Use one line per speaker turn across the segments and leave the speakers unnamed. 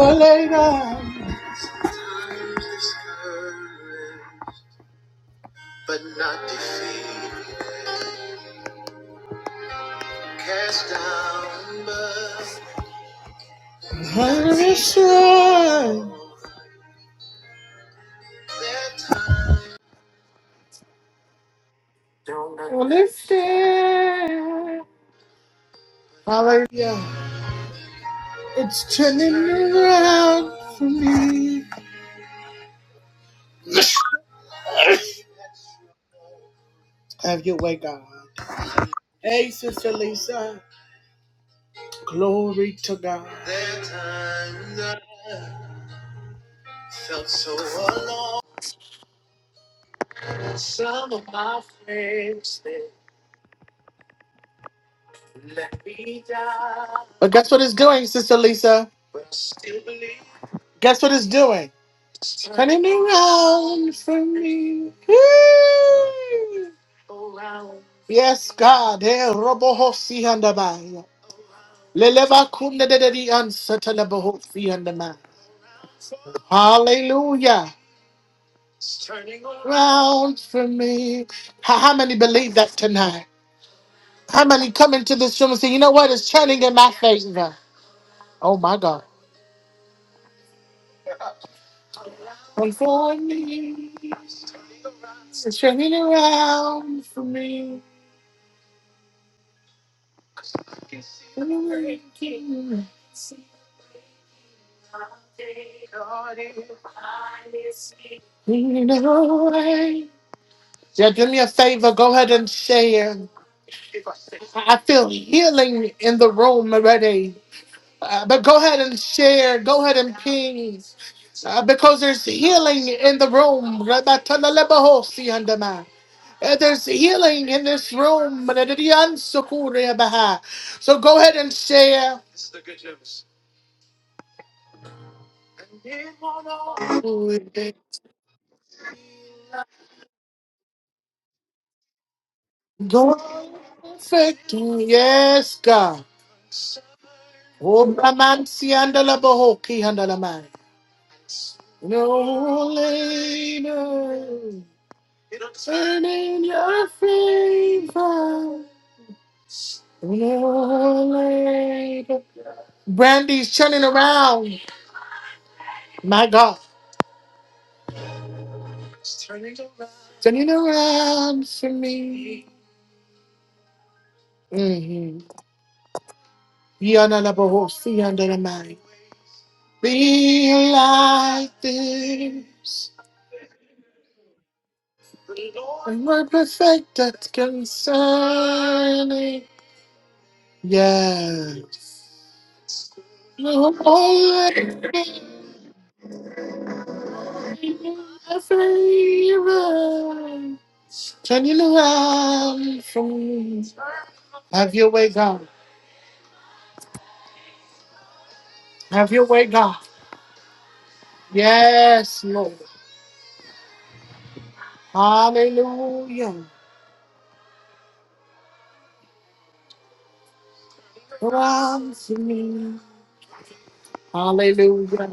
Later, hallelujah. Lifted. Hallelujah. It's turning around for me. Have your way, God. Hey, Sister Lisa. Glory to God. But guess what it's doing, Sister Lisa? Guess what it's doing? Turning around for me. Woo! Yes, God. Hey, Robo Hosi and Abaya. Leleva kunde de de de di ansa
uh,
Hallelujah. It's turning around for me. How, how many believe that tonight? How many come into this room and say, you know what? It's turning in my favor. Oh my God. And for me. It's turning around for me. You know, I- Yeah, do me a favor. Go ahead and share. I I feel healing in the room already. Uh, but go ahead and share. Go ahead and ping. Uh, because there's healing in the room. Rabatalalabahosi andama. Uh, There's healing in this room. Radadiansukureabaha. So go ahead and share. Go perfect. Yes, God. Obramansi andalabahoki andalama. No later. Turn in your favor. Brandy's turning around. My God. Turning around for me. Mm-hmm. Yana la boho, see under the mind. Be like this. And we're perfect at concerning. Yes. Holy favor. Turning around for me. Have your way, God. Have your way, God. Yes, Lord. Hallelujah. Come to me. Hallelujah.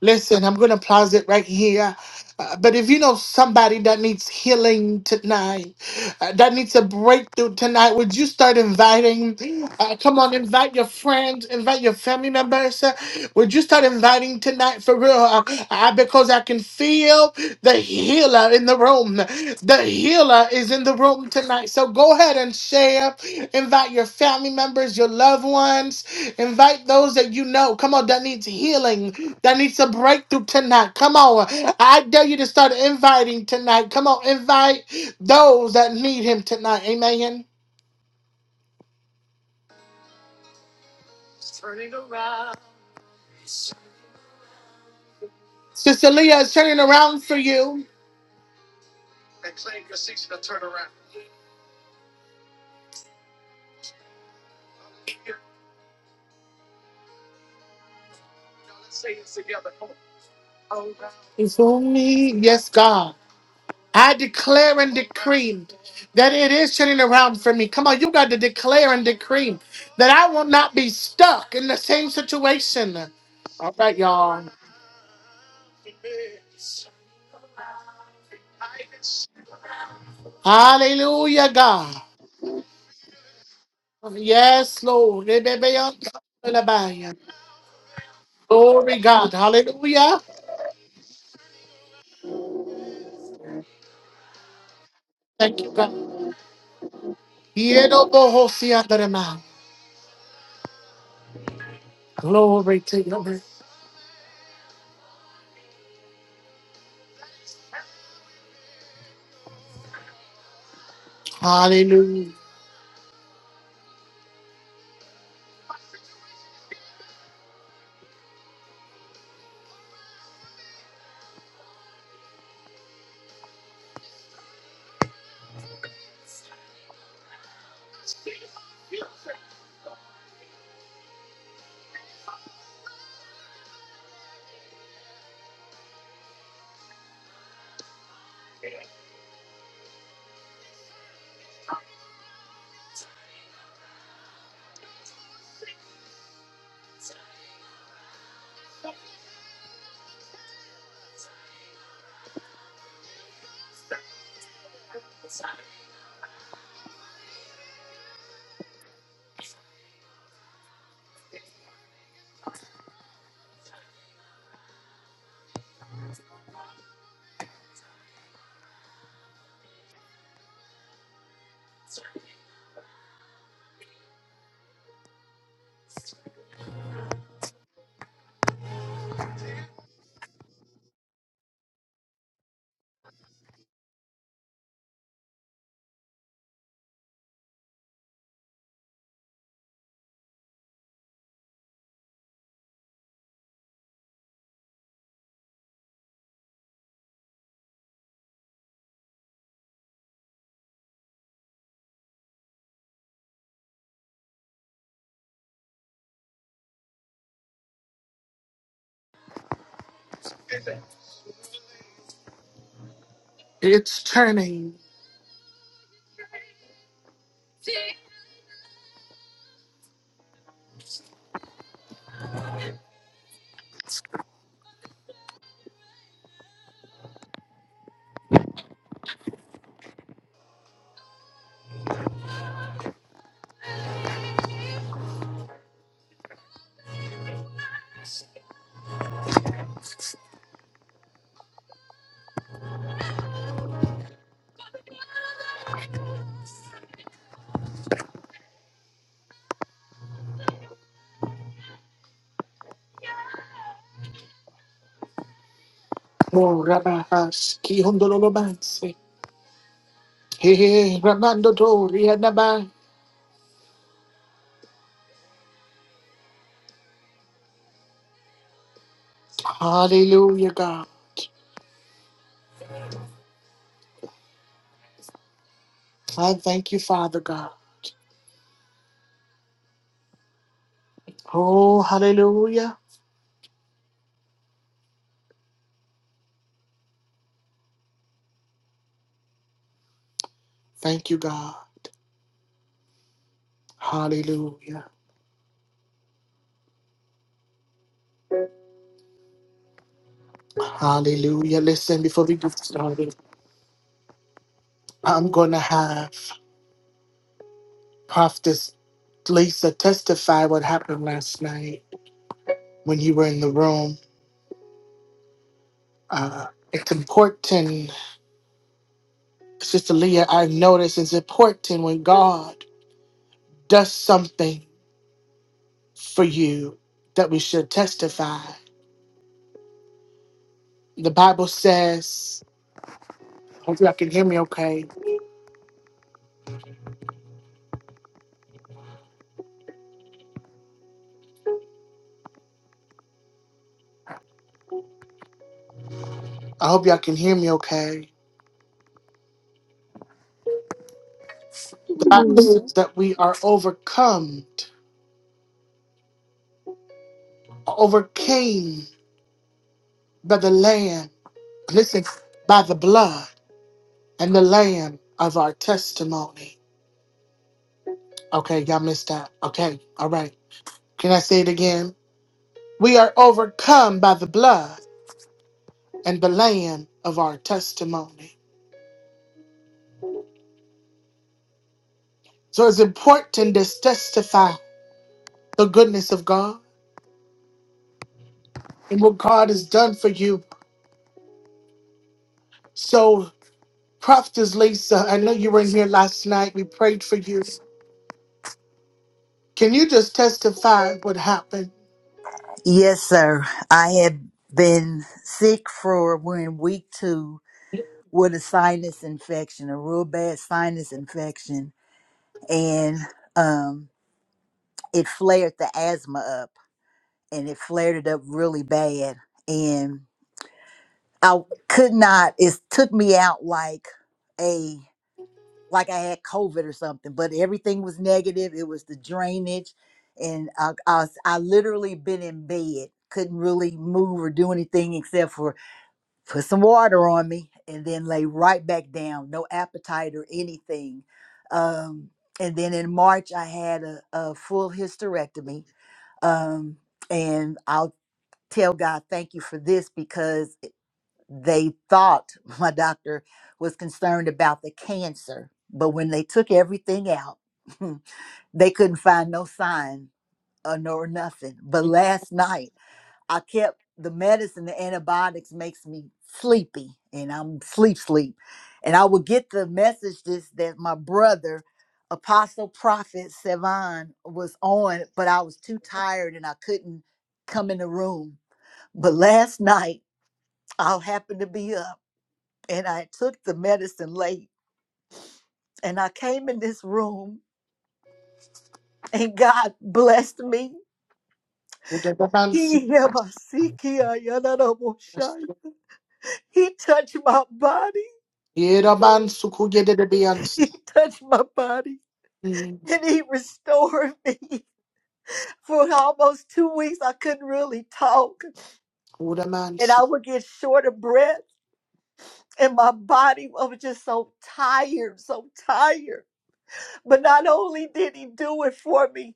Listen, I'm going to pause it right here. Uh, but if you know somebody that needs healing tonight, uh, that needs a breakthrough tonight, would you start inviting? Uh, come on, invite your friends, invite your family members. uh, would you start inviting tonight for real? Uh, uh, because I can feel the healer in the room. The healer is in the room tonight. So go ahead and share. Invite your family members, your loved ones. Invite those that you know. Come on, that needs healing that needs a breakthrough tonight. Come on. I dare you to start inviting tonight. Come on, invite those that need him tonight. Amen. Sister Leah is turning around for you. It's for me. Yes, God. I declare and decree that it is turning around for me. Come on, you got to declare and decree that I will not be stuck in the same situation. All right, y'all. Hallelujah, God. Yes, Lord. Glory God. Hallelujah. Thank you, God. Yerobohosiandarema. Glory to your name. Hallelujah. It's turning. Oh, Rabahas. Kihondolobansi. Hey, Ramandodori Anabai. Hallelujah, God. I thank you, Father God. Oh, hallelujah. Thank you, God. Hallelujah. Hallelujah. Listen, before we get started, I'm going to have Prophetess Lisa, testify what happened last night when you were in the room. Uh, it's important, Sister Leah, I've noticed it's important when God does something for you that we should testify. The Bible says, I hope y'all can hear me okay. I hope y'all can hear me okay.
Can you
The Bible says that we are overcome, overcame by the Lamb. Listen, by the blood. and the Lamb of our testimony. Okay, y'all missed that. Okay, all right. Can I say it again? We are overcome by the blood and the Lamb of our testimony. So it's important to testify the goodness of God and what God has done for you. So, Prophetess Lisa, I know you were in here last night. We prayed for you. Can you just testify what happened?
Yes, sir. I have been sick for we're in week two with a sinus infection, a real bad sinus infection, and um, it flared the asthma up, and it flared it up really bad, and I could not. It took me out like a like I had COVID or something, but everything was negative. It was the drainage, and I I, was, I literally been in bed, couldn't really move or do anything except for put some water on me and then lay right back down no appetite or anything um, and then in march i had a, a full hysterectomy um, and i'll tell god thank you for this because it- they thought my doctor was concerned about the cancer but when they took everything out they couldn't find no sign or no nothing but last night I kept the medicine, the antibiotics makes me sleepy and I'm sleep sleep. And I would get the message this that my brother, Apostle Prophet Sevan, was on, but I was too tired and I couldn't come in the room. But last night I happened to be up and I took the medicine late and I came in this room and God blessed me.
Udabansi.
He He touched my body
Yerabansu kugedebiansi.
He touched my body and he restored me. For almost two weeks, I couldn't really talk and
Udamansi.
I would get short of breath. And my body I was just so tired, so tired. But not only did he do it for me,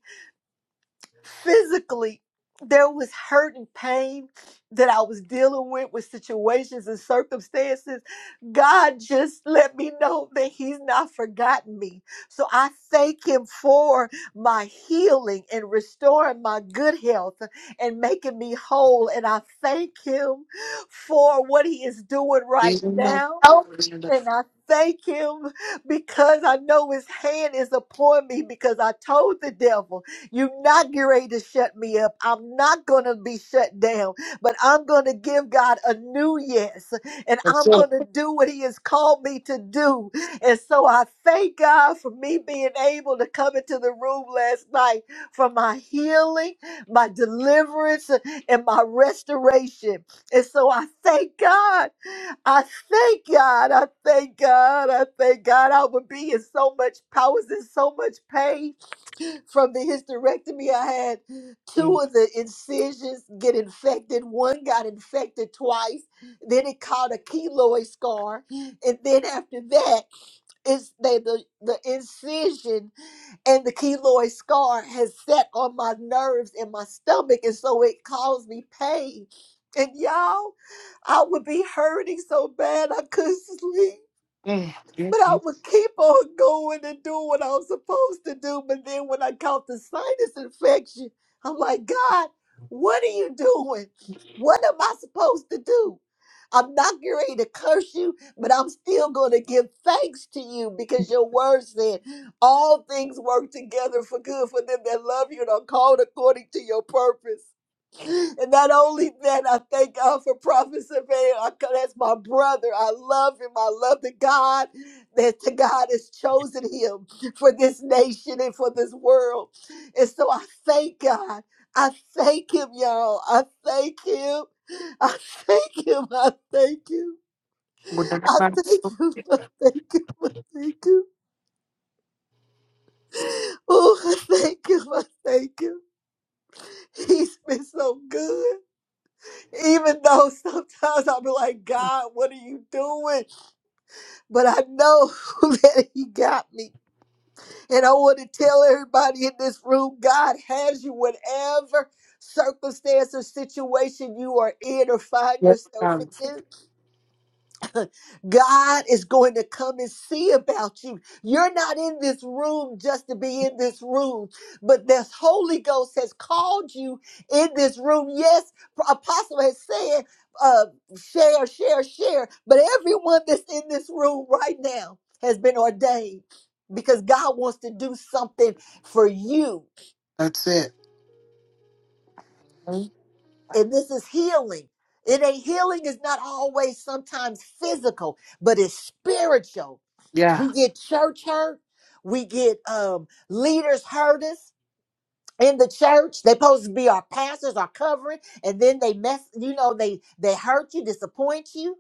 physically there was hurt and pain that I was dealing with with situations and circumstances. God just let me know that He's not forgotten me. So I thank Him for my healing and restoring my good health and making me whole. And I thank Him for what He is doing right
Yeraman.
now. And I thank him because I know his hand is upon me because I told the devil, You're not getting ready to shut me up. I'm not going to be shut down, but I'm going to give God a new yes and
That's
I'm going
it.
to do what he has called me to do. And so I thank God for me being able to come into the room last night for my healing, my deliverance, and my restoration. And so I thank God. I thank God. I thank God. I thank God. I would be in so much, I was in so much pain from the hysterectomy. I had
Mm.
two of the incisions get infected. One got infected twice. Then it caught a keloid scar. And then after that, it's they, the, the incision and the keloid scar has set on my nerves and my stomach, and so it caused me pain. And y'all, I would be hurting so bad I couldn't sleep.
Mm. Yes,
But I
yes.
would keep on going and doing what I was supposed to do. But then when I caught the sinus infection, I'm like, God, what are you doing? What am I supposed to do? I'm not getting ready to curse you, but I'm still going to give thanks to you because your word said all things work together for good for them that love you and are called according to your purpose. And not only that, I thank God for Prophet Surveyor. That's my brother. I love him. I love the God that the God has chosen him for this nation and for this world. And so I thank God. I thank him, y'all. I thank him. I thank him. I thank him. I thank
Udamansu.
him. I thank him. I thank him. Oh, I thank him. I thank him. He's been so good. Even though sometimes I'll be like, God, what are you doing? But I know that He got me. And I want to tell everybody in this room God has you, whatever circumstance or situation you are in or find
Yes,
yourself
um,
in. God is going to come and see about you. You're not in this room just to be in this room, but this Holy Ghost has called you in this room. Yes, Apostle has said, uh, share, share, share, but everyone that's in this room right now has been ordained because God wants to do something for you.
That's it. Mhm.
and this is healing. It ain't healing is not always sometimes physical, but it's spiritual.
Yeah.
We get church hurt, we get um leaders hurt us in the church. They supposed to be our pastors, our covering, and then they mess, you know, they they hurt you, disappoint you.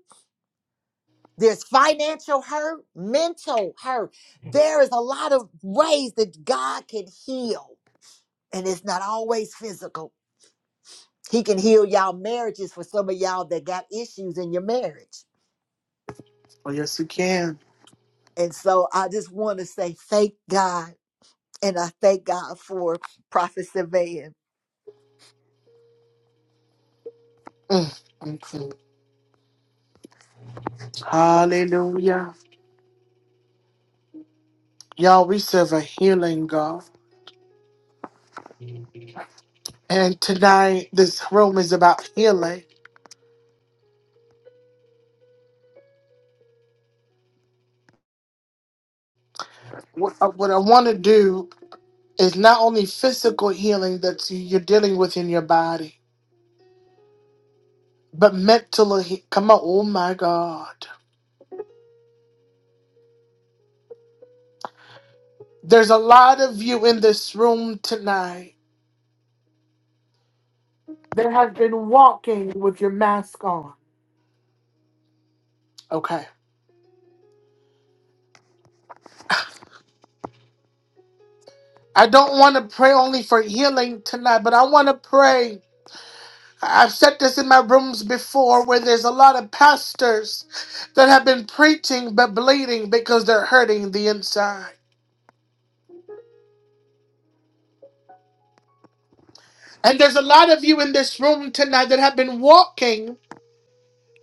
There's financial hurt, mental hurt. There is a lot of ways that God can heal, and it's not always physical. He can heal y'all marriages for some of y'all that got issues in your marriage.
Oh, yes, you can.
And so I just want to say thank God. And I thank God for Prophet Savan.
Mm, mm, mm. Hallelujah. Y'all, we serve a healing God. And tonight, this room is about healing. What, uh, what I want to do is not only physical healing that you're dealing with in your body, but mental. He- Come on. Oh, my God. There's a lot of you in this room tonight that have been walking with your mask on. Okay. I don't want to pray only for healing tonight, but I want to pray. I've said this in my rooms before where there's a lot of pastors that have been preaching but bleeding because they're hurting the inside. And there's a lot of you in this room tonight that have been walking,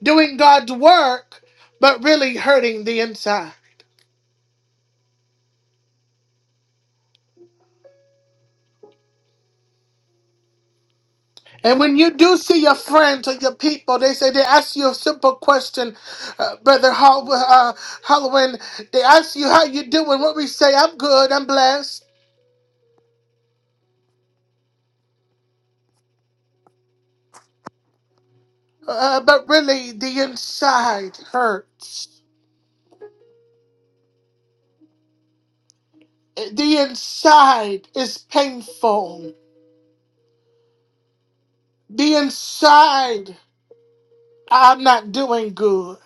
doing God's work, but really hurting the inside. And when you do see your friends or your people, they say they ask you a simple question, uh, brother Hall, uh, Halloween. They ask you how you doing. What we say, I'm good, I'm blessed. Uh, but really, the inside hurts. The inside is painful. The inside, I'm not doing good.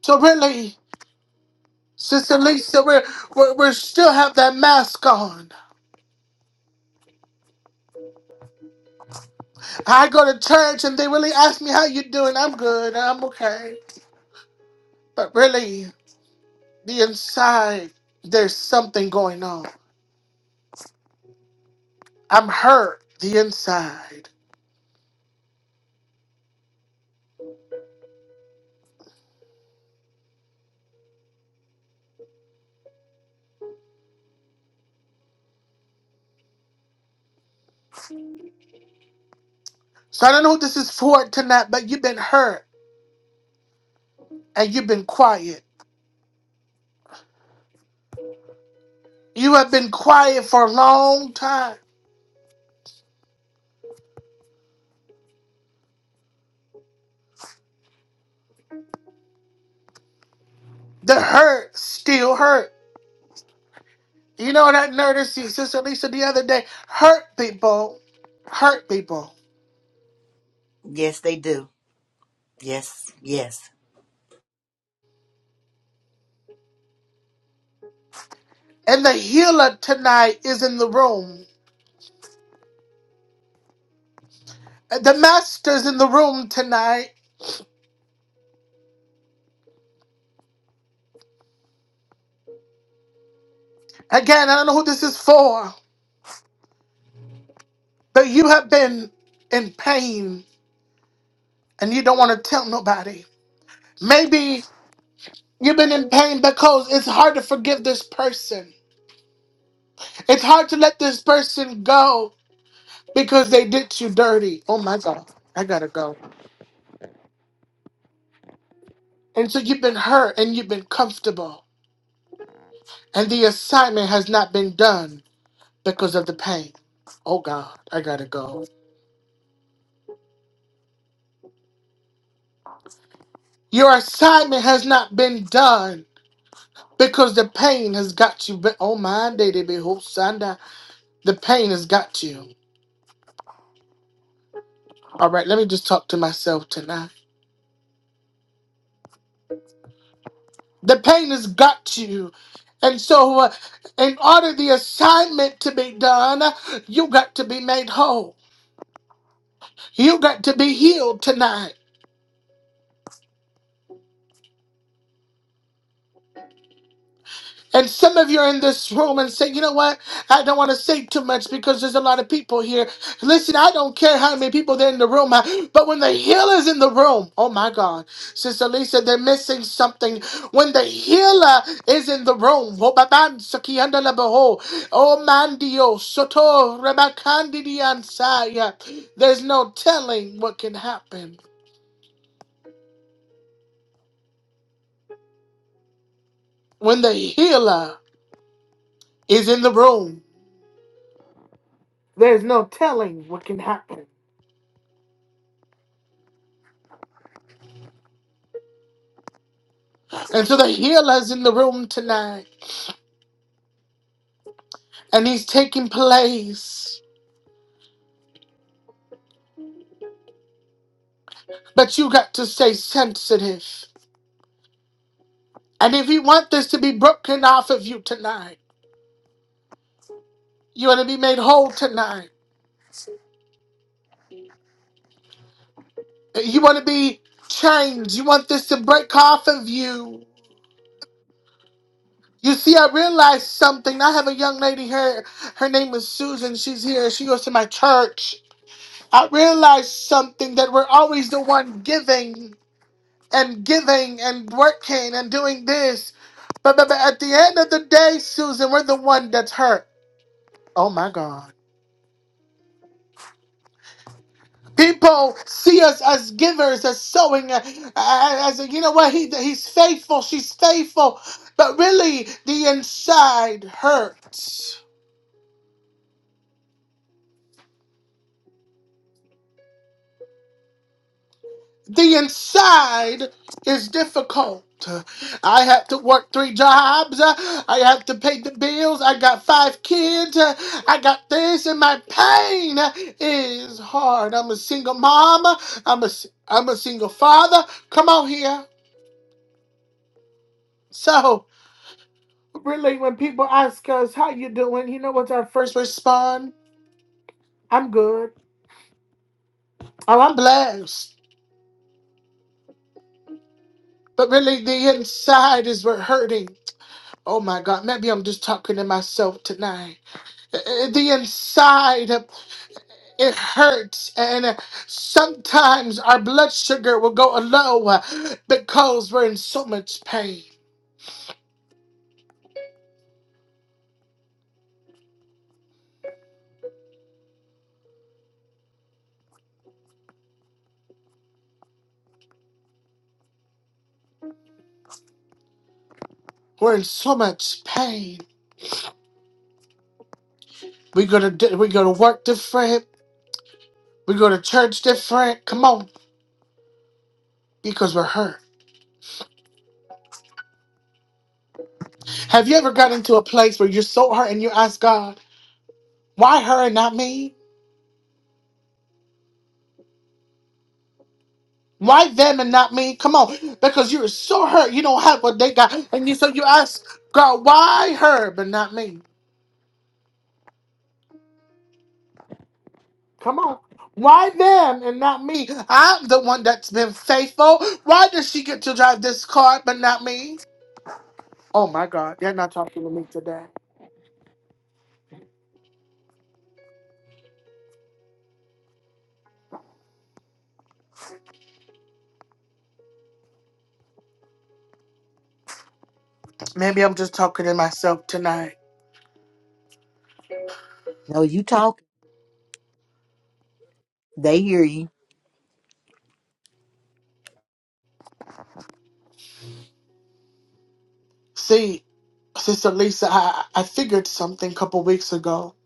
So really, Sister Lisa, we're, we're, we still have that mask on. I go to church and they really ask me how you doing. I'm good. I'm okay. But really, the inside, there's something going on. I'm hurt. The inside. So I don't know what this is for tonight, but you've been hurt and you've been quiet. You have been quiet for a long time. The hurt still hurt. You know what I noticed, Sister Lisa, the other day? Hurt people, hurt people.
Yes, they do. Yes, yes.
And the healer tonight is in the room. The master's in the room tonight Again, I don't know who this is for, but you have been in pain and you don't want to tell nobody. Maybe you've been in pain because it's hard to forgive this person. It's hard to let this person go because they did you dirty. Oh my God, I gotta go. And so you've been hurt and you've been comfortable, and the assignment has not been done because of the pain. Oh God, I gotta go. Your assignment has not been done Because the pain has got you. But oh my day they be whole Sunday. The pain has got you. All right, let me just talk to myself tonight. The pain has got you. And so, uh, in order the assignment to be done, you got to be made whole. You got to be healed tonight. And some of you are in this room and say, you know what? I don't want to say too much because there's a lot of people here. Listen, I don't care how many people there in the room, but when the healer is in the room, oh my God, Sister Lisa, they're missing something. When the healer is in the room, oh baban, sakianda labaho, oh mandio, soto, rabakandi diansaya, there's no telling what can happen. When the healer is in the room, there's no telling what can happen. And so the healer's in the room tonight, and he's taking place. But you got to stay sensitive. And if you want this to be broken off of you tonight, you want to be made whole tonight. You want to be changed. You want this to break off of you. You see, I realized something. I have a young lady here. Her name is Susan. She's here. She goes to my church. I realized something that we're always the one giving. and giving and working and doing this. But, but, but at the end of the day, Susan, we're the one that's hurt. Oh my God. People see us as givers, as sowing, uh, as, as you know what, he, he's faithful, she's faithful. But really, the inside hurts. the inside is difficult. I have to work three jobs. I have to pay the bills. I got five kids. I got this, and my pain is hard. I'm a single mom. I'm a a I'm a single father. Come on here. So really, when people ask us how you doing, you know what's our first respond? I'm good. Oh, I'm blessed. But really, the inside is what hurting. Oh my God, maybe I'm just talking to myself tonight. Uh, the inside uh, it hurts and uh, sometimes our blood sugar will go low uh, because we're in so much pain we're in so much pain we go to di- we go to work different we go to church different come on because we're hurt have you ever got into a place where you're so hurt and you ask god why her and not me why them and not me come on because you're so hurt you don't have what they got and you so you ask god why her but not me Come on. Why them and not me? I'm the one that's been faithful. Why does she get to drive this car but not me? Oh my God, you're not talking to me today. Maybe I'm just talking to myself tonight.
No, you talk. They hear you.
See, Sister Lisa, I, I figured something a couple weeks ago,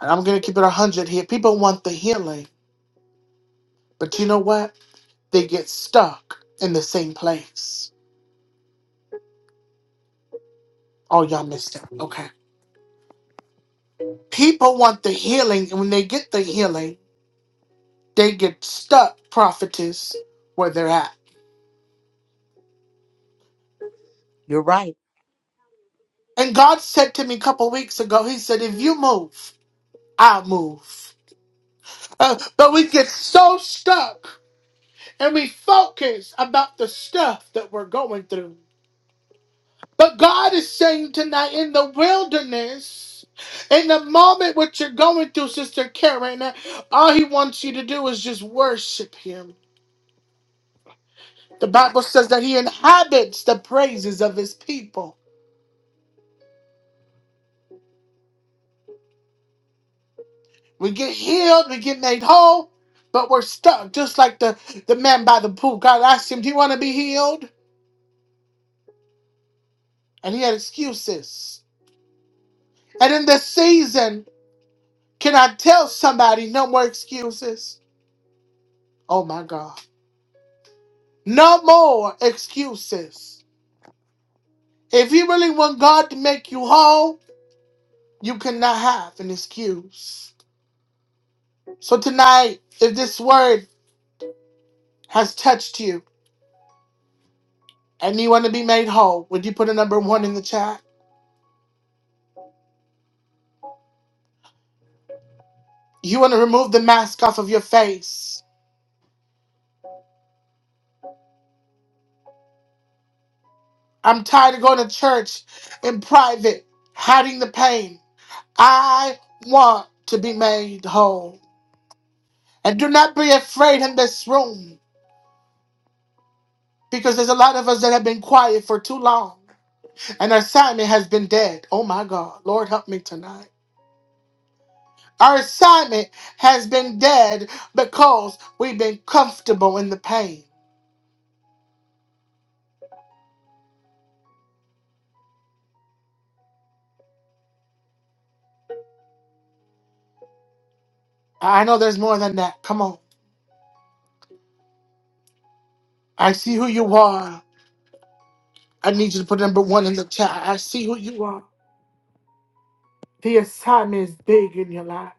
and I'm going to keep it 100 here. People want the healing, but you know what? They get stuck in the same place. Oh, y'all missed it. Okay. People want the healing, and when they get the healing, They get stuck, prophetess, where they're at.
You're right.
And God said to me a couple weeks ago, He said, if you move, I'll move. Uh, but we get so stuck and we focus about the stuff that we're going through. But God is saying tonight in the wilderness, in the moment what you're going through, Sister Karen, all He wants you to do is just worship Him. The Bible says that He inhabits the praises of His people. We get healed, we get made whole, but we're stuck, just like the, the man by the pool. God asked him, Do you want to be healed? And he had excuses. And in this season, can I tell somebody no more excuses? Oh my God. No more excuses. If you really want God to make you whole, you cannot have an excuse. So tonight, if this word has touched you and you want to be made whole, would you put a number one in the chat? You want to remove the mask off of your face. I'm tired of going to church in private, hiding the pain. I want to be made whole. And do not be afraid in this room because there's a lot of us that have been quiet for too long. And our assignment has been dead. Oh my God. Lord, help me tonight. Our assignment has been dead because we've been comfortable in the pain. I know there's more than that. Come on. I see who you are. I need you to put number one in the chat. I see who you are. The assignment is big in your life.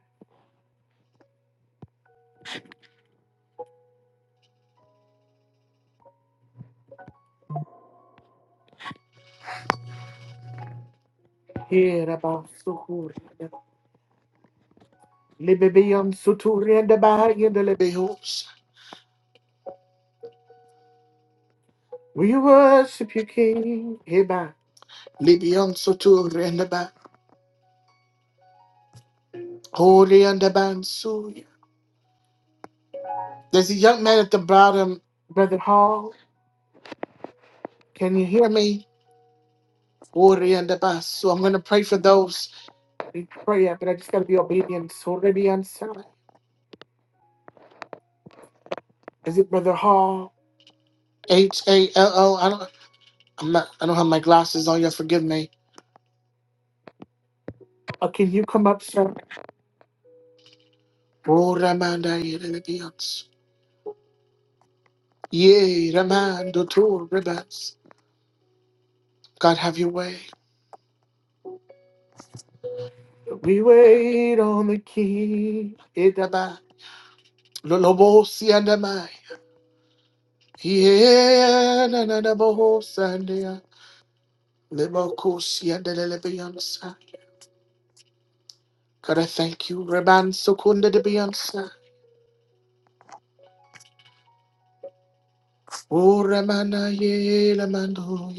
Here about Sukuri. Libibium Suturi and the Bahai and the Lib- Behoops. We worship you, King. Heba. Libyan Sotur and the back. Holy and the Bansuya. There's a young man at the bottom. Brother Hall, can you hear me. Holy and the back. So I'm going to pray for those. me? Prayer, but I just gotta be obedient. So Libiyam Sara. Is it Brother Hall? H A L O. I'm not, I don't have my glasses on. Y'all forgive me. Uh, can you come up, sir? Oh, Ramanda, Yerebians. Yea, Ramando, two ribbons. God, have your way. We wait on the king. Idaba, Lolobosi and Amai. Yeah, na na na boho and ya. Libokosi and the Lebiansa. God, I thank you. Reban Sukunda de Biansa. Oh, Ramana, ye, Lamando.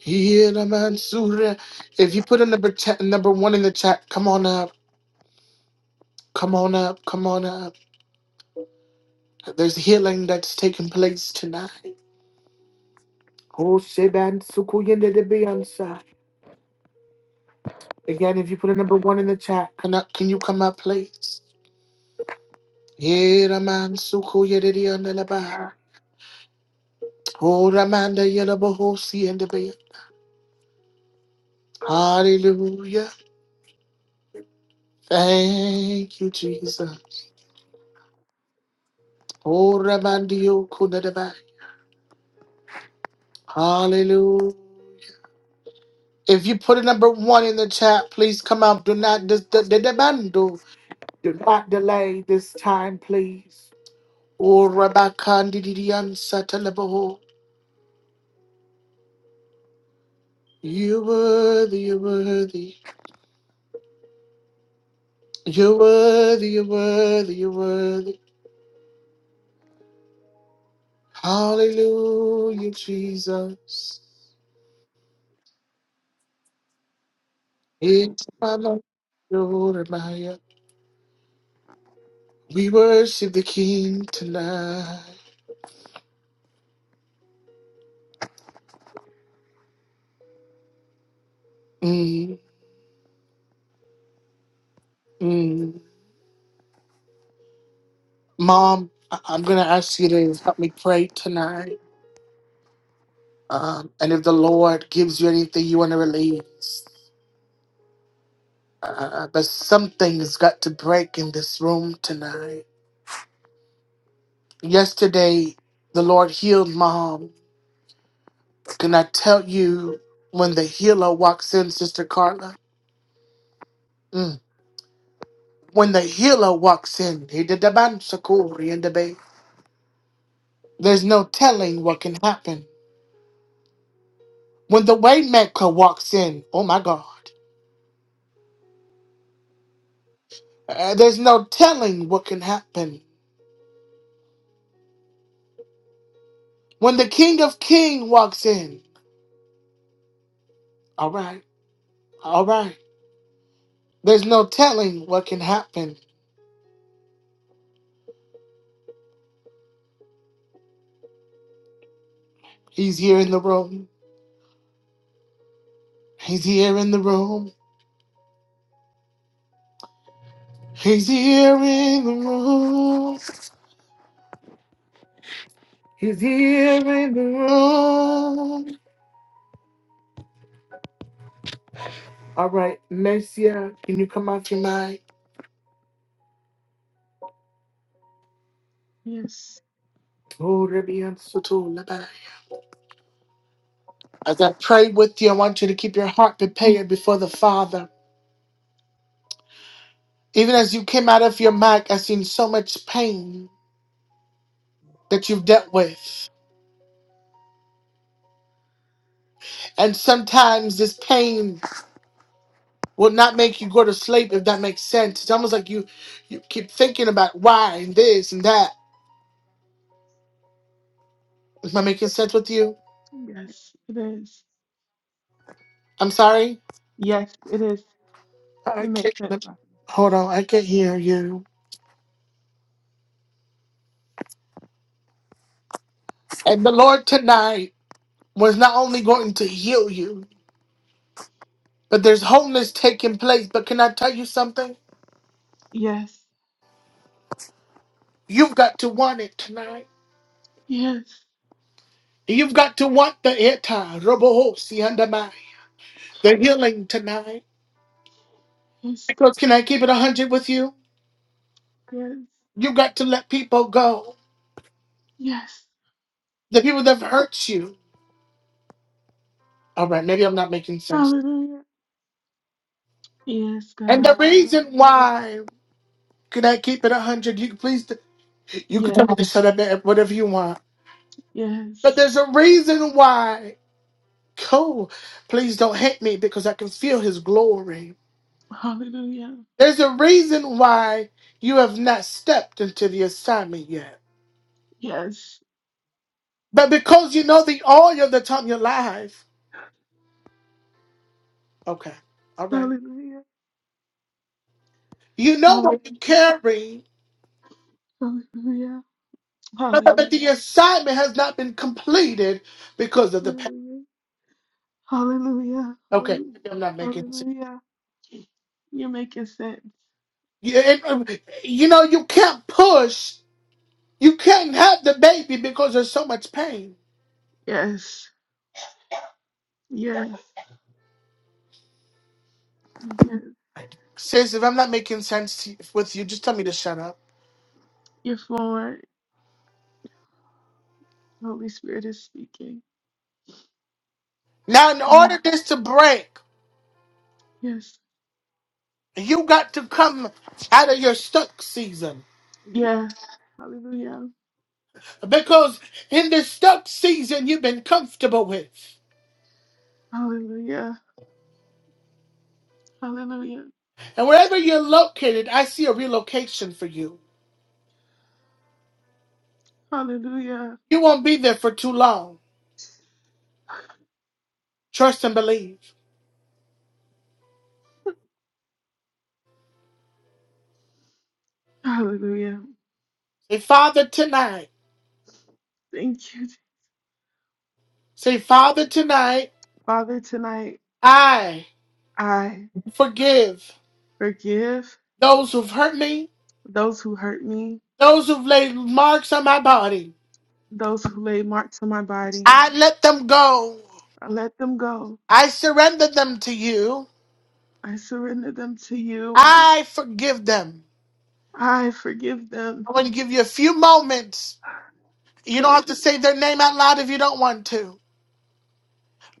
Yeah, man, Surya. If you put a number te- number one in the chat, come on up, come on up, come on up. There's healing that's taking place tonight. Oh, Sheban Sukuyende de Beyonce. Again, if you put a number one in the chat, can, I, can you come up, please? Yeah, Raman Sukuyende de Yondelaba. Oh, Ramanda Yelabahosi and the Beyonce. Hallelujah. Thank you, Jesus. Oh, Ramandio Kunadaba. Hallelujah. If you put a number one in the chat, please come out. Do not dis- the the demand do do not delay this time, please. Oh, Rabakandidian Satalabaho. You are worthy, you are worthy, you are worthy, you worthy, you worthy. Hallelujah, Jesus. It's my Lord, Jeremiah. We worship the King tonight. Mm, mm. Mom, I- I'm going to ask you to help me pray tonight. Um, and if the Lord gives you anything you want to release, uh, but something's got to break in this room tonight. Yesterday, the Lord healed Mom. Can I tell you when the healer walks in, Sister Carla? Mm. When the healer walks in, he did the ban sakuri in the bay. There's no telling what can happen. When the waymaker walks in, oh my God. Uh, there's no telling what can happen when the King of King walks in. All right, all right. There's no telling what can happen. He's here in the room. He's here in the room. He's here in the room. He's here in the room. All right, Lesia, can you come off your mic?
Yes.
Oh, Rabbi, I'm so told about it. As I pray with you, I want you to keep your heart prepared before the Father. Even as you came out of your mic, I seen so much pain. that you've dealt with. And sometimes this pain will not make you go to sleep if that makes sense. It's almost like you, you keep thinking about why and this and that. Am I making sense with you?
Yes, it is.
I'm sorry?
Yes, it is.
I
It makes
can't,
sense.
let me-
Prophet.
hold on, I can't hear you. And the Lord tonight was not only going to heal you, but there's wholeness taking place. But can I tell you something?
Yes.
You've got to want it tonight.
Yes.
You've got to want the ita, robohosi, and the healing tonight.
Yes.
Because can I keep it 100 with you?
Yes.
You got to let people go.
Yes.
The people that have hurt you. All right, maybe I'm not making sense.
Hallelujah. Yes,
And the
God.
reason
Hallelujah.
why can I keep it 100? You can please, you can tell
Yes.
me to shut up and whatever you want. But
Yes.
there's a reason why. Cool. Please don't hate me because I can feel his glory.
Hallelujah.
There's a reason why you have not stepped into the assignment yet.
Yes.
But because you know the oil that's on your life. Okay. All right.
Hallelujah.
You know what you
Hallelujah.
carry.
Hallelujah.
No, but but the
Hallelujah.
assignment has not been completed because of the. pa-
Hallelujah. Hallelujah.
Okay,
Hallelujah.
maybe I'm not making sense.
Hallelujah. You're making sense.
You, and, um, you know, you can't push. You can't have the baby because there's so much pain.
Yes. Yes. Yes.
Sis, if I'm not making sense to, with you, just tell me to shut up.
You're flowing. Holy Spirit is speaking.
Now, in
Hallelujah.
order this to break,
Yes.
you got to come out of your stuck season.
Yes. Hallelujah.
Because in this stuck season you've been comfortable with.
Hallelujah. Hallelujah.
And wherever you're located, I see a relocation for you.
Hallelujah.
You won't be there for too long. Trust and believe.
Hallelujah.
Say, Father, tonight,
Thank you.
say, Father, tonight,
Father, tonight
I
I
forgive
forgive
those who've hurt me,
those who hurt me,
those who've laid marks on my body.
those who laid marks on my body.
I let them go.
I let them go.
I surrender them to you.
I surrender them to you.
I forgive them.
I forgive them.
I want to give you a few moments. You don't have
I
to say their name out loud if you don't want to,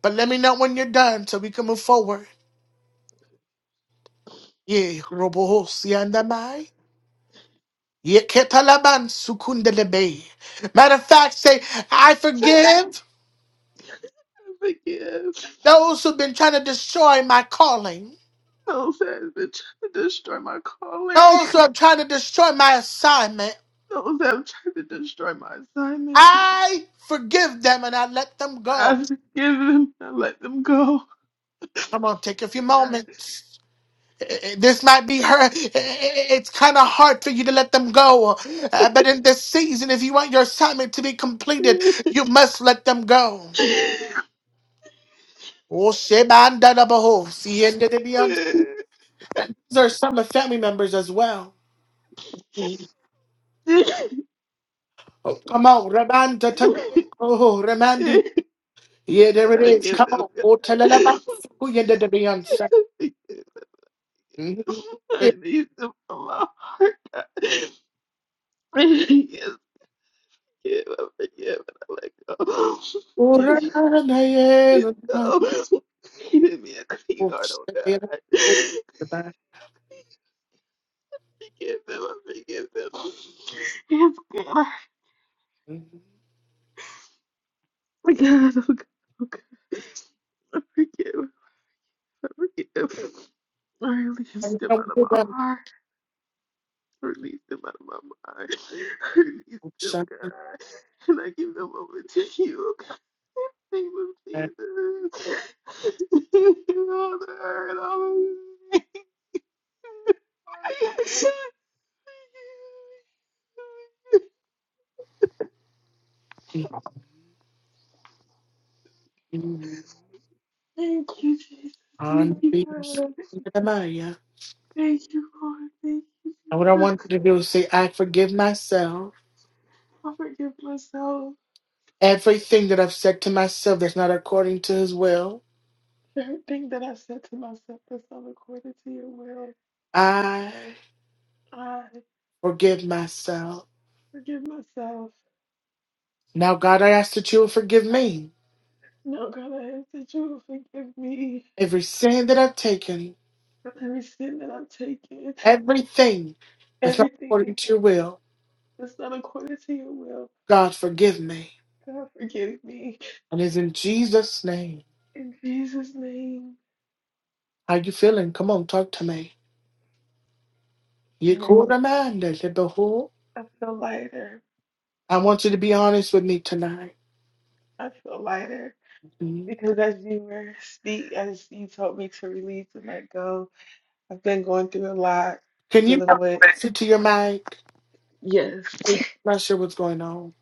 but let me know when you're done so we can move forward. Yeah, Yeketalaban sukundelebe. Matter of fact, say, I forgive
forgive
those who've been trying to destroy my calling,
those that have been trying to destroy my calling.
those who are trying to destroy my assignment.
Those that have tried to destroy my assignment,
I forgive them and I let them
I
go.
forgive them. I let them go.
Come on, take a few
God.
moments. Eh, eh, eh, This might be her. eh, eh, eh, eh, It's kind of hard for you to let them go. Uh, but in this season, if you want your assignment to be completed,
I
you must let them go. Oh, Sheban Dadabaho, These are some of family members as well. Oh, come on, Ramanda, Tele- oh, Ramandi. Yeah, there it is.
forgive
Come
them,
on, oh, Teleleba,
God.
who you did the Beyonce. Mhm. Eh,
I need them from my heart, God. Yes, give, I forgive, and I let go.
oh,
Yes,
Ramanda, yeah,
please
Ramanda,
go. Give me a clean
oh,
heart, oh
yeah,
God.
oh, Ramanda.
Forgive them, I forgive them. It's good.
Mhm.
Oh my God, oh God, oh God, I forgive, I forgive. I release
And
them
come
out of
to
my
them,
heart. I release them out of my mind. I release
oh,
them,
Ramanda.
God. And I give them over to you, oh God. In the name of Jesus. all the hurt, all the pain.
Mhm.
Thank you, Jesus. Thank
On
you,
the
God.
Ramaya.
Thank you, Lord. Thank you,
And what I
Jesus.
want you to do is say, I forgive myself.
I forgive myself.
Everything that I've said to myself that's not according to his will.
Everything that I said to myself that's not according to your will,
I
I
forgive myself.
forgive myself.
Now, God, I ask that you will forgive me
No, God, I ask that you will forgive me
every sin that I've taken,
for every sin that I've taken.
everything that's not
Everything
according to your will.
that's not according to your will,
God, forgive me.
God, forgive me.
And it's in Jesus' name.
In Jesus' name,
How you feeling? Come on, talk to me. You
Lord,
cool reminder, little whore.
I feel lighter.
I want you to be honest with me tonight.
I feel lighter
Mhm.
because as you were speak, as you told me to release and let go, I've been going through a lot
Can you
dealing with,
sit to your mic?
yes,
Not sure what's going on.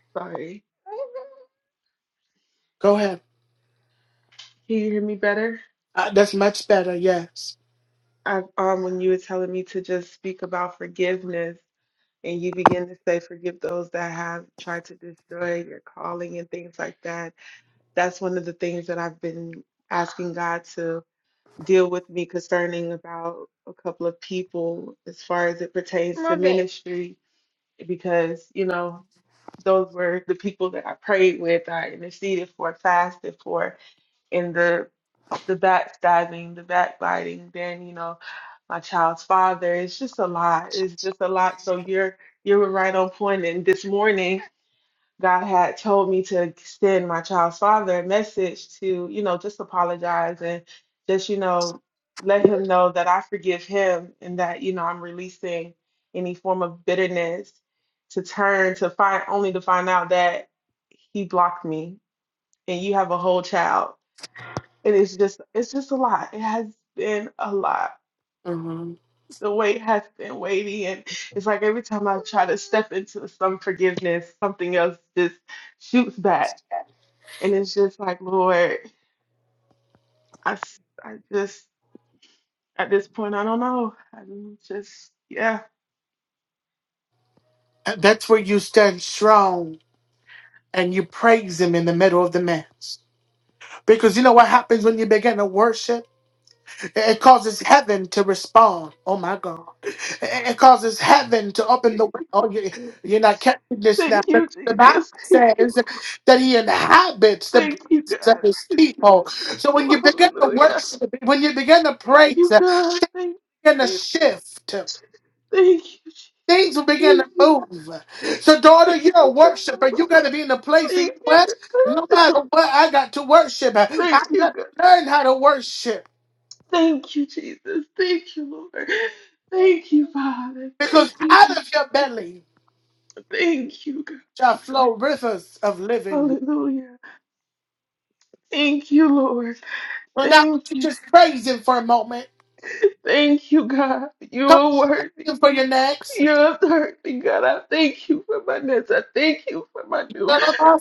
sorry.
Go ahead.
Can you hear me better?
Uh, that's much better. Yes.
I, um, when you were telling me to just speak about forgiveness, and you begin to say, forgive those that have tried to destroy your calling and things like that. That's one of the things that I've been asking God to deal with me concerning about a couple of people as far as it pertains to Love it. ministry, because, you know, those were the people that I prayed with, I interceded for, fasted for, in the the backstabbing, the backbiting, then, you know my child's father. It's just a
I
lot.
shot.
It's just a lot. So you're you were right on point. And this morning, God had told me to send my child's father a message to, you know, just apologize and just, you know, let him know that I forgive him and that, you know, I'm releasing any form of bitterness to turn to find only to find out that he blocked me and you have a whole child. And it's just it's just a lot. It has been a lot
Mhm.
the weight has been weighty, and it's like every time I try to step into some forgiveness, something else just shoots back, and it's just like, Lord, I, s- I just at this point I don't know. I'm just yeah.
Uh, That's where you stand strong. and you praise him in the middle of the mass. Because you know what happens when you begin to worship? It causes heaven to respond. Oh my God. It causes heaven to open the window. Oh, you- you're not catching this now.
Thank
But
you,
the Bible
Jesus. Thank you,
says
Lord.
that he inhabits the
Thank you,
praises of
God.
his
Praise to the Lord,
people. So when
people.
you begin to
Hallelujah.
worship, when you begin to
Thank
praise,
you,
uh,
God. Thank
begin to
you.
shift. uh,
Thank you. Jesus.
Things will begin
Thank
to
you.
move. So, daughter,
Thank
you're a
you,
worshiper.
God.
You got to be in a place where
Thank
you know
you,
what? No
God.
matter what, I got to worship. I
Thank
got
you,
to
God.
learn how to worship
Thank you, Jesus. Thank you, Lord. Thank you, Father. Thank
because
you,
out of
Jesus.
your belly
Thank you, God.
shall flow rivers of living.
Hallelujah. Thank you, Lord.
Well, now,
Thank you.
just
Je-
praise him for a moment.
Thank you, God. You
Come
are
to him
worthy.
for your next.
You're worthy, God. I thank you for my nest. I thank you for my new.
Come on,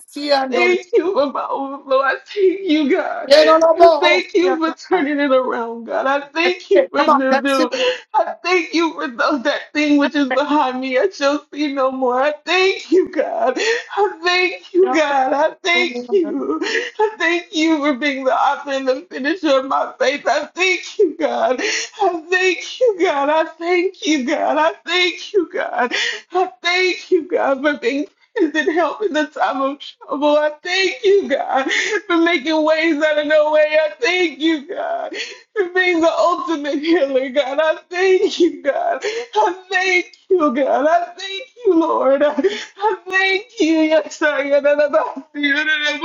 Thank you for my overflow. I thank you, God. I thank you for turning it around, God. I
that's
thank you
it.
for
Come on,
the new. I thank you for those, that thing which is behind me. I shall see no more. I thank you, God. I thank you, God. I thank you. I thank you for being the author and the finisher of my faith. I thank you, God. I thank you, God. I thank you, God. I thank you, God. I thank you, God, for being is in help in the time of trouble. I thank you, God, for making ways out of no way. I thank you, God for being the ultimate healer, God. I thank you, God. I thank you, God. I thank you, Lord. I, I thank you, yes, I am. And I'm not you, and i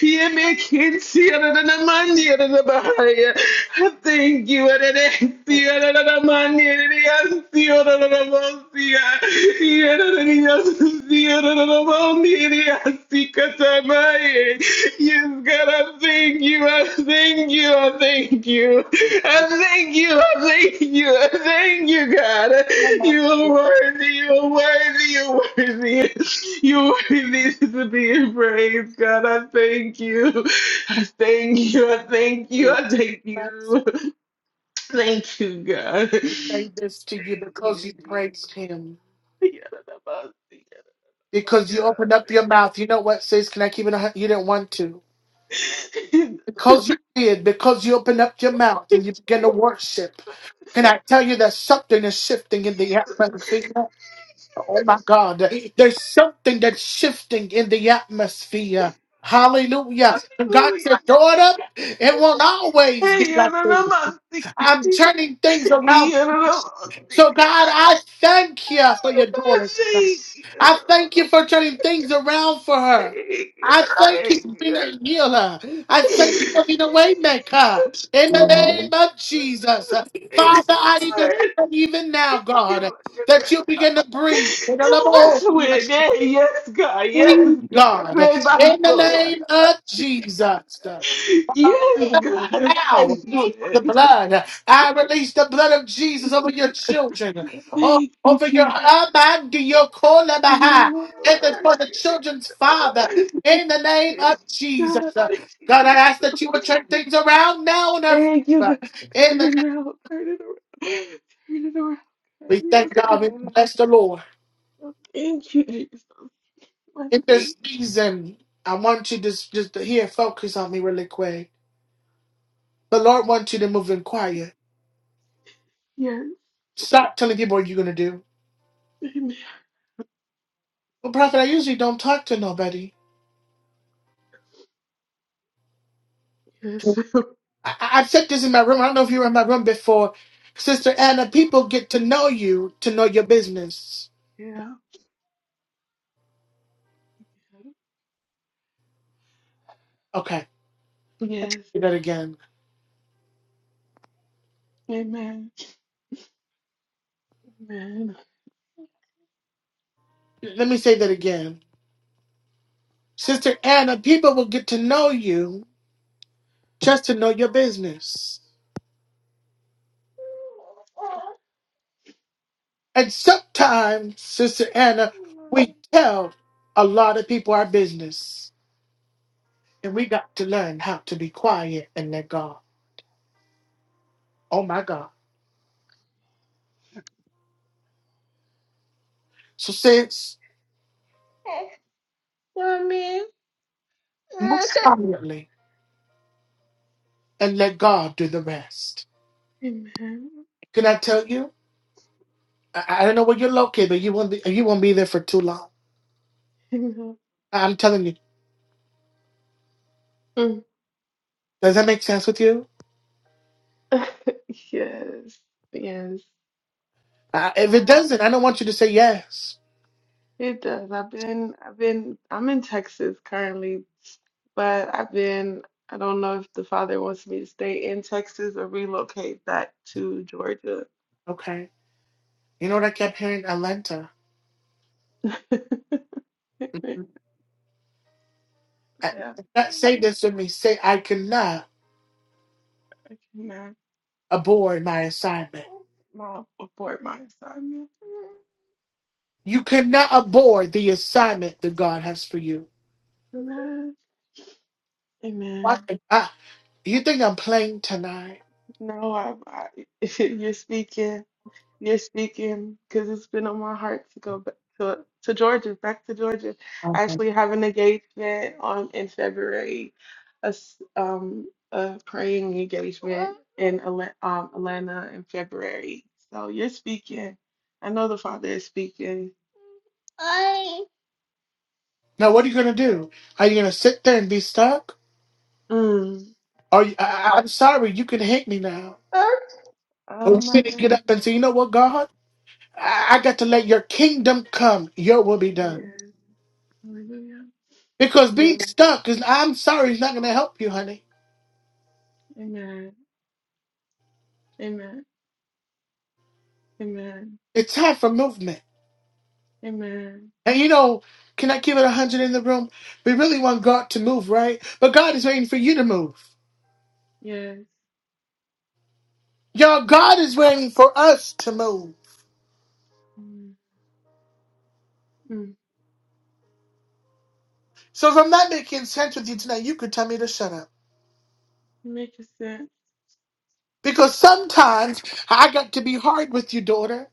You make it see, and I'm not money, and i I. thank you, and I'm and I'm not money, and i you, and I'm not I. You and I'm not you, and I'm not Yes, God, I thank thank you, I thank you, I thank you, I thank you, I thank you, I thank you, God. You are worthy, you are worthy, you are worthy, you are worthy to be praised, God. I thank you, I thank you, I thank you, I thank
I
you, thank you, God.
say
Thank
this to you because
you, Jesus.
you praised him. Because you opened up your mouth. You know what, sis? Can I keep it? a hun- You didn't want to. Because you did. Because you opened up your mouth and you began to worship. Can I tell you that something is shifting in the atmosphere? Oh my God. There's something that's shifting in the atmosphere. Hallelujah. And God
Hallelujah.
said, daughter, it
Thank
won't always be
you.
like this. I'm turning things around So, God, I thank you for your daughter. tonight. I thank you for turning things around for her. I thank you for being a healer. I thank you for being a way maker. In the name of Jesus. Father, I even pray even now, God, that you begin to breathe.
You rest with it. Yes, God. Yes,
Breathe,
God.
God. In the
Rebaso,
name of
yadabasika,
Jesus.
daya. Yes, God.
Now,
Rest with
for the
it.
blood, I release the blood of Jesus over your children, o-
Thank you,
over your
Jesus.
mind, your kolabah, and then for the children's father,
God,
in the name of Jesus.
thank you.
God, I ask that you would turn things around now in our
Thank you,
favor.
God.
In
Turn it
the
now. Turn it around. Turn it around. God.
we
Yes,
thank
God.
God, we bless the Lord.
Oh, Thank you, Jesus. I
In this
thank
season, I want you to just, just to here focus on me really quick. The Lord wants you to move in quiet.
you.
Stop telling people what you're gonna do.
Yes. Amen.
Well, Prophet, I usually don't talk to nobody.
Yes.
I, I- I've said this in my room. I don't know if you were in my room before. Sister Anna, people get to know you to know your business.
Yeah.
Okay,
Yes.
say that again.
Amen. Amen.
Let me say that again. Sister Anna, people will get to know you just to know your business. And sometimes, Sister Anna, we tell a lot of people our business. And we got to learn how to be quiet and let God. Oh my God. So, since
Mommy.
most prominently. and let God do the rest.
Amen.
Can I tell you? I, I don't know where you're located, but you won't be you won't be there for too long.
Amen.
I- am telling you.
Mm.
Does that make sense with you?
yes. Yes.
Uh, if it
God.
doesn't, I don't want you to say yes.
It does. I've been, I've been, I'm in Texas currently, but I've been, I don't know if the father wants me to stay in Texas or relocate back to Georgia.
Okay. You know what I kept hearing, Alenta. I,
Yeah.
not say this to me. Say I cannot
I cannot.
abort my assignment.
I'll abort my assignment.
You cannot abort the assignment that God has for you.
Amen.
What?
Amen.
Ah, you think I'm playing tonight?
No, I, I you're speaking. You're speaking because it's been on my heart to go back to to Georgia, back to Georgia. I
Okay.
actually have an engagement on in February, a s- um a praying engagement in Ala- um Atlanta in February. So you're speaking. I know the Father is speaking.
Now what are you gonna do? Are you gonna sit there and be stuck?
Mm,
Are you, I,
my,
I- I'm sorry, you can hate me now. Or
oh
you
my
can get up and say, you know what, God? I, I got to let your kingdom come. Your will be done.
goodness. Hallelujah.
Because being
Yes.
stuck is, I'm sorry, is not going to help you, honey.
Amen. Amen. Amen.
It's time for movement.
Amen.
And you know, can I give it a 100 in the room? We really want God to move, right? But God is waiting for you to move.
Yes.
Y'all, God is waiting for us to move.
Amen.
So if I'm not making sense with you tonight, you could tell me to shut up.
Making sense.
Because sometimes I got to be hard with you, daughter.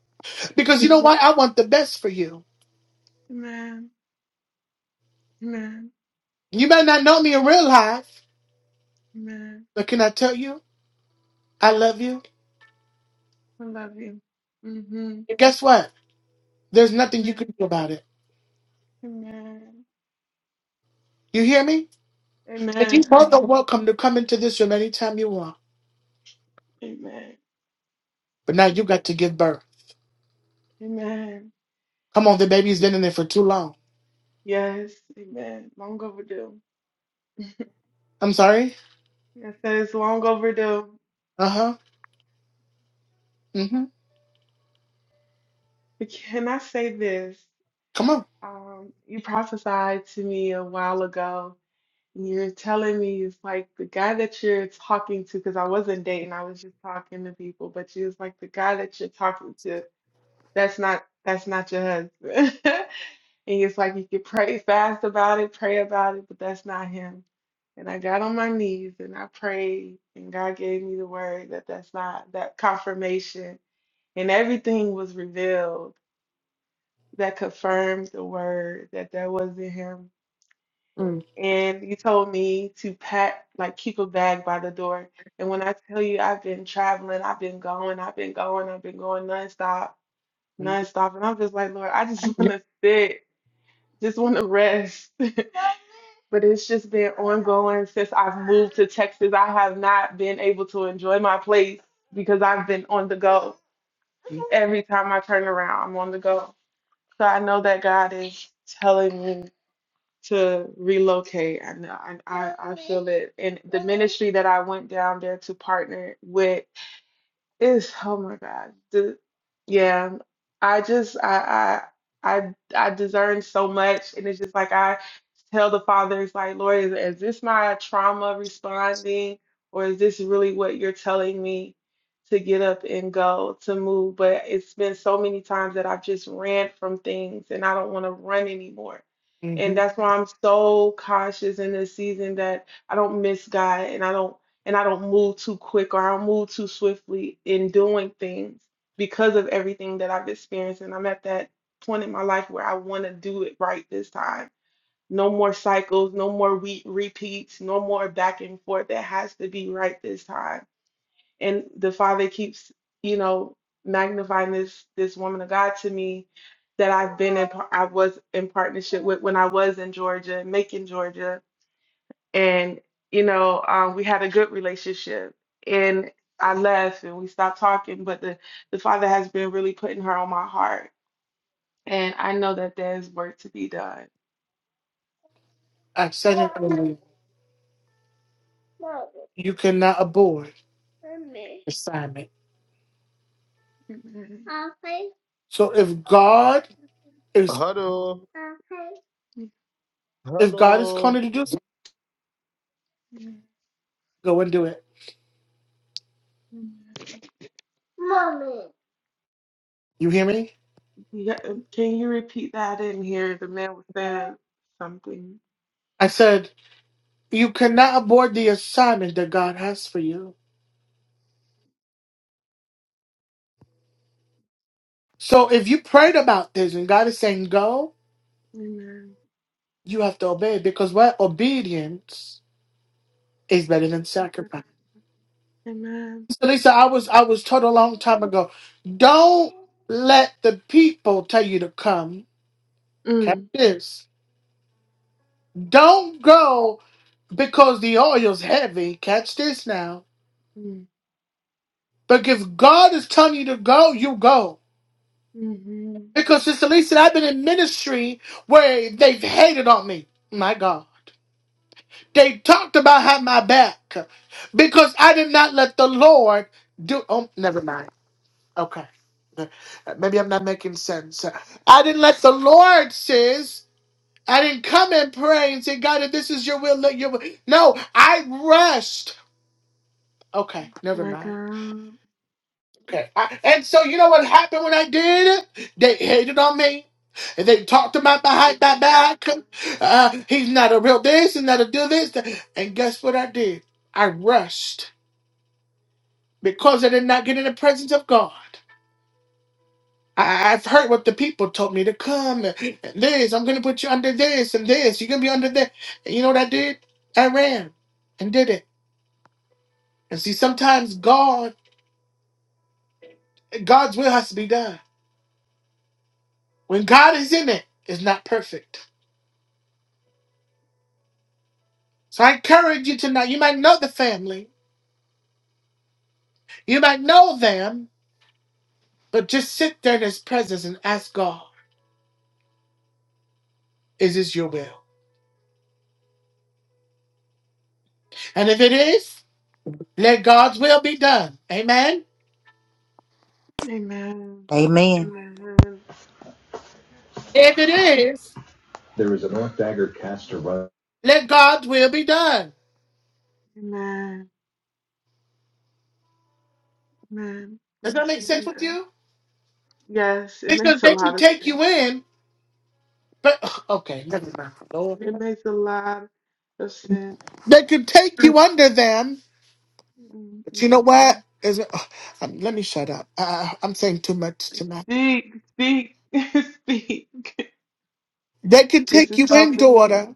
Because you know
Mm-hmm.
what? I want the best for you.
Amen. Amen.
You might not know me in real life,
Amen.
but can I tell you? I love you.
I love you. Mm-hmm.
And guess what? There's nothing you can
Amen.
do about it.
Amen.
You hear me? And you
Amen.
both are
I,
welcome to come into this room anytime you want.
amen.
But now you got to give birth.
Amen.
Come on, the baby's been in there for too long.
Yes. Amen. Long overdue.
I'm sorry.
Yes, that is long overdue.
Uh huh. Mm hmm.
But can I say this?
Come on.
Um, you prophesied to me a while ago. You're telling me it's like the guy that you're talking to, because I wasn't dating, I was just talking to people, but you was like the guy that you're talking to. That's not that's not your husband. And it's like you could pray fast about it, pray about it, but that's not him. And I got on my knees and I prayed, and God gave me the word that that's not that confirmation. And everything was revealed that confirmed the word that that wasn't him. And you told me to pack, like keep a bag by the door. And when I tell you I've been traveling, I've been going, I've been going, I've been going nonstop nonstop. And I'm just like, Lord, I just
Mm.
want to sit, just want to rest. But it's just been ongoing since I've moved to Texas. I have not been able to enjoy my place because I've been on the go. Every time I turn around, I'm on the go. So I know that God is telling me to relocate. I know I, I, I feel it. And the ministry that I went down there to partner with It's oh my God. The, yeah, I just I I I I discern so much, and it's just like I tell the father, it's like, Lord, is, is this my trauma responding? Or is this really what you're telling me to get up and go, to move? But it's been so many times that I've just ran from things and I don't want to run anymore. And
hmm
that's why I'm so cautious in this season that I don't miss God and I don't and I don't move too quick or I don't move too swiftly in doing things because of everything that I've experienced. And I'm at that point in my life where I want to do it right this time no more cycles, no more re- repeats, no more back and forth. It has to be right this time. And the Father keeps, you know, magnifying this this woman of God to me that I've been in, par- I was in partnership with when I was in Georgia, Macon, Georgia, and you know, um, we had a good relationship. And I left and we stopped talking, but the the Father has been really putting her on my heart, and I know that there's work to be done.
I said it earlier. You cannot abort assignment.
Okay,
So if God is
Hello,
okay.
if God is
hello.
calling you to do something, go and do it.
Mommy.
You hear me?
Yeah, um, can you repeat that? I didn't hear. The man was saying something.
I said you cannot abort the assignment that God has for you. So if you prayed about this and God is saying go,
Amen.
You have to obey because what obedience is better than sacrifice.
Amen.
So Lisa, I was I was told a long time ago, don't let the people tell you to come. Catch
Mm.
this. Don't go because the oil's heavy. Catch this now.
Mm.
But if God is telling you to go, you go.
Mm-hmm.
Because Sister Lisa, I've been in ministry where they've hated on me. My God. They talked about how my back because I did not let the Lord do. Oh, never mind. Okay. Uh, Maybe I'm not making sense. Uh, I didn't let the Lord, sis. I didn't come and pray and say, God, if this is your will, let your will. No, I rushed. Okay, never
My
mind.
God.
Okay. I- and so you know what happened when I did? it? They hated on me. And they talked about behind my back. Uh, he's not a real this, he's not a do this. And guess what I did? I rushed because I did not get in the presence of God. I, I've heard what the people told me to come and and this. I'm gonna put you under this and this. You're gonna be under that. And you know what I did? I ran and did it. And see, sometimes God, God's will has to be done. When God is in it, it's not perfect. So I encourage you tonight. You might know the family, you might know them, but just sit there in His presence and ask God, "Is this Your will?" And if it is, let God's will be done. Amen.
Amen.
Amen.
Amen.
If it is,
There is a North Dagger caster run
let God's will be done.
Amen. Amen.
Does that
This
make
will
sense
be
with
done.
you?
Yes, it
Because
makes a
they can
lot of
take
sense.
you in, but ugh, okay, never mind.
It makes a lot of sense.
They can take you under them, but you know
Mm-mm-mm-mm.
what? Is it, oh, um, let me shut up. Uh, I'm saying too much tonight.
Speak, speak, speak.
They can
This
take
is
you in,
helping me.
daughter,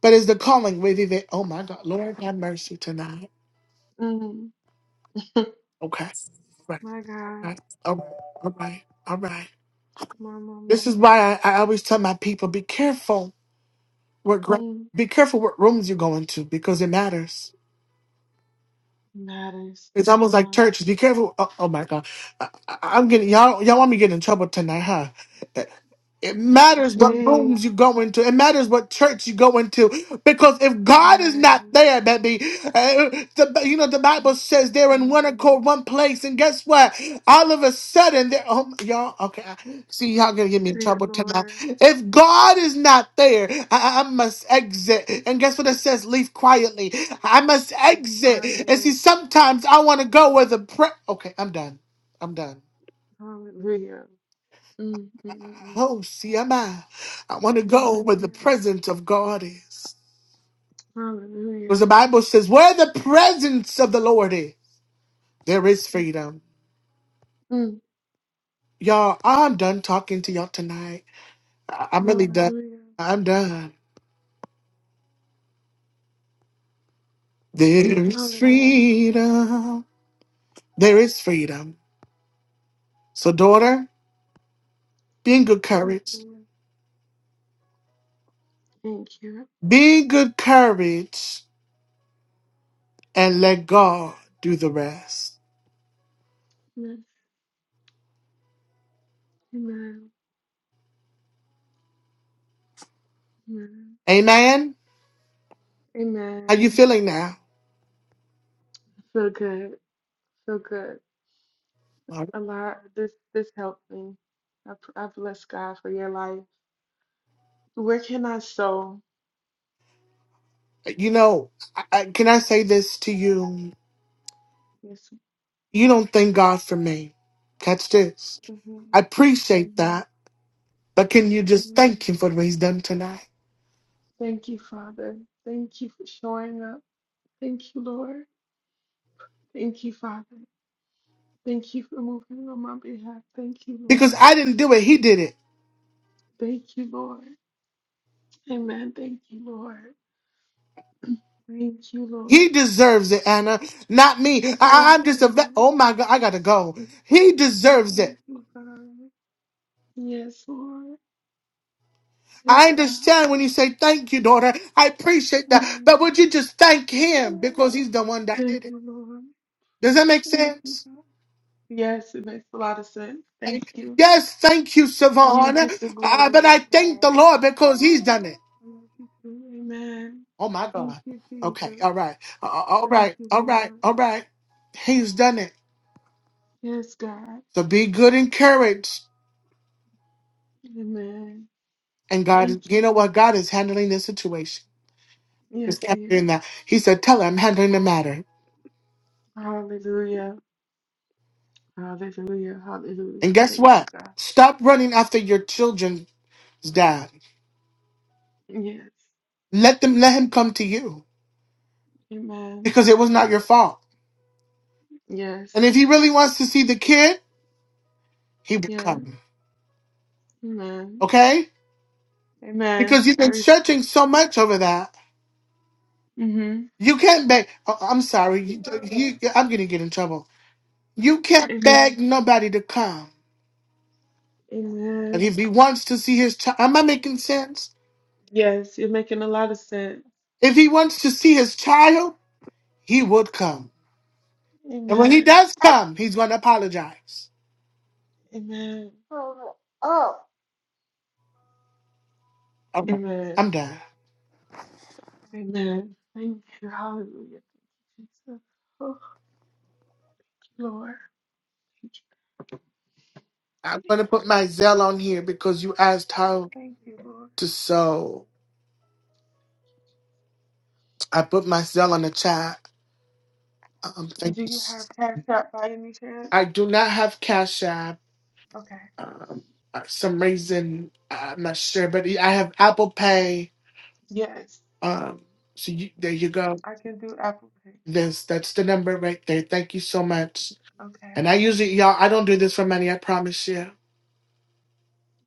but is the calling really there? Oh my God, Lord have mercy tonight.
Mm.
Okay, right,
My
all
God,
right, all right, all right. All right.
my mama.
This is why I, I always tell my people: be careful what gra-
Mm.
be careful what rooms you go into because it matters.
Matters,
It's
my
almost like
God.
churches. Be careful. Oh, oh my God. I, I- I'm getting, y'all, y'all want me to get in trouble tonight, huh? It matters what
Speak,
rooms you go into. It matters what church you go into. Because if God is not
man.
there, baby, uh, the, you know, the Bible says they're in one accord, one place. And guess what? All of a sudden, they're, oh, y'all, okay, I- see, y'all gonna get me in
Sweet
trouble tonight.
Lord,
If God is not there, I, I I must exit. And guess what it says? Leave quietly. I must
we
exit. And see,
quietly,
sometimes I wanna go where the prayer, okay, I'm done. I'm done.
hallelujah. Mm, mm, mm, mm.
Oh, see, am I? I want to go where the
Hallelujah,
presence of God is. Because
hallelujah,
the Bible says, where the presence of the Lord is, there is freedom.
mm.
Y'all, I'm done talking to y'all tonight. I- I'm really done.
hallelujah,
I'm done. There is
hallelujah,
freedom. There is freedom. So, daughter, be in good courage.
hallelujah. Thank you.
Be in good courage and let God do the rest.
Yes, amen, amen.
Amen. How you
Amen.
feeling now?
So good. So good. A lot. This this helped me. I, pr- I bless God for your life. Where can I sow?
You know, I, I, can I say this to you?
Yes.
You don't thank God for me. Catch this.
hmm
I appreciate
hmm
that, but can you just
Mhm.
thank Him for what He's done tonight?
Thank you, Father. Thank you for showing up. Thank you, Lord. Thank you, Father. Thank you for moving on my behalf. Thank you,
Because
Lord.
I didn't do it, He did it.
Thank you, Lord. Amen. Thank you, Lord. Thank you,
He
Lord.
deserves it, Anna, not me. I, I-
Thank
I'm
you,
just a. Ve-
Lord.
oh my God, I gotta go. He deserves
Thank
it.
you, God. Yes, Lord.
I
Yes, God.
understand when you say thank you, daughter. I appreciate that, but
Mm.
would you just thank Him because He's the one that
Thank
did it?
you, Lord.
Does that make
Thank you,
sense?
God. Yes, it makes a lot of sense. Thank you.
Yes, thank you,
You
Savon.
get the
Uh, but
glory,
I
oh
thank the
God.
Lord because He's
I
done it.
love you too. Amen.
Oh my
Thank
God.
you,
Okay,
Jesus.
all right. Uh, uh, all
Thank
right,
you,
all right,
Lord.
all right. He's done it.
Yes, God.
So be good and courage.
Amen.
And God,
Thank
you
you.
know
Jesus.
what? God is handling this situation. Just
Yes, he
handling
is.
that. He said, Tell her I'm handling the matter.
Hallelujah. Hallelujah. Hallelujah.
And guess
Thank you,
what?
God.
Stop running after your children's dad.
Yes.
Let them let him come to you
Amen.
because it was not your fault.
Yes.
And if he really wants to see the kid, he will
Yes.
come.
Amen.
Okay?
Amen.
because you've
I
been searching so much over that.
receive.
You can't beg. oh, I'm sorry. You,
Amen.
you, I'm gonna get in trouble. You can't beg
Amen.
nobody to come. But if
Amen.
he wants to see his child, am I making sense?
Yes, you're making a lot of sense.
If he wants to see his child, he would come. And when he
Amen.
does come, he's gonna apologize.
Amen. Oh.
All right,
Amen.
I'm done.
Amen. Thank you. Hallelujah. Thank you, Jesus. Oh, Lord.
I'm gonna put my Zell on here because you asked how
Thank you, Lord.
to sew. I put my Zell on the chat. Um, thank
Do
you.
you have Cash App by any chance?
I do not have Cash App.
Okay.
Um, uh, some reason I'm not sure, but I have Apple Pay.
Yes.
Um, so you, there you go.
I can do Apple Pay.
This that's the number right there. Thank you so much. And I
Okay.
usually y'all, I don't do this for money. I promise you.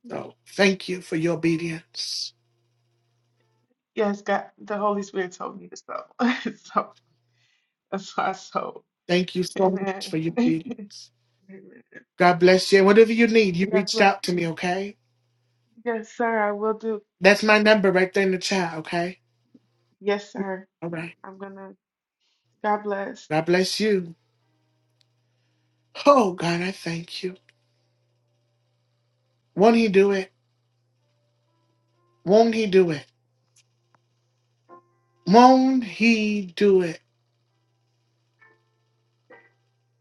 So thank you for your obedience.
Yes, God, the Holy Spirit told me to sow. so that's why I sold.
Thank you so much for
Amen.
your
Amen.
obedience. God bless you. And whatever you need, you
God
reached
bless
out to
you.
me. Okay,
Yes, sir. I will do.
that's my number right there in the chat. Okay,
Yes, sir.
all right.
I'm gonna. God bless.
God bless you. Oh God, I thank you. Won't He do it? Won't He do it? Won't he do it?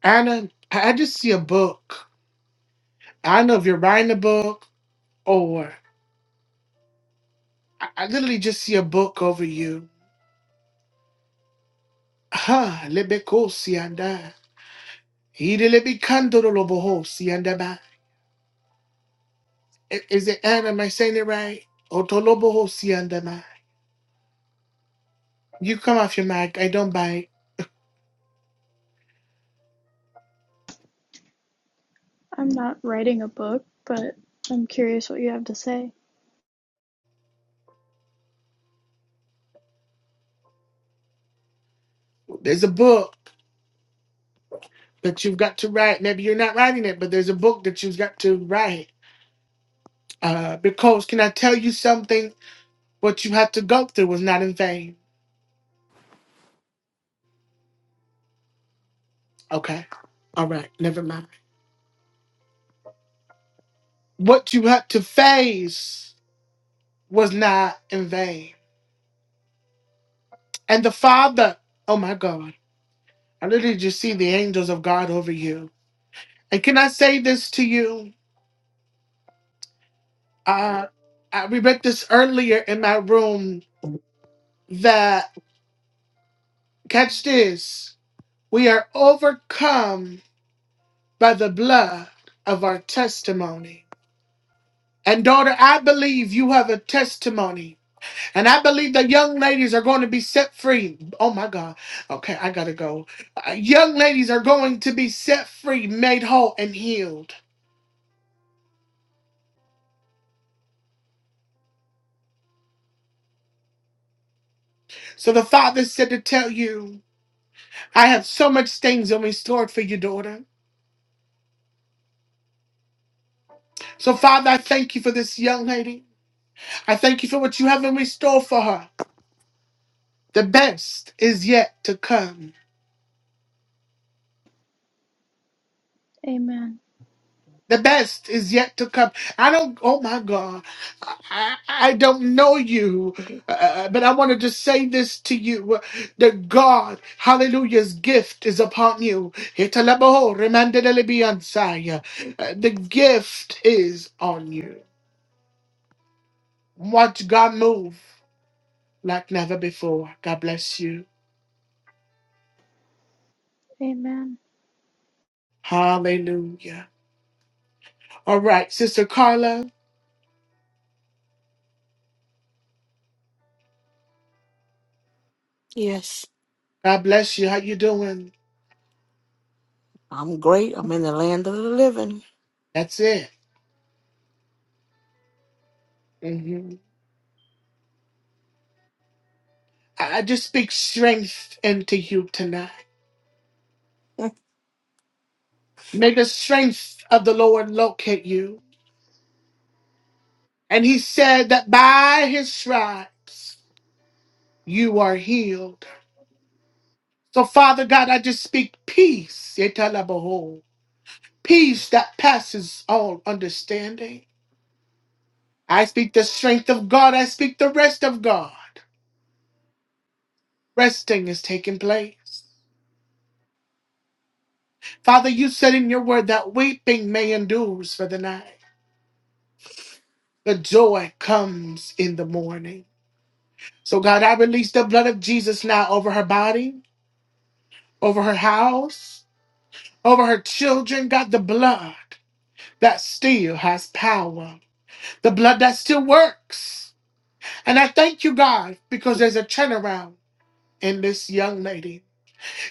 I don't, I I just see a book. I don't know if you're writing a book or I, I literally just see a book over you. Huh, lebekosianda. Idelebekandorolobosiandaba. I- Is it Anna? Am I saying it right? Otolobohosiandama. You come off your mic. I don't bite.
I'm not writing a book, but I'm curious what you have to say.
There's a book that you've got to write. Maybe you're not writing it, but there's a book that you've got to write. Uh, because can I tell you something? What you had to go through was not in vain. Okay. All right. Never mind. What you had to face was not in vain. And the Father, oh my God. I literally just see the angels of God over you. And can I say this to you? Uh, I we read this earlier in my room that, catch this, we are overcome by the blood of our testimony. And daughter, I believe you have a testimony. And I believe the young ladies are going to be set free. Oh my God. Okay, I got to go. Uh, young ladies are going to be set free, made whole, and healed. So the Father said to tell you. I have so much things in store for your daughter. So, Father, I thank you for this young lady. I thank you for what you have in store for her. The best is yet to come.
Amen.
The best is yet to come. I don't, oh my God, I, I I don't know you, uh, uh, but I want to just say this to you uh, that God, hallelujah's gift is upon you. Italabaho, remandelebiansaya. Uh, The gift is on you. Watch God move. like never before. God bless you.
Amen.
Hallelujah. All right, Sister Carla,
Yes,
God bless you. How you doing?
I'm great. I'm in the land of the living.
That's it. hmm I I just speak strength into you tonight.
I
May the strength of the Lord locate you. And he said that by his stripes you are healed. So, Father God, I just speak peace. Yetalabaho. Peace that passes all understanding. I speak the strength of God. I speak the rest of God. Resting has taken place. Father, you said in your word that weeping may endures for the night, but joy comes in the morning. So, God, I release the blood of Jesus now over her body, over her house, over her children. God, the blood that still has power, the blood that still works. And I thank you, God, because there's a turnaround in this young lady.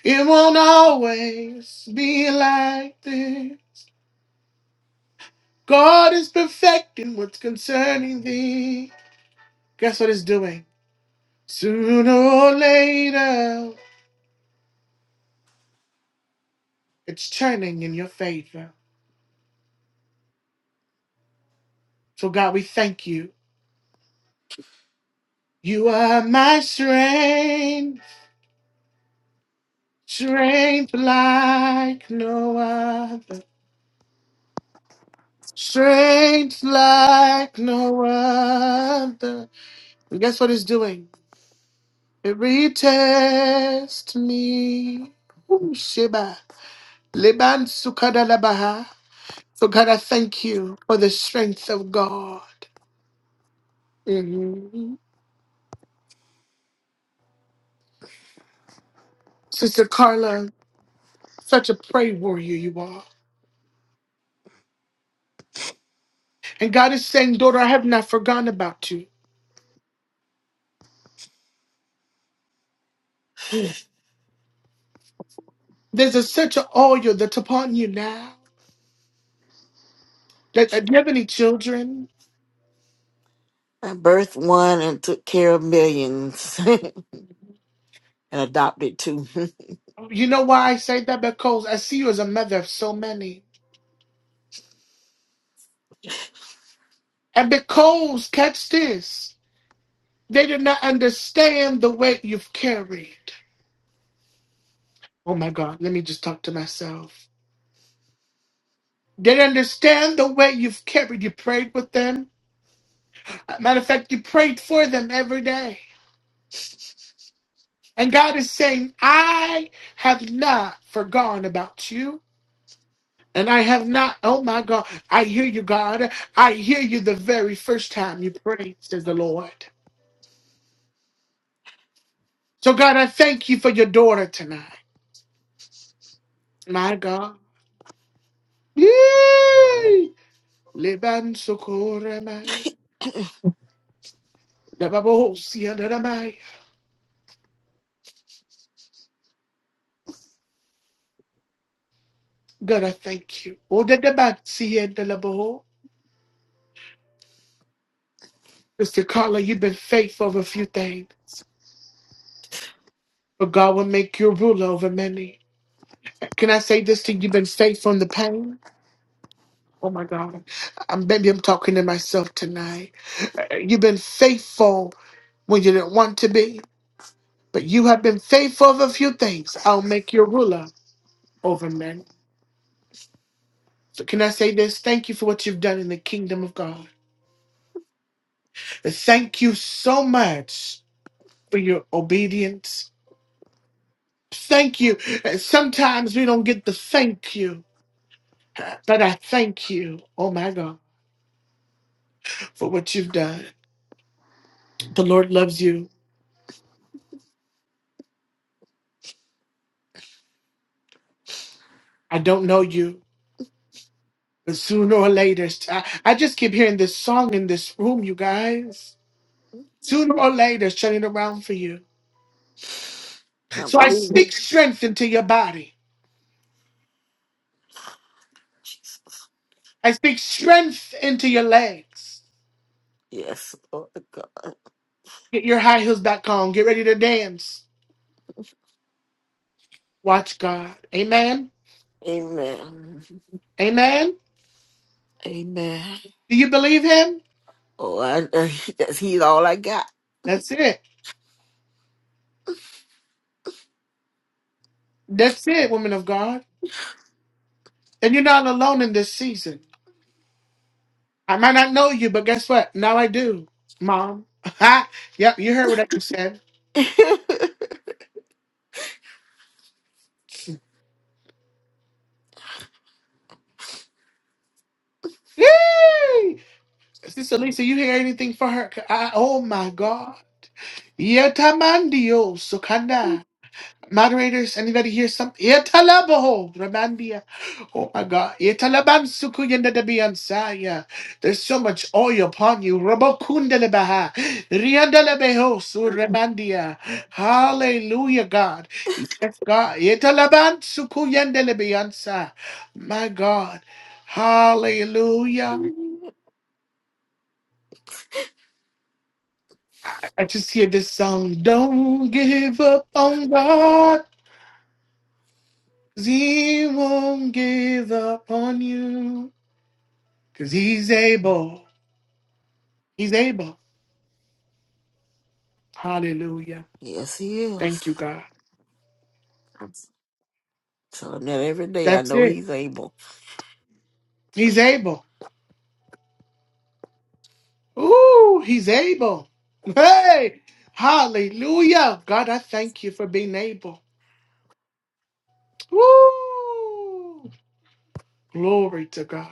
It won't always be like this. God is perfecting what's concerning thee. Guess what it's doing? Sooner or later, it's turning in your favor. So, God, we thank you. You are my strength, strength like no other, strength like no other. And guess what it's doing? It retests me. Ooh, Sheba. Leban So, God, I thank you for the strength of God. Mhm. Sister Carla, such a prayer warrior you are. And God is saying, daughter, I have not forgotten about you. Mm. There's a such an oil that's upon you now. That, that- do you have any children?
birthed one and took care of millions and adopted two.
You know why I say that? Because I see you as a mother of so many. And because, catch this, they did not understand the weight you've carried. Oh my God, let me just talk to myself. They understand the way you've carried. You prayed with them. Matter of fact, you prayed for them every day. And God is saying, I have not forgotten about you. And I have not, oh my God, I hear you, God. I hear you the very first time you prayed, says the Lord. So, God, I thank you for your daughter tonight. My God. Yee! Leban sokoramai. Dababohosiadaramai. God, I thank you. Odedebatsiedelaboho. Sister Carla, you've been faithful over a few things, but God will make you a ruler over many. Can I say this to you? You've been faithful in the pain. Oh my God. I'm, maybe I'm talking to myself tonight. Uh, uh, You've been faithful when you didn't want to be, but you have been faithful of a few things. I'll make you a ruler over men. So can I say this? Thank you for what you've done in the kingdom of God. And Thank you so much for your obedience. Thank you. And Sometimes we don't get the thank you. But I thank you, oh my God, for what you've done. The Lord loves you. I don't know you, but sooner or later, I, I just keep hearing this song in this room, you guys. Sooner or later, it's turning around for you.
I
So I
believe it.
speak strength into your body.
Jesus.
I speak strength into your legs.
Yes, Lord God.
Get your high heels back on. Get ready to dance. Watch God. Amen.
Amen.
Amen.
Amen.
Do you believe Him?
Oh, I, uh, that's, he's all I got.
That's it. That's it, women of God. And you're not alone in this season. I might not know you, but guess what? Now I do, Mom. Ha! Yep, you heard what I just said. Yay! Sister Lisa, you hear anything for her? I, oh my God. Yetamandio sukanda. Moderators, anybody hear something? Italaboho, Ramandia. Oh my God. Italabansukuyendadebiansaya. There's so much oil upon you. Rabokundelebaha. Riandelebeho, Suramandia. Hallelujah, God. Yes, God. Italabansukuyendelebiansa. My God. Hallelujah. I just hear this song. Don't give up on God. 'cause He won't give up on you. Because he's able. He's able. Hallelujah.
yes, he is.
Thank you, God.
So now every day I
That's
know
it.
he's able.
He's able. Ooh, he's able. Hey, hallelujah. God, I thank you for being able. Ooh, glory to God.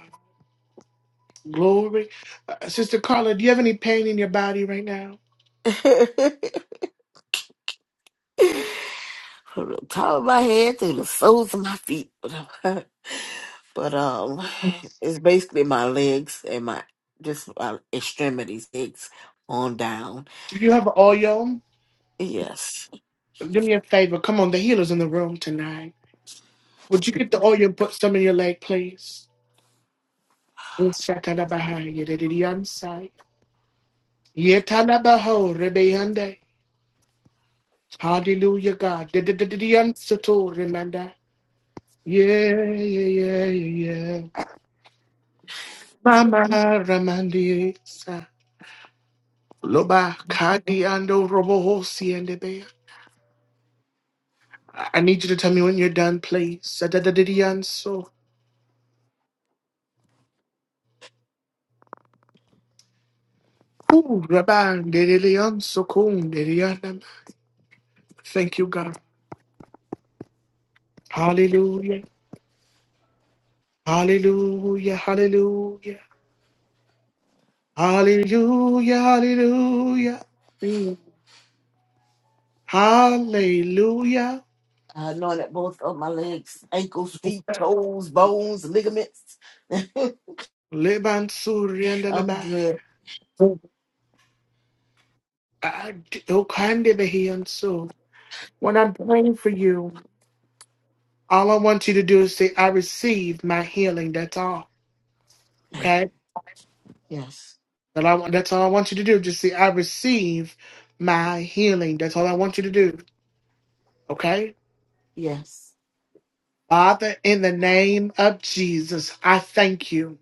Glory. Uh, Sister Carla, do you have any pain in your body right now?
from the top of my head to the soles of my feet. but um, it's basically my legs and my just my extremities, legs on down.
Do you have oil?
Yes,
Do me a favor. Come on, the healer's in the room tonight. Would you get the oil and put some in your leg, please? Yes, Shakalabahaya, Yetanabaho rebeyande. Hallelujah, God. Dididididiansato remanda. Yeah, yeah, yeah, yeah. yeah. Mama ramandi sa. Loba kadi ando roboho siende be. I I need you to tell me when you're done, please. Sadadadidianso. Ooh, raban didilianso kun didianam. Thank you, God. Hallelujah. Hallelujah. Hallelujah. Hallelujah. Hallelujah. Mm. Hallelujah.
I anointed both of my legs, ankles, feet, toes, bones, ligaments.
Leban
I'm
Suriandalabai.
good.
I- oh, kind of a hand, so When I'm praying for you, all I want you to do is say, I receive my healing. That's all. Okay?
Yes,
That I, that's all I want you to do. Just say, I receive my healing. That's all I want you to do. Okay?
yes.
Father, in the name of Jesus, I thank you.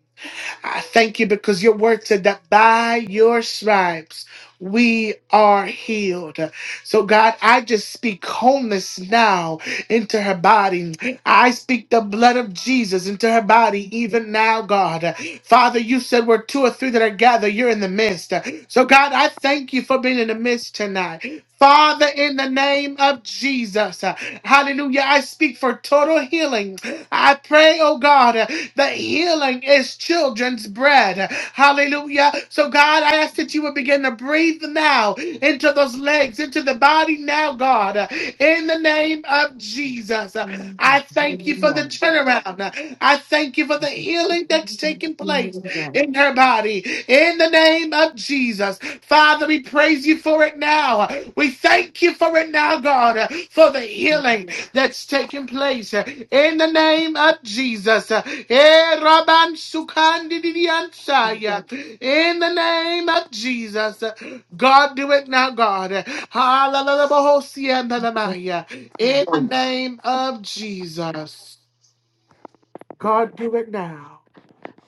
I thank you because your word said that by your stripes we are healed. So, God, I just speak wholeness now into her body. I speak the blood of Jesus into her body even now, God. Father, you said "Where two or three that are gathered. You're in the midst. So, God, I thank you for being in the midst tonight. Father, in the name of Jesus, uh, hallelujah, I speak for total healing. I pray, oh God, uh, that healing is children's bread. Hallelujah. So, God, I ask that you would begin to breathe now into those legs, into the body now, God, uh, in the name of Jesus. Uh, I thank you for the turnaround. Uh, I thank you for the healing that's taking place in her body, in the name of Jesus. Father, we praise you for it now. We thank you for it now, God, for the healing that's taking place in the name of Jesus. Eh, In the name of Jesus. God, do it now, God. In the name of Jesus. God, do it now.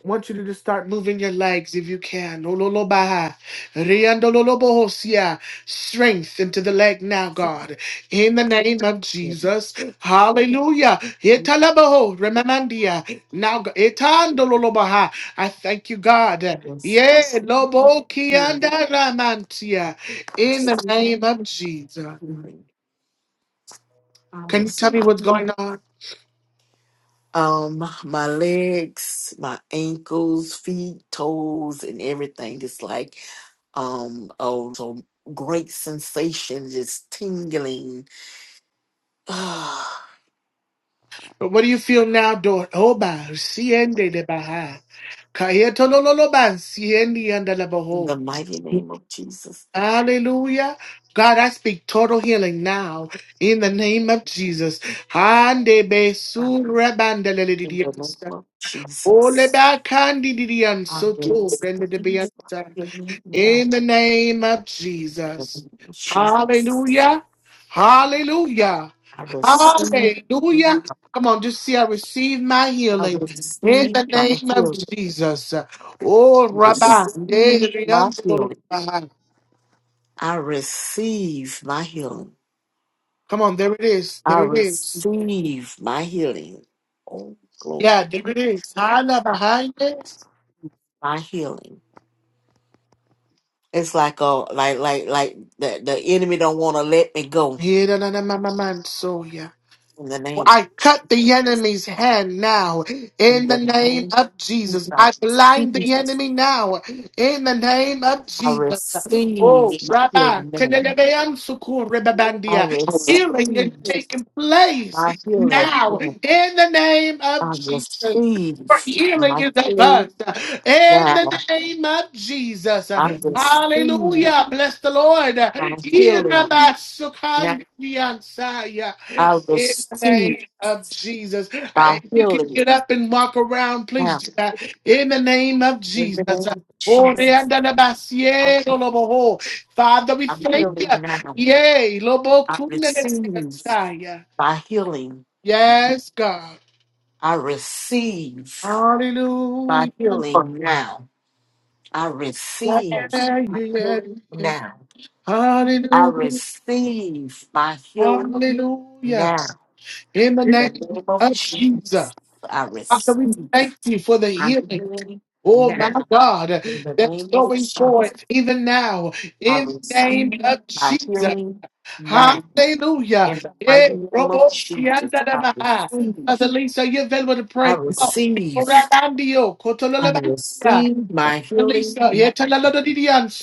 I want you to just start moving your legs if you can. Ololobaha, riandololobohosia. Strength into the leg now, God. In the name of Jesus. Hallelujah. Italabaho, remandia. Now, God. Itandololobaha. I thank you, God. Yeah, lobo kianda ramantia. In the
receive
name of Jesus.
healing. I
Can you tell me what's
receive
going on?
um my legs, my ankles, feet, toes, and everything. Just like um oh so great sensation, just tingling. Ah,
What do you feel now, Dor? Oba, siende de baha. Kayetolololoban, siendi and
in
alabaho.
the mighty name of Jesus.
Hallelujah. God, I speak total healing now in the name of Jesus. Hande be
God, In the name
surabandaledidiansa.
of
Ole
Jesus.
ba kandi
I
didianso to brende
receive my
de
healing in the name
in the name of
of
Jesus.
Jesus.
Hallelujah. Hallelujah.
I receive now.
Hallelujah. Come on, just see I receive my
I
healing in
receive
the
my
name of
healing.
Jesus. Oh, Rabbi.
receive my healing. I receive my healing.
Come on, there it is.
I
There it is.
receive my healing. Oh
Yeah,
glory.
there it is. Hala
I-
behind it.
My healing. It's like a like like like the, the enemy don't want to let me go
Yeah, na, na, na, ma, ma, man, so, yeah.
in the name of
I cut the
Jesus.
enemy's hand now
In
in the
the
name
name
of Jesus.
of
I blind
Jesus,
the enemy now in the name of
I
Jesus. Oh,
receive my
Rabbi,
healing name.
Tenelebeam Sukur
I
Rebabandia. healing is
receive
taking place
my healing
now
name.
in the name of
I
Jesus
receive
healing
my
is
healing
advanced uh, in the
now.
name of Jesus. uh,
I receive
Hallelujah. Bless the Lord. Uh,
thy healing now.
Irabasukandiansaya,
I
In the
receive
name of Jesus. Uh,
thy
If you can
healing
get up and walk around, please
now.
do that. In the name of
In
Jesus.
the
Uh,
name of Jesus, I,
Oreandalabasieloloboho. Father, we
I'm
thank you.
healing now.
Yay.
I receive
Lobokundenesaya.
thy healing.
Yes, God.
I receive thy
Hallelujah.
healing now. I
Yeah,
receive thy
yeah,
healing
yeah.
now. I
Hallelujah.
receive thy healing
Hallelujah.
now.
In the
In the
name
name of
of
Jesus,
Jesus.
I
Father, we thank
receive
you for the
thy
healing.
healing
Oh my
now.
God,
In the
that's
name of
going
Jesus,
forth even now.
I
In the
receive
name of
my
Jesus.
healing now.
Hallelujah.
In the mighty
Eh,
name of
robo
Jesus,
sianda da
I
baha. Mother
receive,
Lisa, you're available to
I
pray. Come on.
receive,
Orabandio,
I
kotololabasia.
receive my healing
Lisa, yeah,
now.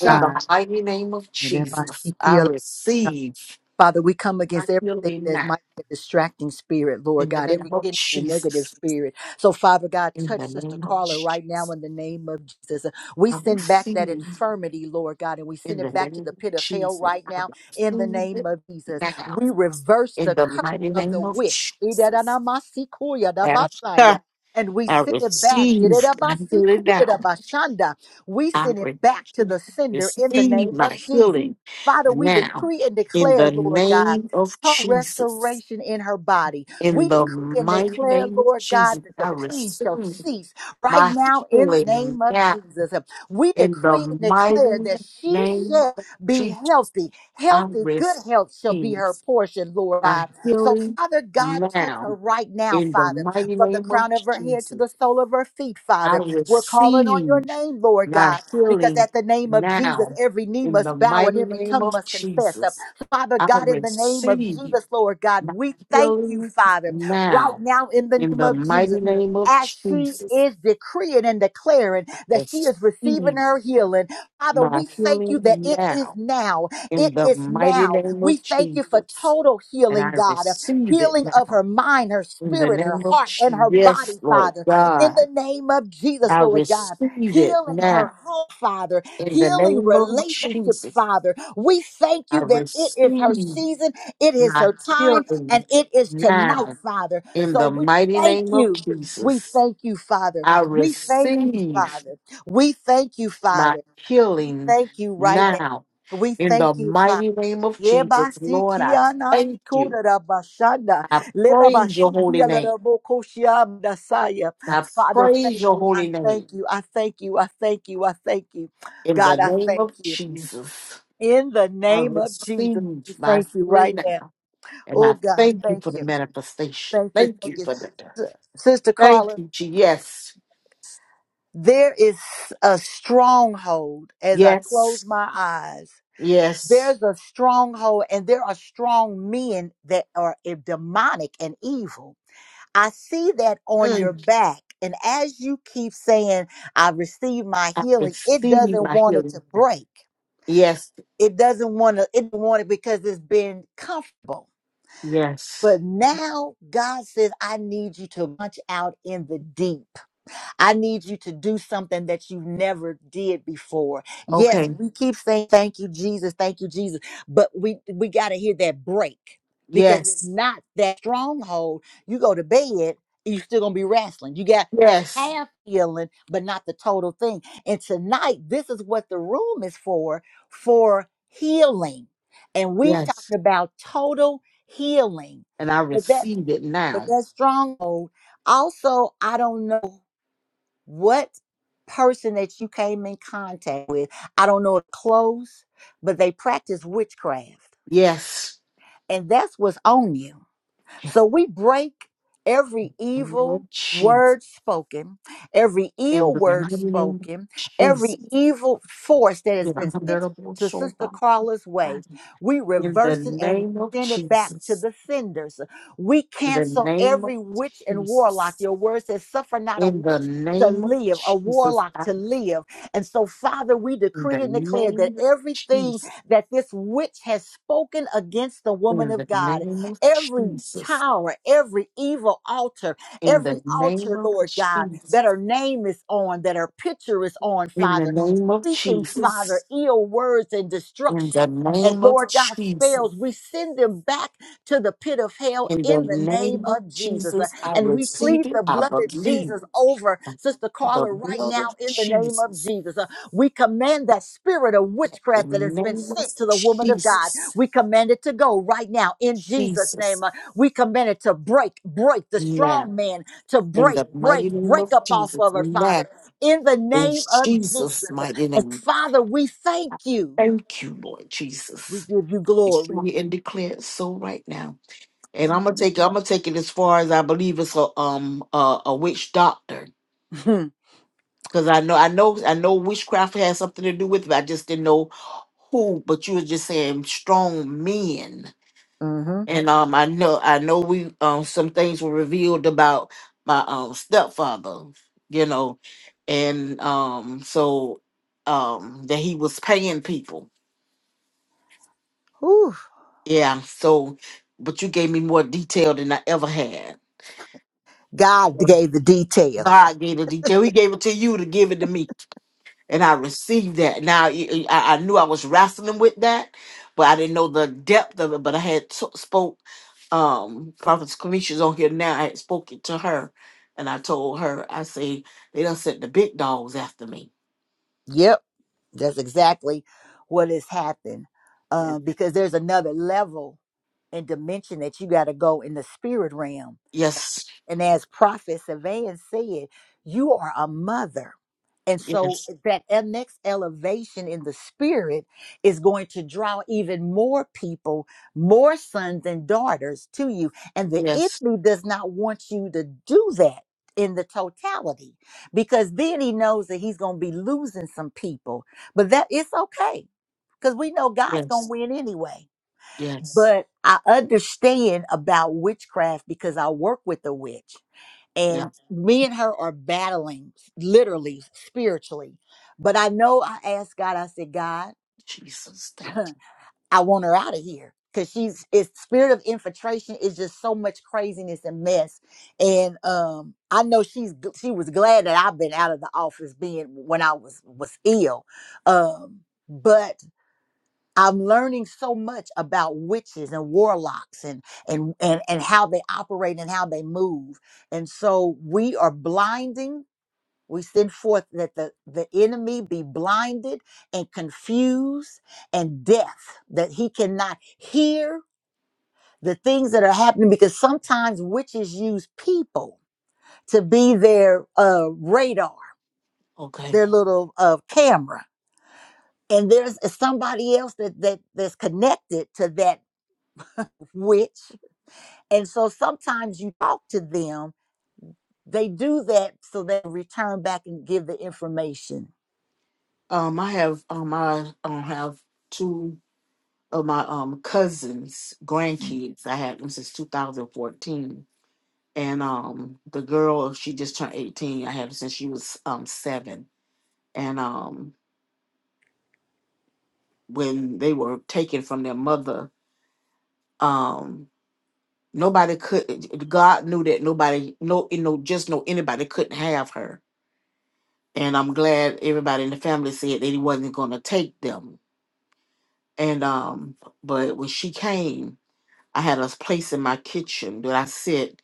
In the
God.
mighty name of Jesus, I receive
Father, we come
my
against everything
healing
that
now.
might be a distracting spirit, Lord
In the
God,
name
every
of
hidden and negative
Jesus,
spirit. So, Father God,
in
touch
the
Sister
name of
Carla right now
Jesus,
in the name of Jesus. We
I
send back that
receive.
infirmity, Lord God, and we
In
send
the
it back to
name of
the pit of hell
Jesus,
right
I
now in the
receive
name
it
of Jesus.
now.
We reverse
In
the
the
curse
mighty
of the
name of
witch.
Jesus, as I
And we
I
send it back.
receive my healing now.
We
I
send
re-
it back to the sender in the
receive
name
my
of Jesus.
healing
Father, we
now.
decree and
In
declare,
the
Lord God,
name of
her
Jesus,
restoration in her body. We
in
decree
the
and
mighty
declare,
name of
Lord God,
Jesus,
that the
I
pain shall
receive
cease right
my
now in the
healing
name of
now.
Jesus. We
In the
decree and declare
mighty
that she
name
shall
of
be
Jesus,
healthy.
I
Healthy, good health shall be
receive.
her portion, Lord
my
God. So,
healing
Father God, touch her
now
right now,
in the
Father,
mighty
from the
name of
crown of her head to the
Jesus.
sole of her feet,
I
Father. We're calling on your
receive
name, Lord
my
God because
healing
at the name of Jesus,
now
every knee
in the
must bow and
mighty
every
name
tongue
of
must confess. Uh,
Jesus.
Father
I
God, in the name of
receive
Jesus, Lord God,
my
we thank you,
healing
Father, right
now
now in the
in
name
the
of Jesus.
mighty name of
As she
Jesus.
is decreeing and declaring
I
that she is receiving
receive
her healing, Father,
my
we thank you that
healing
it is
now
now. It
in the
is
mighty
now.
name
We
of
thank you for
Jesus.
total
And
healing,
I
God.
receive it
Healing of
now
her mind, her
In the
spirit, her
name of
heart, and
Jesus,
her
yes,
body,
Lord
Father. In
God,
the name of Jesus,
I
Lord God
receive it
healing her
now.
home, Father,
In the
healing
name of
relationships,
Jesus,
Father. We thank
I
you that it is
receive
her season, it is
my
her time,
healing
and it is tonight,
now.
Father.
In
So
the
we
mighty
thank
name of
you. We
Jesus,
thank you, Father.
I
We thank you,
receive
Father. We thank you,
my
Father. We
healing
thank you right now.
now.
We
In the
thank you, Father.
mighty name of Jesus, Lord, I
Yebasikiana
thank you.
sikura rabashanda.
I praise your holy
Lebabasikia
name.
larabokoshia mdasaya.
I
Father,
praise
thank
your
you. I
holy name.
thank you. I thank you. I thank you. I thank you.
In the
God, I
name of
thank you.
Jesus.
In the
I
name of
receive
Jesus, we
my
thank you
healing
right now.
now. And
Oh,
I
God,
thank you
thank
for the
you.
manifestation.
Thank you.
Thank
Thank
you
you.
for
S-
the
Sister
Thank
Carla,
you, Jesus.
there is a stronghold as I close
Yes. Yes.
my eyes.
Yes.
There's a stronghold, and there are strong men that are eh, demonic and evil. I see that on your
Mm.
back. And as you keep saying, I receive my
I
healing, it
receive
doesn't
my
want it to
healing. now.
break.
Yes.
It doesn't want to, it doesn't want it because it's been comfortable.
Yes.
But now God says, I need you to launch out in the deep. I need you to do something that you never did before. Yes,
Okay.
we keep saying thank you, Jesus, thank you, Jesus, but we we got to hear that break because if
Yes.
not that stronghold, you go to bed, you're still gonna be wrestling. You got
Yes.
half healing, but not the total thing. And tonight, this is what the room is for for healing, and we've
Yes.
talked about total healing,
And I
but that
receive it
but
now.
that stronghold also i don't know what person that you came in contact with i don't know if close but they practice witchcraft
Yes.
and that's what's on you
Yes.
so we break every evil
Lord Jesus.
word spoken, every
In
ill
the
word
mighty name of
spoken, every
Jesus.
evil force that has been
Yeah.
sent to Sister Carla's way. We
In the
reverse it and we
name of
send it back to
Jesus.
the senders. We
In the
cancel
name of
every witch and warlock.
Jesus.
Your word says, suffer not a
In the
witch. To
name of
live, a
Jesus.
warlock
I-
to live. And so, Father, we
In the
decree and declare that
name of
everything
Jesus.
that this witch has spoken against the woman
In
of
the
God,
name of
every
Jesus.
tower, every evil altar,
In
every
the name
altar,
of
Lord God, that
Jesus.
her name is on, that her picture is on,
In the
Father.
name of
Speaking, Father,
Jesus.
ill words and
In the
destruction. And
name of
Lord God,
Jesus.
spells, we send them back to the pit of hell
In the
in the name
name of
of Jesus. Uh,
Jesus, I
And we plead
receive it.
the
I
blood of
believe
Jesus over
it.
Sister
The
Carla right
blood of
now in the name of
Jesus.
Jesus. Uh, We command that spirit of
The
witchcraft that has been
name of
sent to the woman of God
Jesus.
we command it to go right now in Jesus'
Jesus.
name. Uh, We command it to break, break the
Now,
strong man to
in
break,
the
break,
mighty name of
break up off
Jesus,
of her,
now,
Father, in the
in
name of Jesus.
Jesus' mighty
And
name,
Father, we thank
I
you.
thank you, Lord
We
Jesus.
give you
Decree
glory.
we and declare it so right now. And
And
I'm gonna take I'm gonna take it as far as I believe it's a um a, a witch doctor. Cause I know I know I know witchcraft has something to do with it. I just didn't know who, but you were just saying strong men.
mm-hmm.
and um, I know I know we um some things were revealed about my um stepfather, you know, and um so um that he was paying people. Yeah, so but you gave me more detail than I ever had.
God gave the details.
God gave the detail. He gave it to you to give it to me. and I received that. Now I, I I knew I was wrestling with that, but I didn't know the depth of it. But I had t- spoke um Prophet Kamisha's on here now. I had spoken to her, and I told her, I say they done sent the big dogs after me.
Yep, that's exactly what has happened. Um, because there's another level and dimension that you got to go in the spirit realm.
Yes,
And as Prophet Savan said, you are a mother. And so
yes,
that e- next elevation in the spirit is going to draw even more people, more sons and daughters to you. And the
yes,
enemy does not want you to do that in the totality because then he knows that he's going to be losing some people. But that it's okay because we know God's going to
yes,
win anyway
yes,
but I understand about witchcraft because I work with a witch and
yes.
me and her are battling literally spiritually. But I know I asked God, I said, God,
Jesus, thank you.
I want her out of here because she's it's spirit of infiltration is just so much craziness and mess. And um I know she's g- she was glad that I've been out of the office being when I was was ill. Um but I'm learning so much about witches and warlocks and and and and how they operate and how they move. And so we are blinding. We send forth that the, the enemy be blinded and confused and deaf, that he cannot hear the things that are happening because sometimes witches use people to be their uh, radar,
Okay.
their little uh, camera. And there's uh, somebody else that, that that's connected to that witch And so sometimes you talk to them, they do that so they return back and give the information.
Um, I have um, I um have two of my um cousins' grandkids. I had them since 2014 and um the girl she just turned 18 i had her since she was um seven and um when they were taken from their mother um nobody could eh, eh, god knew that nobody no you know just no anybody couldn't have her and i'm glad everybody in the family said that he wasn't going to take them and um but when she came i had a place in my kitchen that i sit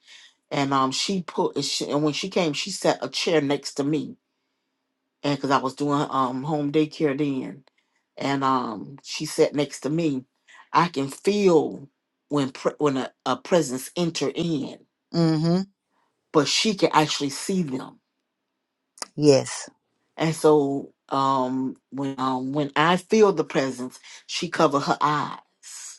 and um she put and, she, and when she came she sat a chair next to me and because I was doing um home daycare then, and um she sat next to me. I can feel when pre- when a, a presence enter in,
Mm-hmm.
but she can actually see them.
Yes.
And so um when um when I feel the presence, she cover her eyes.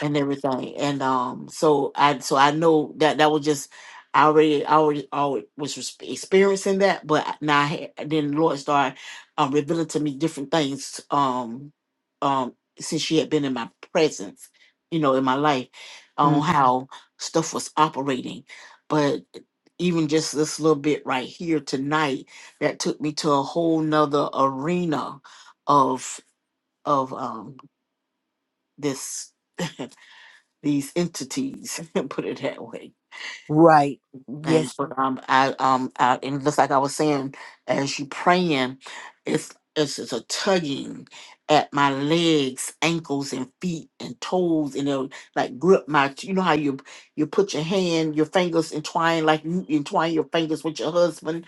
and everything. And um, so I so I know that that was just I already I already, already was res- experiencing that, but now I had, then the Lord started um, revealing to me different things um um since she had been in my presence, you know, in my life on
Mm.
how stuff was operating, but even just this little bit right here tonight that took me to a whole nother arena of of um this these entities, put it that way
Right. Yes.
things. But um, I um, I, and just like I was saying, as you praying, it's it's just a tugging at my legs, ankles, and feet, and toes, and it'll like grip my. You know how you you put your hand, your fingers entwine like you entwine your fingers with your husband.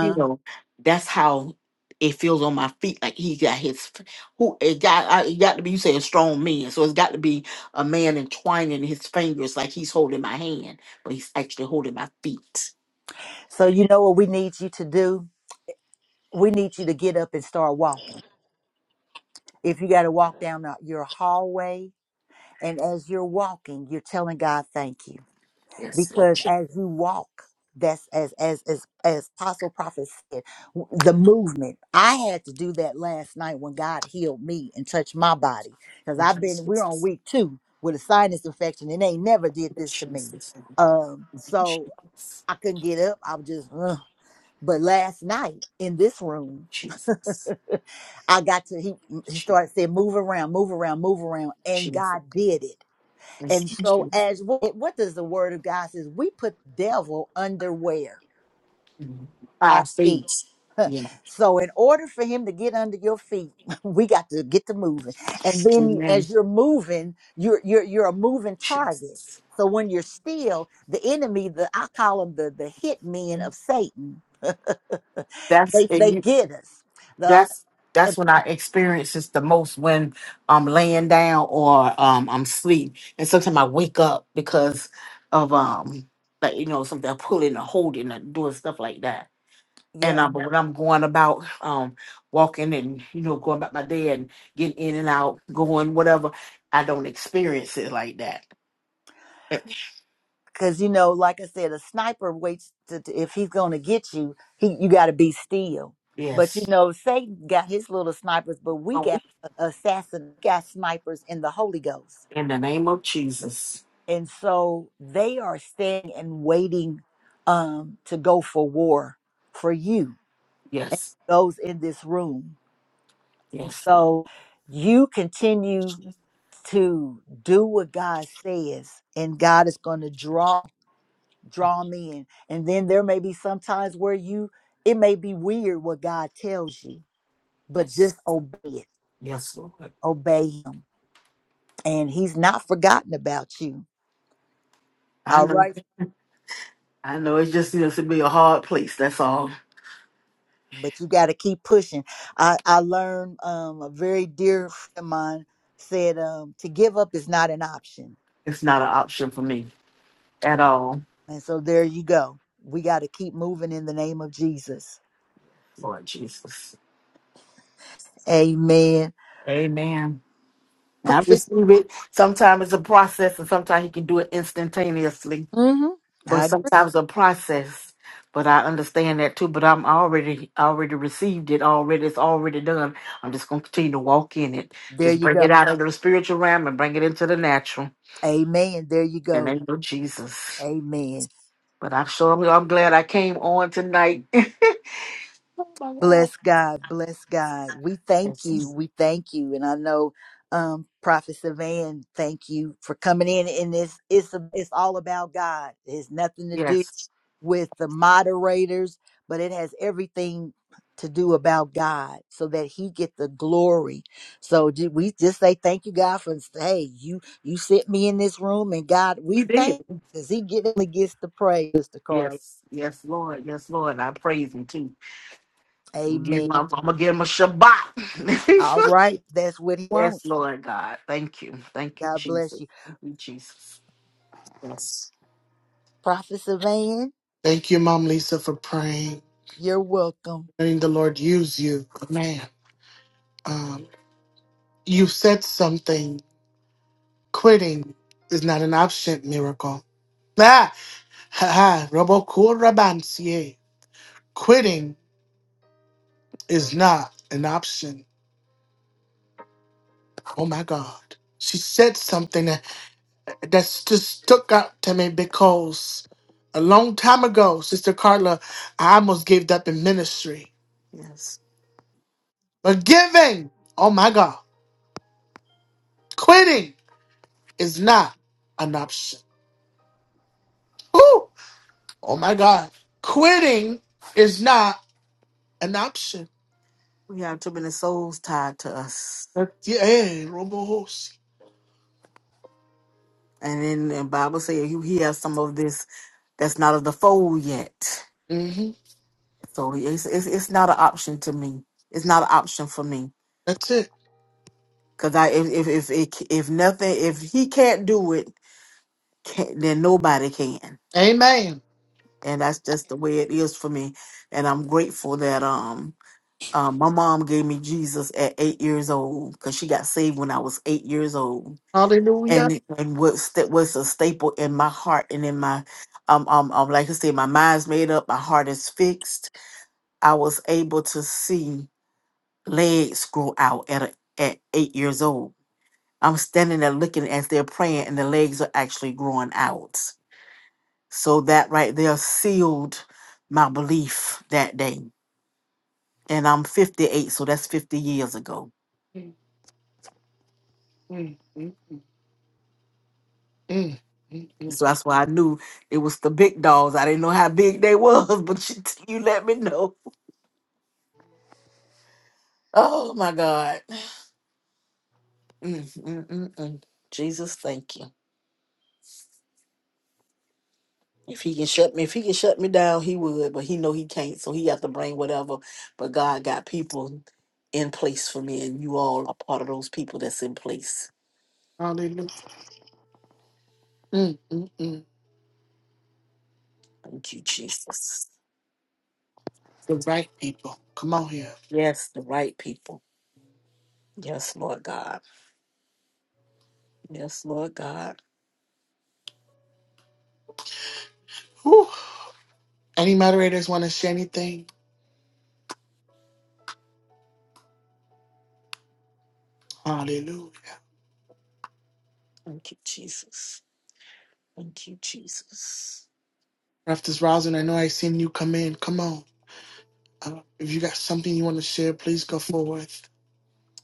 You know, that's how it feels on my feet. Like he got his f- who it got. I, it got to be. You say a strong man, so it's got to be a man entwining his fingers like he's holding my hand but he's actually holding my feet.
So you know what we need you to do? We need you to get up and start walking. If you got to walk down the- your hallway, and as you're walking, you're telling God, thank you.
Yes, Lord.
because as you walk that's as as as as apostle prophet said w- the movement i had to do that last night when god healed me and touched my body because i've
Jesus.
been we're on
Jesus.
week two with a sinus infection and they never did this to me um so i couldn't get up i was just "Ugh." but last night in this room
Jesus.
i got to he he started saying move around move around move around
Jesus.
and
Jesus.
god did it and so,
Jesus.
as what, what does the word of God says, we put the devil underwear,
By
our feet.
faith. Yeah.
So, in order for him to get under your feet, we got to get to moving. And then,
Amen.
as you're moving, you're you're you're a moving target.
Jesus.
So when you're still, the enemy, the I call them the the hit men of Satan.
That's
they they
and you
get us. The,
that's
uh,
that's when I experience this the most when I'm laying down or um I'm asleep. And sometimes I wake up because of um like you know something pulling or holding or doing stuff like that.
yep.
and um, but when I'm going about um walking and you know going about my day and getting in and out, going whatever, I don't experience it like that.
Cause you know, like I said, a sniper waits to, to- if he's gonna get you, he you gotta be still. But you
Yes,
know, Satan got his little snipers, but we
Oh, we-
got assassin got snipers in the Holy Ghost.
in the name of Jesus.
And so they are standing and waiting um to go for war for you and
Yes,
those in this room. And
yes, Lord.
so you continue to do what God says, and God is gonna draw draw me in. And then there may be some times where you, it may be weird what God tells you, but
yes,
just obey it,
yes, Lord.
obey Him. And He's not forgotten about you.
I
All
know,
right.
I know. It just needs to be a hard place. That's all.
But you got to keep pushing. I, I learned um, a very dear friend of mine said um, to give up is not an option.
It's not an option for me at all,
And so there you go. We got to keep moving in the name of Jesus.
Lord Jesus.
Amen.
Amen. I
Perfect.
receive it. Sometimes it's a process, and sometimes He can do it instantaneously.
hmm
but
I agree.
sometimes a process. But I understand that too. But I'm already already received it. Already it's already done. I'm just gonna continue to walk in it.
There
Just
you
bring
go.
it out of the spiritual realm and bring it into the natural.
Amen. There you
In the
go.
name of Jesus.
Amen.
But I'm sure I'm, I'm glad I came on tonight. oh my God.
Bless God. Bless God. We thank
Yes.
you. We thank you. And I know um Prophet Savan, thank you for coming in. And it's it's it's all about God. It has nothing to do
Yes.
with the moderators, but it has everything to do about God so that he get the glory. So ju- we just say thank you God for hey, you you sent me in this room and God, we
He
thank
did.
because he get, gets the praise, Mr. Carl.
Yes. Yes, Lord. Yes, Lord. I praise him too. I'm gonna give
Amen.
him, I'm gonna give him a Shabbat.
All right, that's what he wants.
Yes, Lord God. Thank you. Thank you,
God bless
Jesus.
you.
Thank you, Jesus. Yes.
Prophet Savan,
Thank you, Mom Lisa, for praying.
you're welcome.
letting the Lord use you. Man, um, you said something. Quitting is not an option, miracle. Ah, ha ha, robokurabansie. Quitting is not an option. Oh my God. She said something that that's just stuck out to me because a long time ago, Sister Carla, I almost gave up in ministry.
Yes.
But giving, oh my God, quitting is not an option. Woo! Oh my God. Quitting is not an option.
We have too many souls tied to us.
That's, yeah, hey, Robo Hosi.
And then the Bible says you hear some of this that's not of the fold yet.
hmm
So it's it's, it's not an option to me. It's not an option for me.
That's it.
Cause I if if if it, if nothing if he can't do it, can then nobody can.
Amen.
And that's just the way it is for me. And I'm grateful that um Um, my mom gave me Jesus at eight years old because she got saved when I was eight years old, and
Hallelujah.
it- and was that was a staple in my heart and in my um um, um like I said, my mind's made up, my heart is fixed. I was able to see legs grow out at a, at eight years old. I'm standing there looking as they're praying, and the legs are actually growing out. So that right there sealed my belief that day, and I'm 58, so that's 50 years ago
Mm,
So that's why I knew it was the big dogs. I didn't know how big they was, but you, you let me know. Oh my God. Mm, mm, mm, mm. Jesus, thank you. If he can shut me, if he can shut me down, he would, but he know he can't, so he have to bring whatever. But God got people in place for me, and you all are part of those people that's in place.
hallelujah. Mm, mm, mm.
Thank you, Jesus.
The right people. Come on here.
Yes, the right people. Yes, Lord God. Yes, Lord God.
Whew. Any moderators want to say anything? Hallelujah.
Thank you, Jesus. Thank you, Jesus.
Raft is rousing. I know I seen you come in. Come on. Uh, if you got something you want to share, please go forth.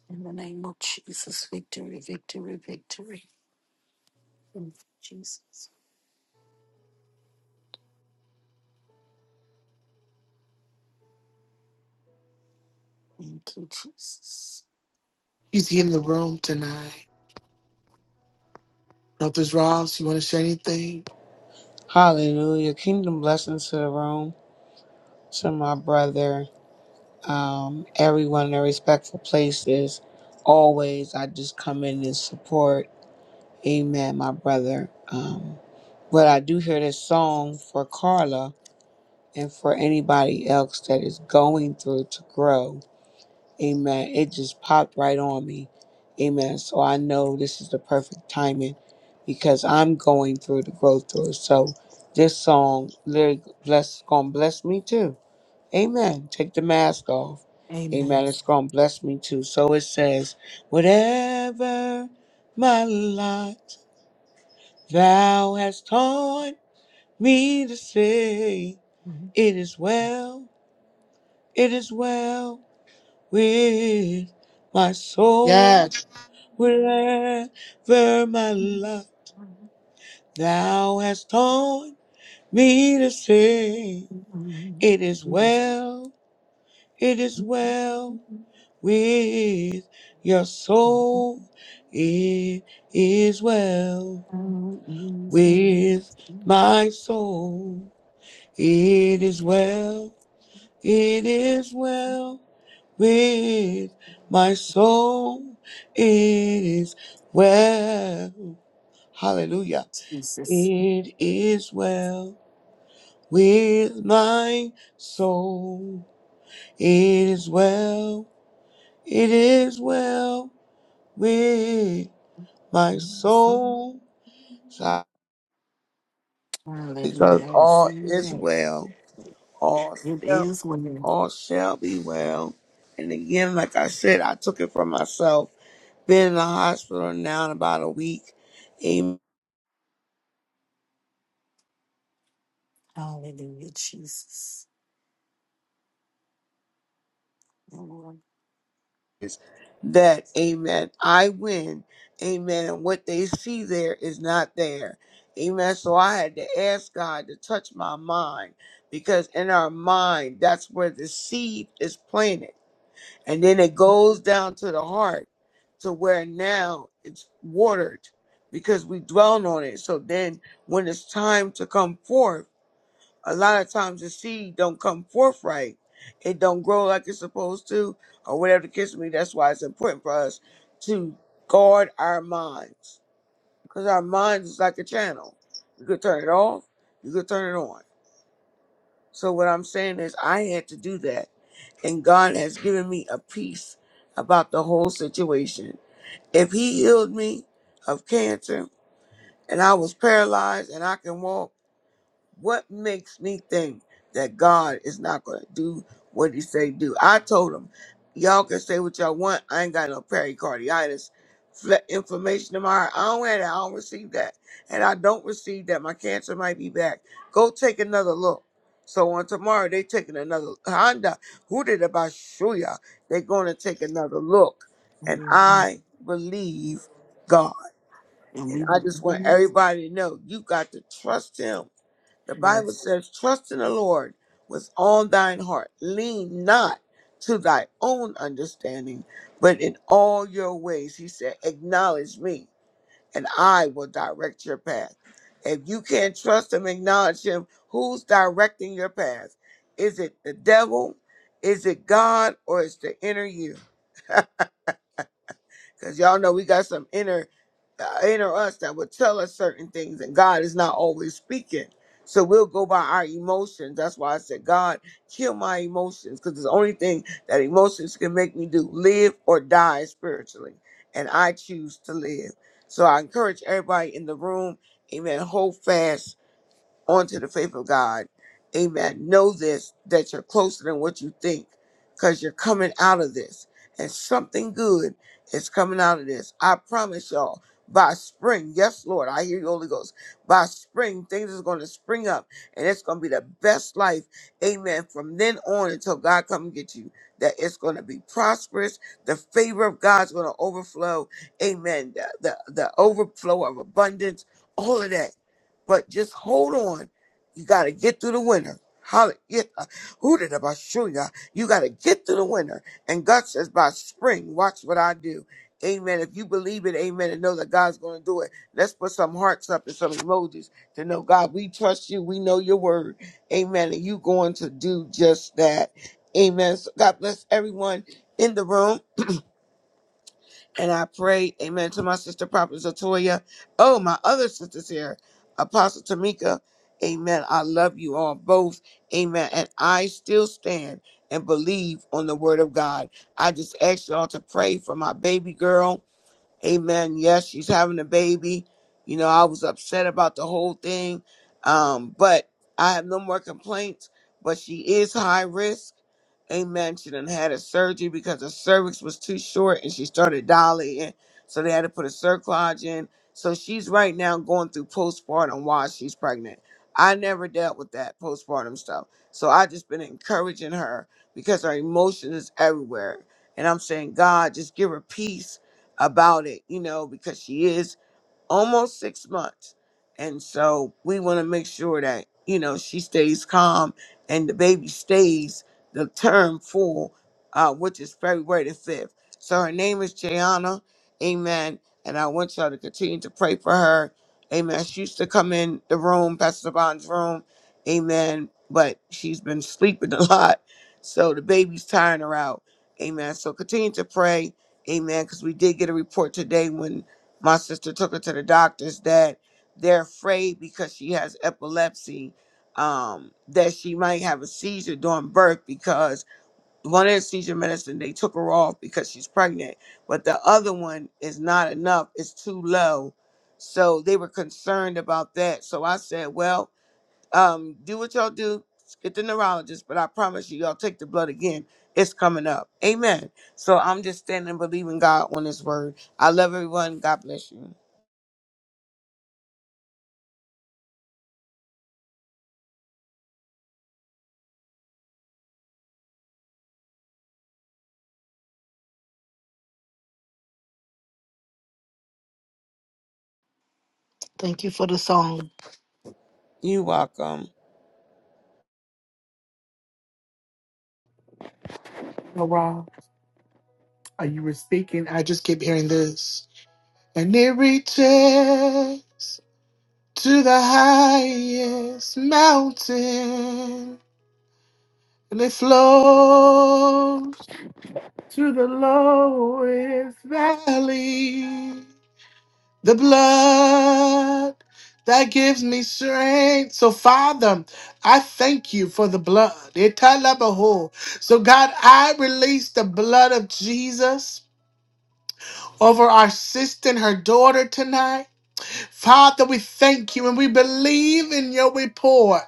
In the name of Jesus, victory, victory, victory. Thank you, Jesus. Thank you, Jesus.
He's in the room tonight. Brothers Ross, you want to share anything?
Hallelujah. Kingdom blessings to the room, to my brother, um, everyone in their respectful places. Always, I just come in and support. Amen, my brother. Um, but I do hear this song for Carla and for anybody else that is going through to grow. Amen. It just popped right on me. Amen. So I know this is the perfect timing because I'm going through the growth through. So this song literally bless gonna bless me too. Amen. Take the mask off.
Amen.
Amen. It's gonna bless me too. So it says, Whatever my lot thou hast taught me to say, it is well, it is well with my soul.
Yes.
wherever my love thou hast taught me to sing. It is well, it is well with your soul. It is well with my soul. It is well, it is well with my soul. It is well. Hallelujah.
Jesus.
It is well with my soul. It is well. It is well with my soul. Because
Hallelujah. I
all
receive
is
that.
well. All
It
shall,
is well.
all shall be well. And again, like I said, I took it for myself. Been in the hospital now in about a week. Amen.
Hallelujah, Jesus. Lord.
is that amen i win amen and what they see there is not there amen so i had to ask god to touch my mind because in our mind that's where the seed is planted and then it goes down to the heart to where now it's watered because we dwell on it so then when it's time to come forth a lot of times the seed don't come forth right. It don't grow like it's supposed to, or whatever the case may be. That's why it's important for us to guard our minds, because our minds is like a channel. You could turn it off, you could turn it on. So what I'm saying is, I had to do that, and God has given me a peace about the whole situation. If He healed me of cancer, and I was paralyzed, and I can walk. what makes me think that God is not going to do what he say do? I told him, y'all can say what y'all want. I ain't got no pericarditis. Fle- Inflammation in my heart. I don't have that. I don't receive that. And I don't receive that. My cancer might be back. Go take another look. So on tomorrow, they taking another Honda. Who did about Shuya? They're going to take another look. And I believe God.
And
And
we
I just want
believe,
everybody to know you got to trust him the Bible
yes.
says, Trust in the Lord with all thine heart. Lean not to thy own understanding, but in all your ways, he said, Acknowledge me, and I will direct your path. If you can't trust him, acknowledge him, who's directing your path? Is it the devil? Is it God? Or is the inner you? because y'all know we got some inner uh, inner us that would tell us certain things, and God is not always speaking. So we'll go by our emotions. That's why I said, God, kill my emotions, because it's the only thing that emotions can make me do, live or die spiritually. And I choose to live. So I encourage everybody in the room, amen, hold fast onto the faith of God. Amen. Know this that you're closer than what you think because you're coming out of this and something good is coming out of this. I promise y'all by spring, yes, Lord, I hear you, Holy Ghost. By spring, things is going to spring up and it's going to be the best life. Amen. From then on until God come and get you, that it's going to be prosperous. The favor of God's going to overflow. Amen. The, the, the overflow of abundance, all of that but just hold on. You got to get through the winter. Holla, get, uh, who did I show ya? You got to get through the winter. And God says, by spring, watch what I do. Amen. If you believe it, amen, and know that God's going to do it, let's put some hearts up and some emojis to know, God, we trust you. We know your word. Amen. And you going to do just that. Amen. So God bless everyone in the room. And I pray, amen, to my sister, Prophet Zatoya. Oh, my other sisters here, Apostle Tamika. Amen. I love you all both. Amen. And I still stand and believe on the word of God. I just ask y'all to pray for my baby girl. Amen. Yes, she's having a baby. You know, I was upset about the whole thing. Um, but I have no more complaints. But she is high risk. Amen. She done had a surgery because her cervix was too short and she started dilating. So they had to put a cerclage in. So she's right now going through postpartum while she's pregnant. I never dealt with that postpartum stuff. So I just been encouraging her because her emotion is everywhere. And I'm saying, God, just give her peace about it, you know, because she is almost six months. And so we want to make sure that, you know, she stays calm and the baby stays the term full, uh, which is February the 5th. So her name is Jayana. Amen. And I want y'all to continue to pray for her. Amen. She used to come in the room, Pastor Bond's room. Amen. But she's been sleeping a lot. So the baby's tiring her out. Amen. So continue to pray. Amen. Because we did get a report today when my sister took her to the doctors that they're afraid because she has epilepsy um, that she might have a seizure during birth because one of the seizure medicine they took her off because she's pregnant but the other one is not enough it's too low so they were concerned about that so i said well um, do what y'all do get the neurologist but i promise you y'all take the blood again it's coming up amen so i'm just standing and believing god on his word i love everyone god bless you
Thank you for the song.
You are welcome.
Brother Ross, are you were speaking? I just keep hearing this. And it reaches. to the highest mountain, and it flows to the lowest valley. The blood that gives me strength. So, Father, I thank you for the blood. Italabaho. So, God, I release the blood of Jesus over our sister and her daughter tonight. Father, we thank you and we believe in your report.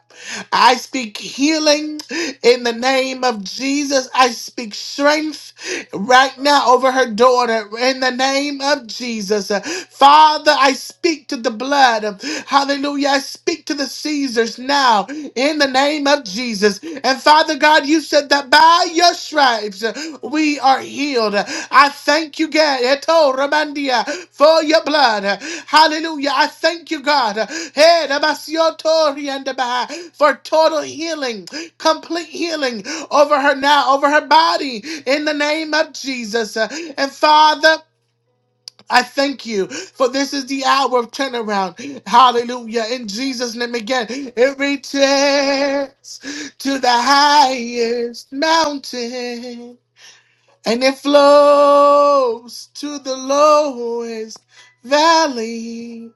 I speak healing in the name of Jesus. I speak strength right now over her daughter in the name of Jesus. Father, I speak to the blood. Hallelujah. I speak to the Caesars now in the name of Jesus. And Father God, you said that by your stripes uh, we are healed. I thank you, God, Eto Ramandia, for your blood. Hallelujah. I thank you, God, Hey, Damasio Tori and Daba, for total healing, complete healing over her now, over her body, in the name of Jesus. And Father, I thank you for this is the hour of turnaround. Hallelujah. In Jesus' name again, it reaches to the highest mountain and it flows to the lowest valley.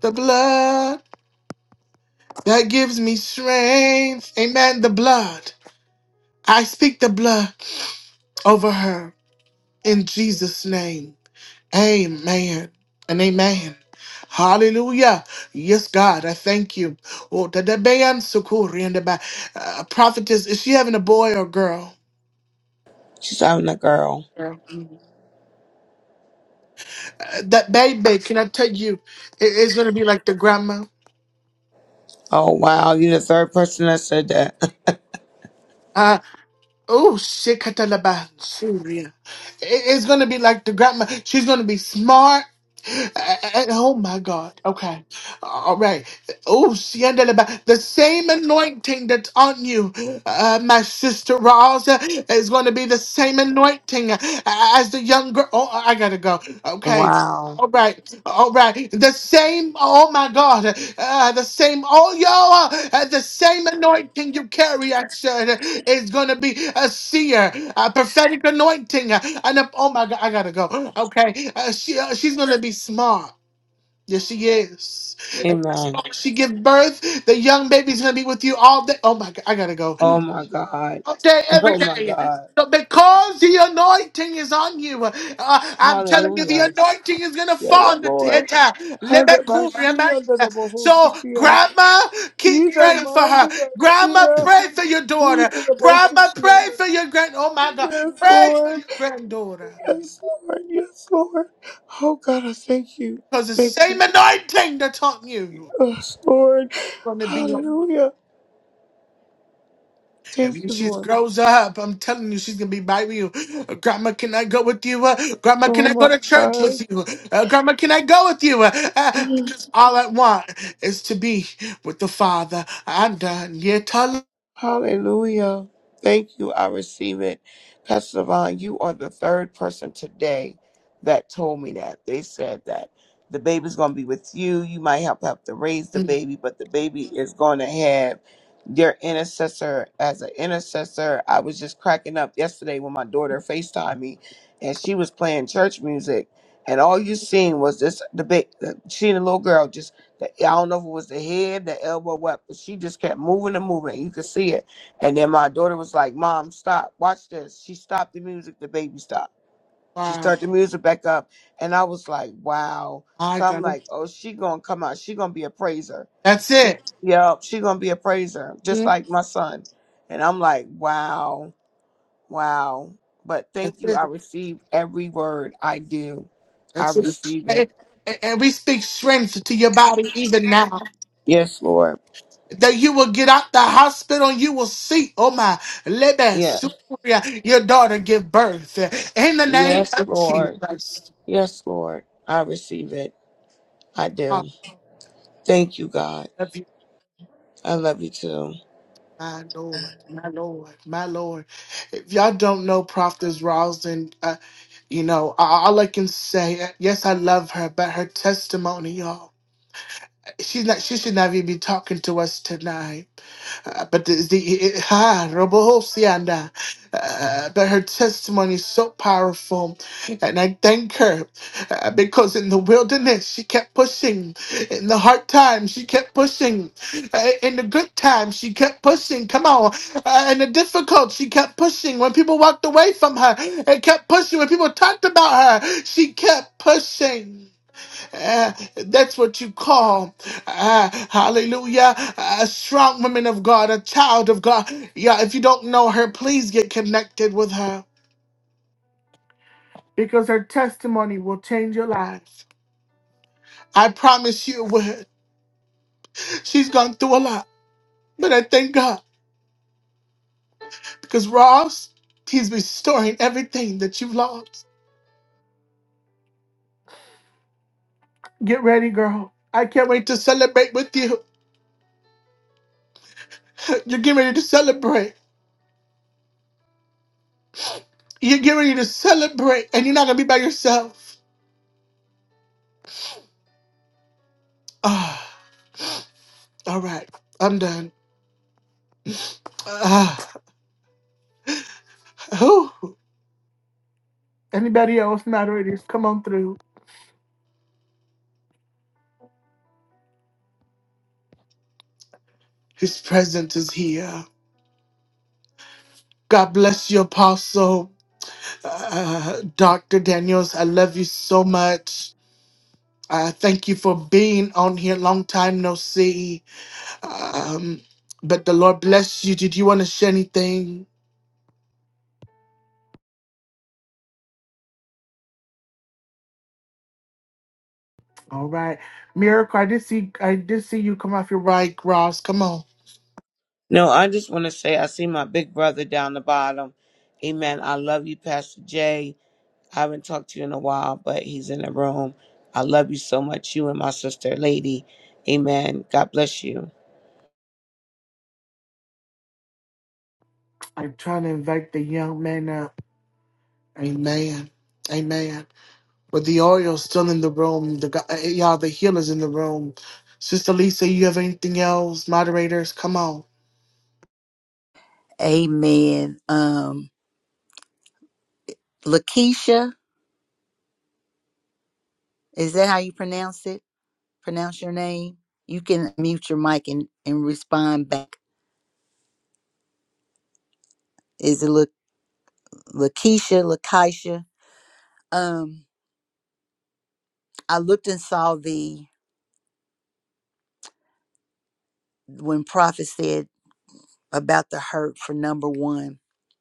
The blood that gives me strength. Amen. The blood. I speak the blood over her in Jesus' name. Amen and amen. Hallelujah. Yes, God, I thank you. Oh, da- da- bayan sukuri and da- ba- Uh, prophetess, is she having a boy or girl?
She's having a girl.
Girl. Uh, that baby, can I tell you, it- it's going to be like the grandma.
Oh wow, you are the third person that said that.
Oh, shit, Katalaba, Syria. It- It's gonna be like the grandma. She's gonna be smart. Uh, uh, Oh my God. Okay. All right. Oh, Siandalaba. The same anointing that's on you, uh, my sister Roz, uh, is going to be the same anointing uh, as the young girl. Oh, I gotta go. Okay.
wow.
All right, all right. The same, oh my God, uh, the same, oh yo, uh, the same anointing you carry, I said, is gonna be a seer, a prophetic anointing. uh, And a, oh my God, I gotta go. Okay, uh, she uh, she's gonna be smart. Yes, she is. And that's
Amen.
why She give birth. The young baby's gonna be with you all day. Oh my God, I gotta go
Oh my God.
all day, every
Oh my
day.
God.
So because the anointing is on you, uh, I'm telling you, the
Hallelujah.
anointing is gonna
Yeah,
fall on the
Lord.
theater.
Hada bashia da da
So,
bohosikia.
Grandma, keep
Ida
praying for her.
mandia
Grandma,
shia.
pray for your daughter.
Ida da
Grandma,
bohosikia.
pray for your grand. Oh my God,
Yes,
pray for
Lord.
your granddaughter,
Yes, Lord. Yes, Lord. Oh God, I thank you.
because the
Thank
same
you.
anointing that's on you.
Yes, Lord.
gonna be on.
Hallelujah.
And
Thank
when
you,
she
Lord.
grows up, I'm telling you, she's gonna be by you. Uh, Grandma, can I go with you? Uh, Grandma, can
Oh
I go
my
to church with
God.
you? Uh, Grandma, can I go with you? Uh, uh, because all I want is to be with the Father. And uh, yeah, tell-
Hallelujah. Thank you. I receive it. Pastor Devon, you are the third person today that told me that. They said that the baby's going to be with you. You might help have to raise the baby, but the baby is going to have your intercessor as an intercessor. I was just cracking up yesterday when my daughter FaceTimed me and she was playing church music. And all you seen was this debate. She and the little girl just the, I don't know if it was the head, the elbow, what, but she just kept moving and moving. You could see it. And then my daughter was like, Mom, stop. Watch this. She stopped the music. The baby stopped. She
wow,
started the music back up. And I was like, wow.
my
So I'm
God,
like, oh, she going to come out. She going to be a praiser.
that's
She,
it.
yeah, she going to be a praiser, just
Mm,
like my son. And I'm like, wow, wow. But
That's
thank you. I
it.
receive every word I do. I
That's it.
receive it.
And, and- and we speak strength to your body even now.
Yes, Lord.
that you will get out the hospital and you will see, oh my, lebe,
Yeah.
Suria, your daughter give birth. In the name
Yes,
of
Lord.
Jesus.
Yes, Lord. I receive it. I
I
do. Thank you, God.
love you,
I love you too.
my Lord, my Lord, my Lord. If y'all don't know Prophetess Rosin, uh, you know, a- all I can say, uh, yes, I love her, but her testimony, y'all, she's not, she should not even be talking to us tonight Uh, but the, the ha Robohosianda, uh, but her testimony is so powerful, and I thank her uh, because in the wilderness she kept pushing, in the hard times she kept pushing, uh, in the good times she kept pushing. Come on, uh, in the difficult she kept pushing. When people walked away from her, and kept pushing. When people talked about her, she kept pushing. Uh, that's what you call, uh, hallelujah, a strong woman of God, a child of God. Yeah, if you don't know her, please get connected with her because her testimony will change your life. I promise you it would. She's gone through a lot, but I thank God because Ross, he's restoring everything that you've lost. Get ready, girl. I can't wait to celebrate with you. You're getting ready to celebrate. You're getting ready to celebrate, and you're not going to be by yourself. All right, I'm done. Uh, whew. Anybody else, moderators, come on through. His presence is here. God bless you, Apostle. Uh, Dr. Daniels, I love you so much. Uh, thank you for being on here. Long time no see. Um, but the Lord bless you. Did you want to share anything? All right. Miracle, I did see I did see you come off your right, Ross. Come on.
No, I just want to say I see my big brother down the bottom. Amen. I love you, Pastor Jay. I haven't talked to you in a while, but he's in the room. I love you so much, you and my sister, Lady. Amen. God bless you.
I'm trying to invite the young man up. Amen. Amen. But the oil's still in the room. The go- y'all, the healer's in the room. Sister Lisa, you have anything else? Moderators, come on.
Amen. Um, Lakeisha, is that how you pronounce it? Pronounce your name? You can mute your mic and, and respond back. Is it La- Lakeisha, Lakeisha? Um, I looked and saw the when Prophet said about the hurt for number one,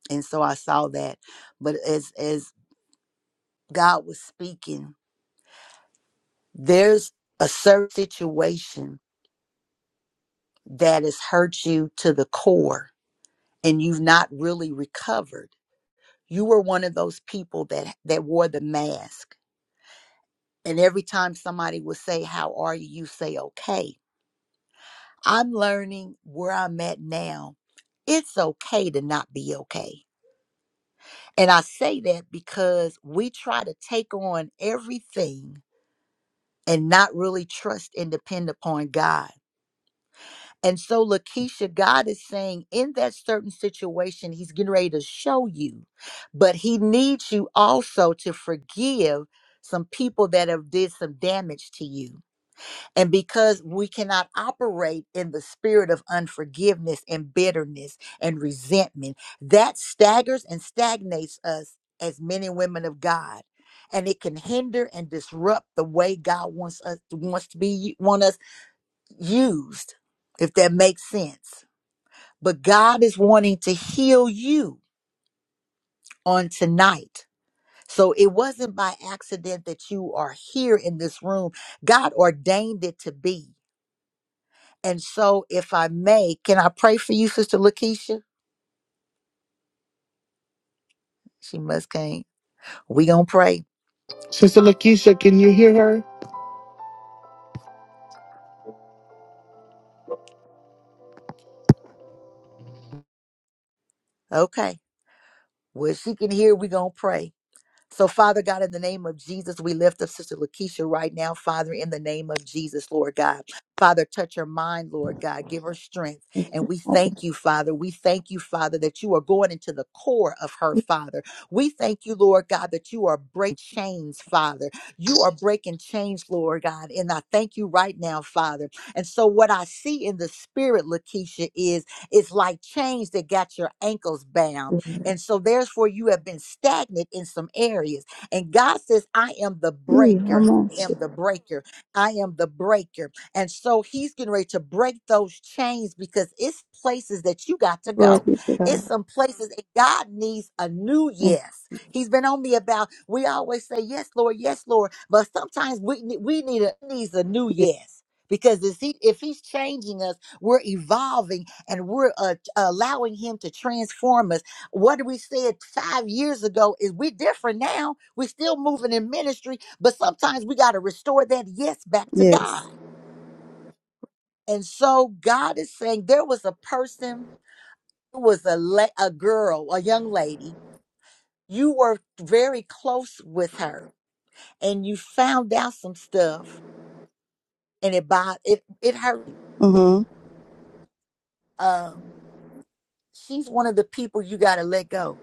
and so I saw that. But as as God was speaking, there's a certain situation that has hurt you to the core and you've not really recovered. You were one of those people that that wore the mask. And every time somebody would say, "How are you?" you say, "Okay." I'm learning where I'm at now. It's okay to not be okay. And I say that because we try to take on everything and not really trust and depend upon God. And so, Lakeisha, God is saying in that certain situation, He's getting ready to show you, but He needs you also to forgive some people that have did some damage to you. And because we cannot operate in the spirit of unforgiveness and bitterness and resentment, that staggers and stagnates us as men and women of God. And it can hinder and disrupt the way God wants us wants to be want us used, if that makes sense. But God is wanting to heal you on tonight. So it wasn't by accident that you are here in this room. God ordained it to be. And so if I may, can I pray for you, Sister Lakeisha? She must can't. We gonna pray.
Sister Lakeisha, can you hear her?
Okay. Well, she can hear, we gonna pray. So, Father God, in the name of Jesus, we lift up Sister Lakeisha right now, Father, in the name of Jesus, Lord God. Father, touch her mind, Lord God. Give her strength. And we thank you, Father. We thank you, Father, that you are going into the core of her, Father. We thank you, Lord God, that you are breaking chains, Father. You are breaking chains, Lord God. And I thank you right now, Father. And so, what I see in the spirit, Lakeisha, is it's like chains that got your ankles bound.
Mhm.
And so, therefore, you have been stagnant in some areas. And God says, I am the
Yeah,
breaker.
I'm on
I
shit.
am the breaker. I am the breaker. And so he's getting ready to break those chains because it's places that you got to
Glory
go.
be to
It's
God.
some places that God needs a new
Thank
yes. He's been on me about we always say yes, Lord, yes, Lord, but sometimes we ne- we need a needs a new
you.
yes. Because if, he, if he's changing us, we're evolving and we're uh, allowing him to transform us what we said five years ago is we different now. We're still moving in ministry, but sometimes we got to restore that yes back to God.
Yes.
And so God is saying there was a person, it was a la- a girl, a young lady. You were very close with her, and you found out some stuff, and it bo- it it hurt. you.
Mm-hmm.
Um, she's one of the people you got to let go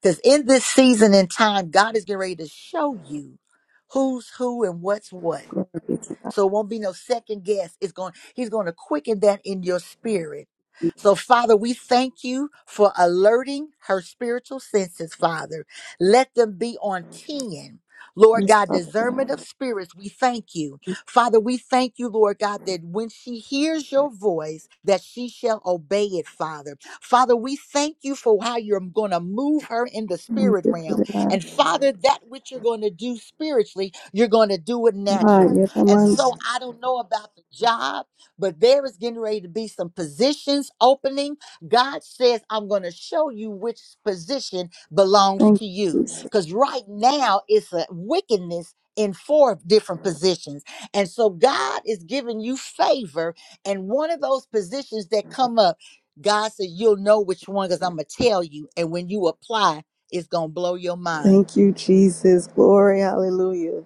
because in this season and time, God is getting ready to show you who's who and what's what
Glory be to God.
So it won't be no second guess. It's going, he's going to quicken that in your spirit. So, Father, we thank you for alerting her spiritual senses, Father. Let them be on 10. Lord
Yes,
God,
Father
discernment
God.
of spirits, we thank you. Father, we thank you, Lord God, that when she hears your voice, that she shall obey it, Father. Father, we thank you for how you're going to move her in the
Thank
spirit
you for
realm.
the God.
And Father, that which you're going to do spiritually, you're going to do it
Ah,
naturally.
yes, I'm
And
on shit.
so I don't know about the job, but there is getting ready to be some positions opening. God says, I'm going to show you which position belongs
Thank
to
you,
you.
Jesus.
Because right now it's a wickedness in four different positions. And so God is giving you favor. And one of those positions that come up, God said, You'll know which one because I'm going to tell you. And when you apply, it's going to blow your mind.
Thank you, Jesus. Glory, hallelujah.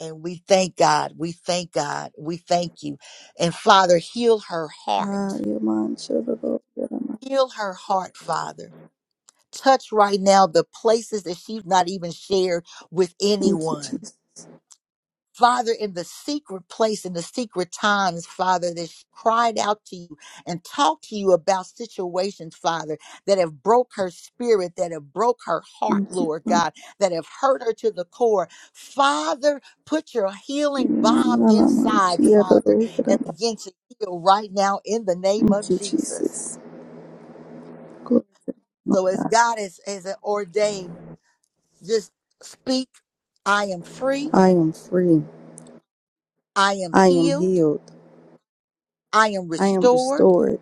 And we thank God. We thank God. We thank you. And Father, heal her
Ah,
heart.
yeah, man, shut it up. Yeah, man.
Heal her heart, Father. Touch right now the places that she's not even shared with
Thank you,
anyone.
Jesus.
Father, in the secret place, in the secret times, Father, that she cried out to you and talked to you about situations, Father, that have broke her spirit, that have broke her heart,
Thank you,
Lord
Father.
God, that have hurt her to the core. Father, put your healing
Yeah,
balm
man, I'm on
inside,
shit. Yeah,
Father,
yeah,
and
man.
begin to heal right now in the name of
Thank you,
Jesus.
Jesus. Glory to the Lamb
So
of
as
God.
God has, has ordained, just speak, I am free,
I am free.
I am
I am
healed,
healed.
I am
I am
restored.
restored.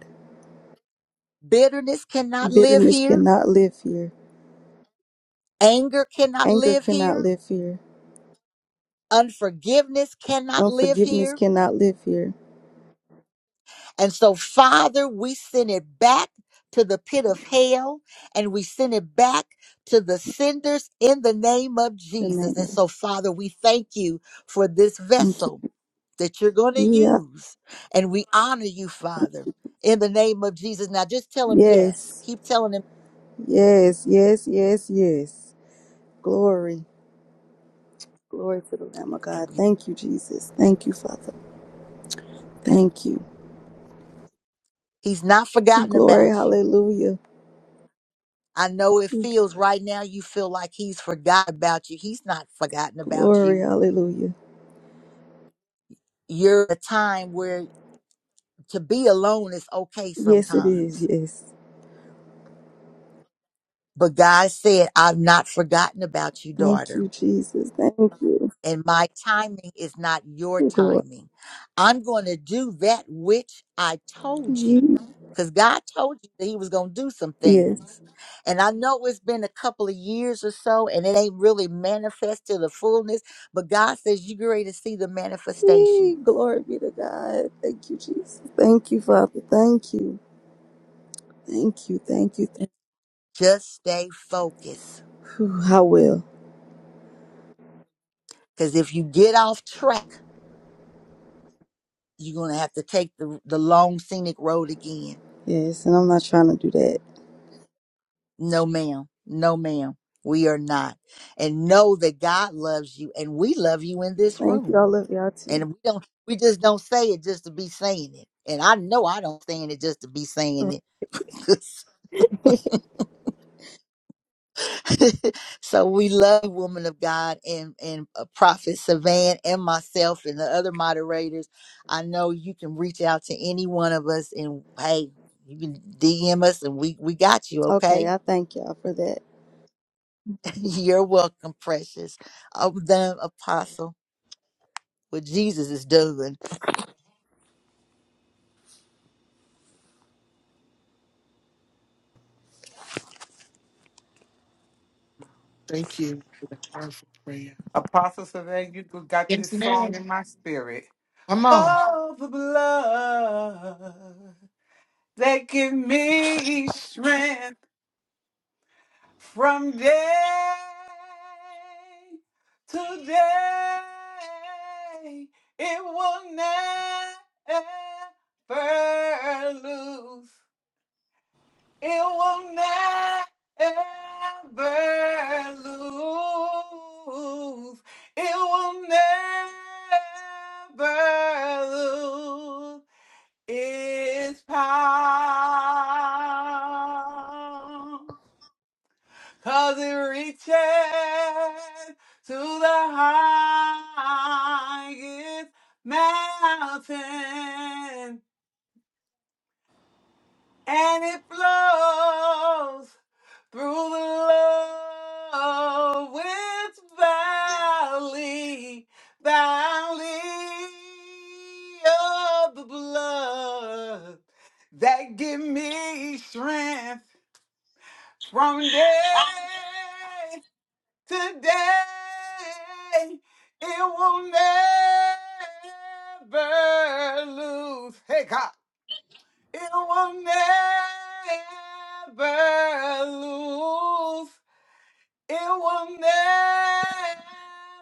Bitterness cannot live
Bitterness
here.
cannot live here.
Anger cannot
Anger
live
cannot
here.
live here.
Unforgiveness cannot live
Unforgiveness
here.
cannot live here.
And so, Father, we send it back to the pit of hell and we send it back to the senders in the name of
The name
Jesus. And
of Jesus.
so, Father, we thank you for this
Thank you.
vessel that you're going to
Yeah.
use. And we honor you, Father, in the name of Jesus. Now, just tell him yes.
Yes.
Keep telling him.
Yes. Yes. Yes. Yes. Glory. Glory to the Lamb of
And
God.
we,
Thank you, Jesus. Thank you, Father. Thank you.
he's not forgotten
Glory.
about you.
Hallelujah.
I know it feels right now you feel like he's forgotten about you. He's not forgotten about
Glory.
you.
Hallelujah.
You're at a time where to be alone is okay
Yes, it is.
sometimes.
Yes.
But God said, I've not forgotten about you,
Thank
daughter.
you, Jesus. Thank you.
and my timing is not your
Glory.
timing. I'm going to do that which I told you because God told you that He was going to do some
Yes.
things. And I know it's been a couple of years or so and it ain't really manifest to the fullness, but God says you're ready to see the
Yay,
manifestation.
Glory be to God. Thank you, Jesus. Thank you, Father. Thank you. Thank you. Thank you. Thank
Just stay focused
you. I will.
because if you get off track, you're going to have to take the, the long scenic road again.
Yes, and I'm not trying to do that.
No, ma'am. No, ma'am. We are not. And know that God loves you and we love you in this
Thank you. I
room.
love y'all too.
And we don't we just don't say it just to be saying it. And I know I don't saying it just to be saying it. so we love you, woman of God and and uh, prophet Savan and myself and the other moderators. I know you can reach out to any one of us and hey, you can DM us and we we got you, okay?
okay, I thank y'all for that.
You're welcome, precious. I'm done, apostle. What Jesus is doing.
Thank you for the powerful prayer.
Apostle Sylvain, you could- got
Yes,
this
ma'am.
song in my spirit.
Come on.
Oh, the blood that give me strength from day to day. It will never lose. It will never lose. It will never lose its power, 'cause it reaches to the highest mountain and it flows through the love with valley, valley of the blood that give me strength from day to day. It will never lose. Hey, God. It will never lose. It will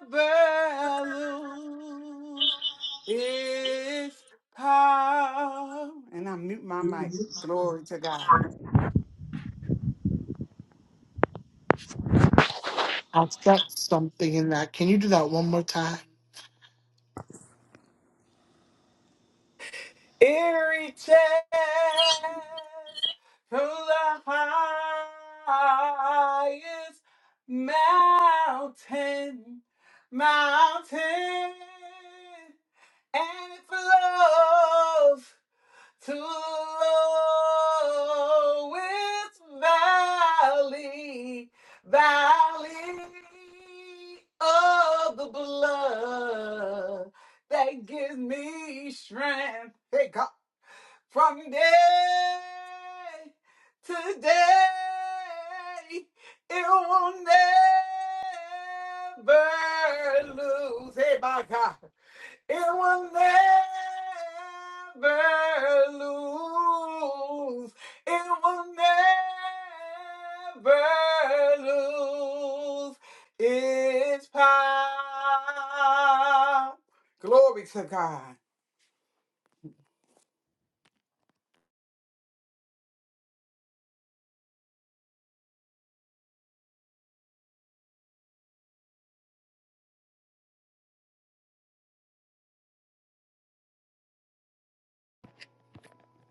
never lose its power. And I mute my mic. Glory to God.
Thank
I felt something in that. Can you do that one more time?
It reaches
you.
to the highest mountain, mountain. And it's love to the lowest valley, valley of the blood that gives me strength. Hey God, from day to day, it will never lose. Hey my God. It will never lose. It will never lose its power. Glory to God.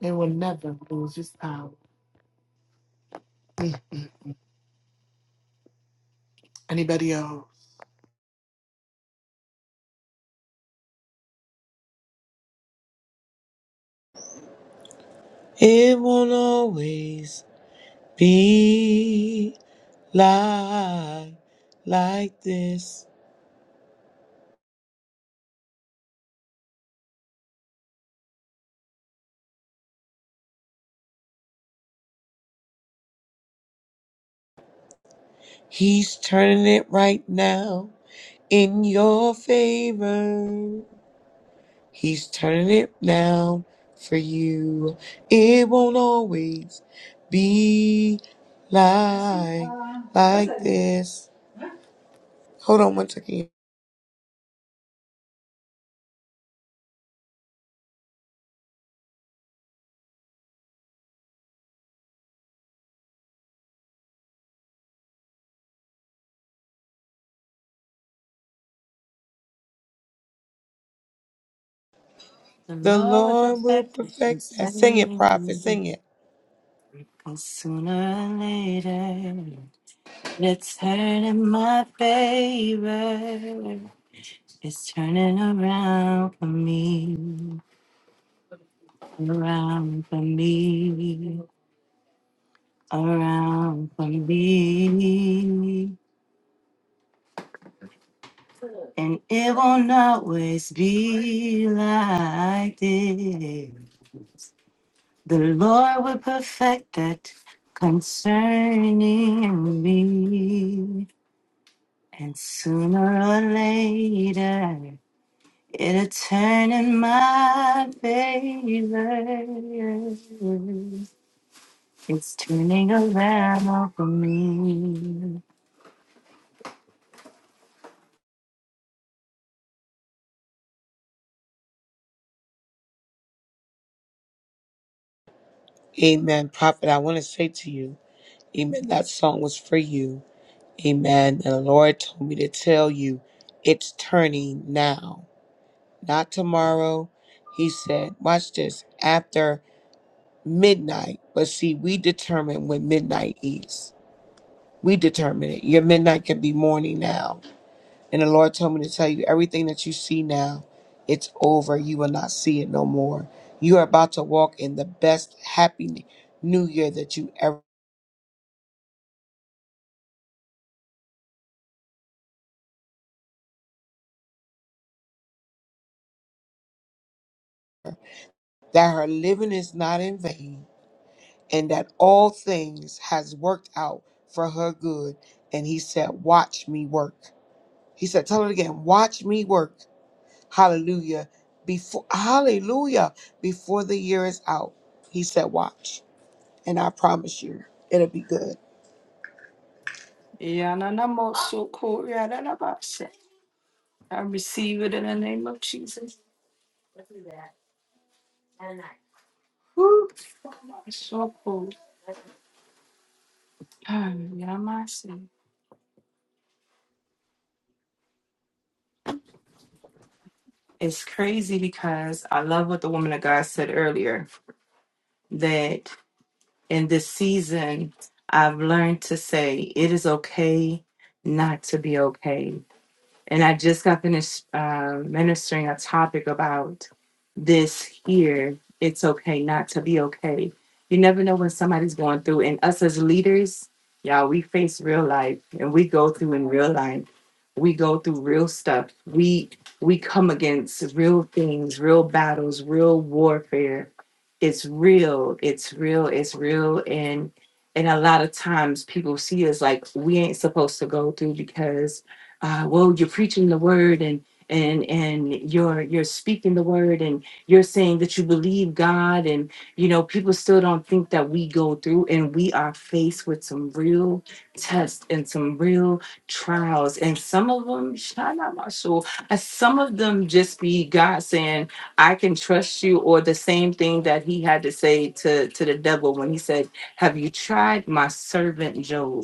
It will never lose its power. Anybody else?
It won't always be like like this. He's turning it right now. in your favor. He's turning it now for you. It won't always be like like this. Hold on one second.
The
The
law of
Lord will
affection
perfect that. Sing it, prophet.
saying,
Sing it.
Cause sooner or later, it's turning my favor. It's turning around for me, around for me, around for me. And it won't always be like this. The Lord will perfect that concerning me. And sooner or later, it'll turn in my favor. It's turning around for me.
Amen, prophet. I want to say to you, Amen. That song was for you. Amen. And the Lord told me to tell you, it's turning now, not tomorrow. He said, watch this. After midnight. But see, we determine when midnight is. We determine it. Your midnight can be morning now. And the Lord told me to tell you everything that you see now, it's over. You will not see it no more. You are about to walk in the best, happy new year that you ever that her living is not in vain and that all things has worked out for her good and he said watch me work he said tell her again watch me work Hallelujah. Before hallelujah. Before the year is out. He said, watch. And I promise you, it'll be good.
Yananamosuko, yananabase. I receive it in the name of Jesus. Woo. So cool. Ah, Yamase. It's crazy because I love what the woman of God said earlier that in this season, I've learned to say it is okay not to be okay. And I just got finished uh, ministering a topic about this here. It's okay not to be okay. You never know what somebody's going through. And us as leaders, y'all, we face real life and we go through in real life. We go through real stuff. We we come against real things, real battles, real warfare. It's real. It's real. It's real. And and a lot of times people see us like we ain't supposed to go through because uh, well you're preaching the word and and and you're you're speaking the word and you're saying that you believe god and you know people still don't think that we go through and we are faced with some real tests and some real trials and some of them shine out my soul and some of them just be god saying i can trust you or the same thing that he had to say to to the devil when he said have you tried my servant job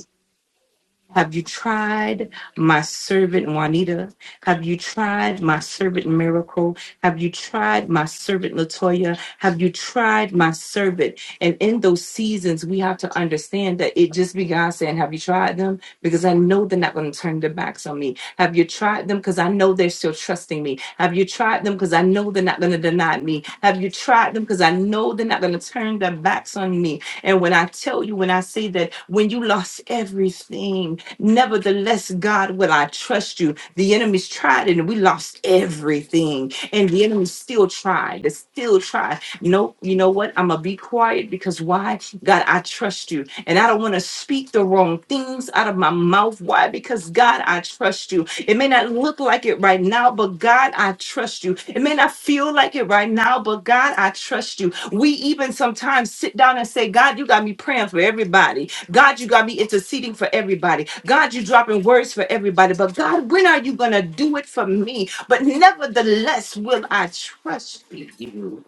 have you tried my servant Juanita? Have you tried my servant Miracle? Have you tried my servant Latoya? Have you tried my servant? And in those seasons, we have to understand that it just be God saying, Have you tried them? Because I know they're not going to turn their backs on me. Have you tried them? Because I know they're still trusting me. Have you tried them? Because I know they're not going to deny me. Have you tried them? Because I know they're not going to turn their backs on me. And when I tell you, when I say that, when you lost everything, Nevertheless, God, will I trust you? The enemy's tried and we lost everything. And the enemy still tried. They still tried. No, you know what? I'm gonna be quiet because why? God, I trust you. And I don't want to speak the wrong things out of my mouth. Why? Because God, I trust you. It may not look like it right now, but God, I trust you. It may not feel like it right now, but God, I trust you. We even sometimes sit down and say, God, you got me praying for everybody. God, you got me interceding for everybody. God, you dropping words for everybody. But God, when are you going to do it for me? But nevertheless, will I trust you?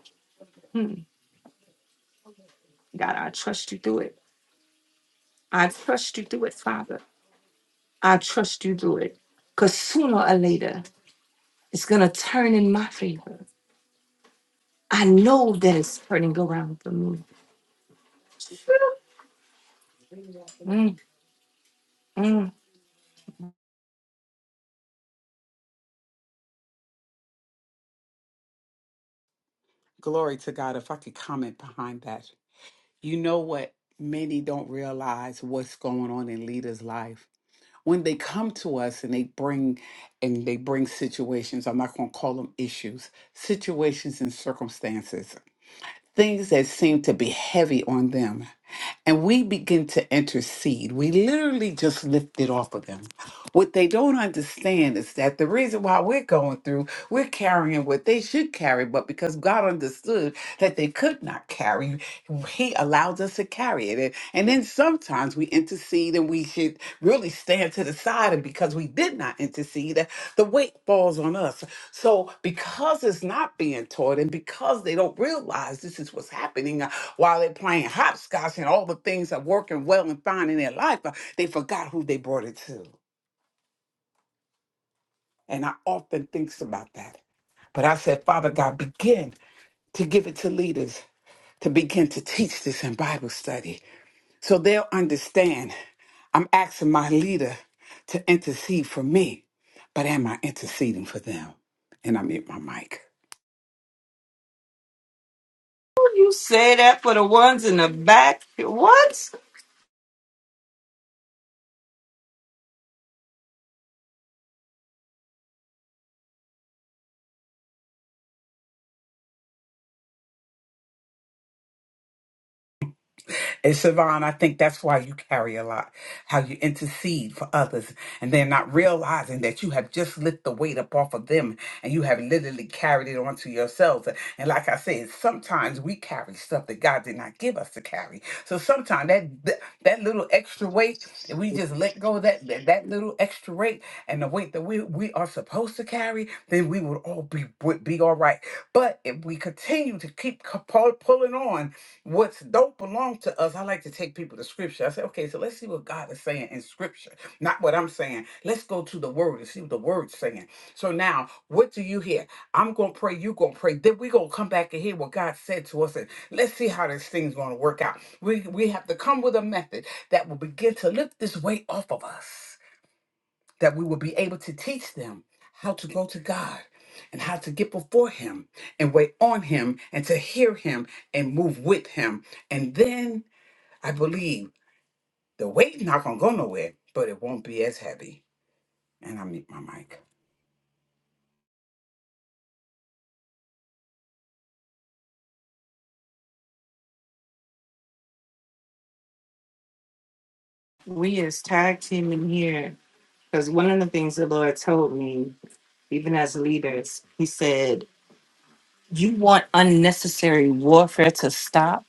Hmm. God, I trust you through it. I trust you through it, Father. I trust you through it. Because sooner or later, it's going to turn in my favor. I know that it's turning around for me. Mm, mm.
Glory to God. If I could comment behind that, you know what? Many don't realize what's going on in leaders' life when they come to us and they bring and they bring situations i'm not going to call them issues situations and circumstances things that seem to be heavy on them and we begin to intercede. We literally just lift it off of them. What they don't understand is that the reason why we're going through, we're carrying what they should carry, but because God understood that they could not carry, He allows us to carry it. And, and then sometimes we intercede and we should really stand to the side. And because we did not intercede, uh, the weight falls on us. So because it's not being taught and because they don't realize this is what's happening, while they're playing hopscotch and all the things are working well and fine in their life, uh, they forgot who they brought it to. And I often think about that. But I said, Father God, begin to give it to leaders to begin to teach this in Bible study so they'll understand. I'm asking my leader to intercede for me, but am I interceding for them? And I'm at my mic.
You say that for the ones in the back. What?
And Siobhan, I think that's why you carry a lot, how you intercede for others, and they're not realizing that you have just lift the weight up off of them and you have literally carried it onto yourselves. And like I said, sometimes we carry stuff that God did not give us to carry. So sometimes that that that little extra weight, if we just let go of that, that, that little extra weight and the weight that we, we are supposed to carry, then we would all be would be all right. But if we continue to keep c- pull- pulling on What's don't belong to us. I like to take people to scripture. I say, okay, so let's see what God is saying in scripture, not what I'm saying. Let's go to the word and see what the word's saying. So now, what do you hear? I'm gonna pray, you gonna pray. Then we're gonna come back and hear what God said to us, and let's see how this thing's gonna work out. We we have to come with a method that will begin to lift this weight off of us that we will be able to teach them how to go to God and how to get before Him and wait on Him and to hear Him and move with Him. And then I believe the weight's not going to go nowhere, but it won't be as heavy. And I mute my mic.
We as tag team in here. Because one of the things the Lord told me, even as leaders, He said, You want unnecessary warfare to stop?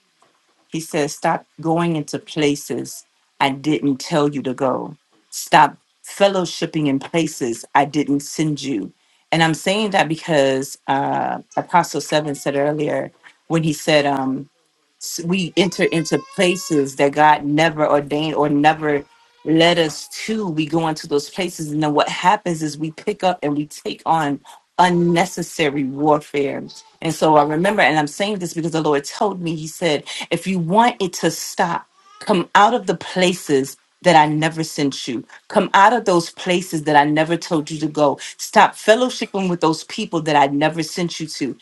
He says, Stop going into places I didn't tell you to go. Stop fellowshipping in places I didn't send you. And I'm saying that because uh, Apostle Seven said earlier when he said, um, we enter into places that God never ordained or never led us to. We go into those places, and then what happens is we pick up and we take on unnecessary warfare. And so I remember, and I'm saying this because the Lord told me, He said, if you want it to stop, come out of the places. That I never sent you. Come out of those places that I never told you to go. Stop fellowshipping with those people that I never sent you to.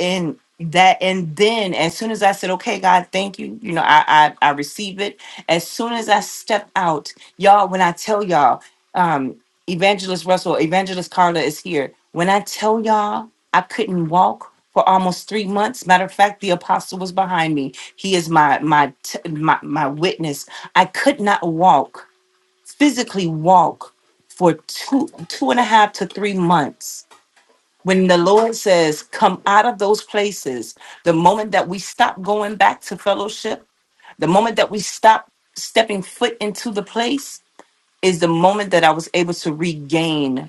And that and then as soon as i said okay god thank you you know i i, I receive it as soon as i step out y'all when i tell y'all um evangelist russell evangelist carla is here when i tell y'all i couldn't walk for almost three months matter of fact the apostle was behind me he is my my t- my, my witness i could not walk physically walk for two two and a half to three months when the Lord says, come out of those places, the moment that we stop going back to fellowship, the moment that we stop stepping foot into the place is the moment that I was able to regain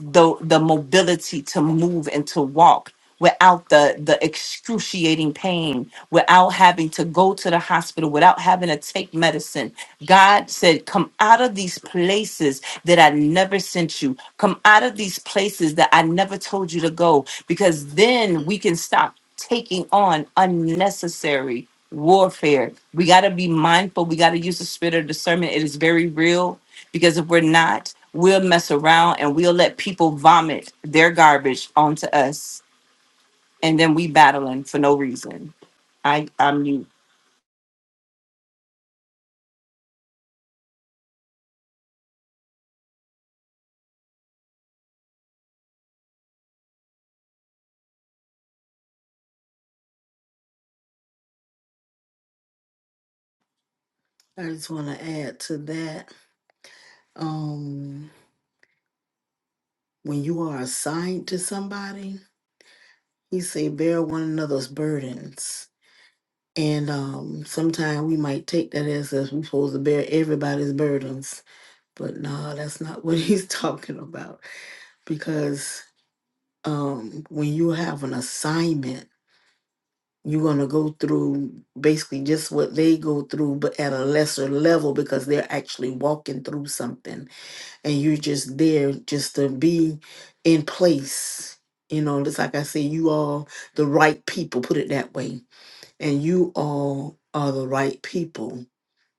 the the mobility to move and to walk without the the excruciating pain without having to go to the hospital without having to take medicine god said come out of these places that i never sent you come out of these places that i never told you to go because then we can stop taking on unnecessary warfare we got to be mindful we got to use the spirit of discernment it is very real because if we're not, we'll mess around and we'll let people vomit their garbage onto us. And then we battling for no reason. I, I'm mute.
I just want to add to that. Um, when you are assigned to somebody, he say bear one another's burdens. And um, sometimes we might take that as if we're supposed to bear everybody's burdens, but no, that's not what he's talking about. Because um, when you have an assignment. you're going to go through basically just what they go through, but at a lesser level because they're actually walking through something and you're just there just to be in place. You know, it's like I say, you all the right people, put it that way. And you all are the right people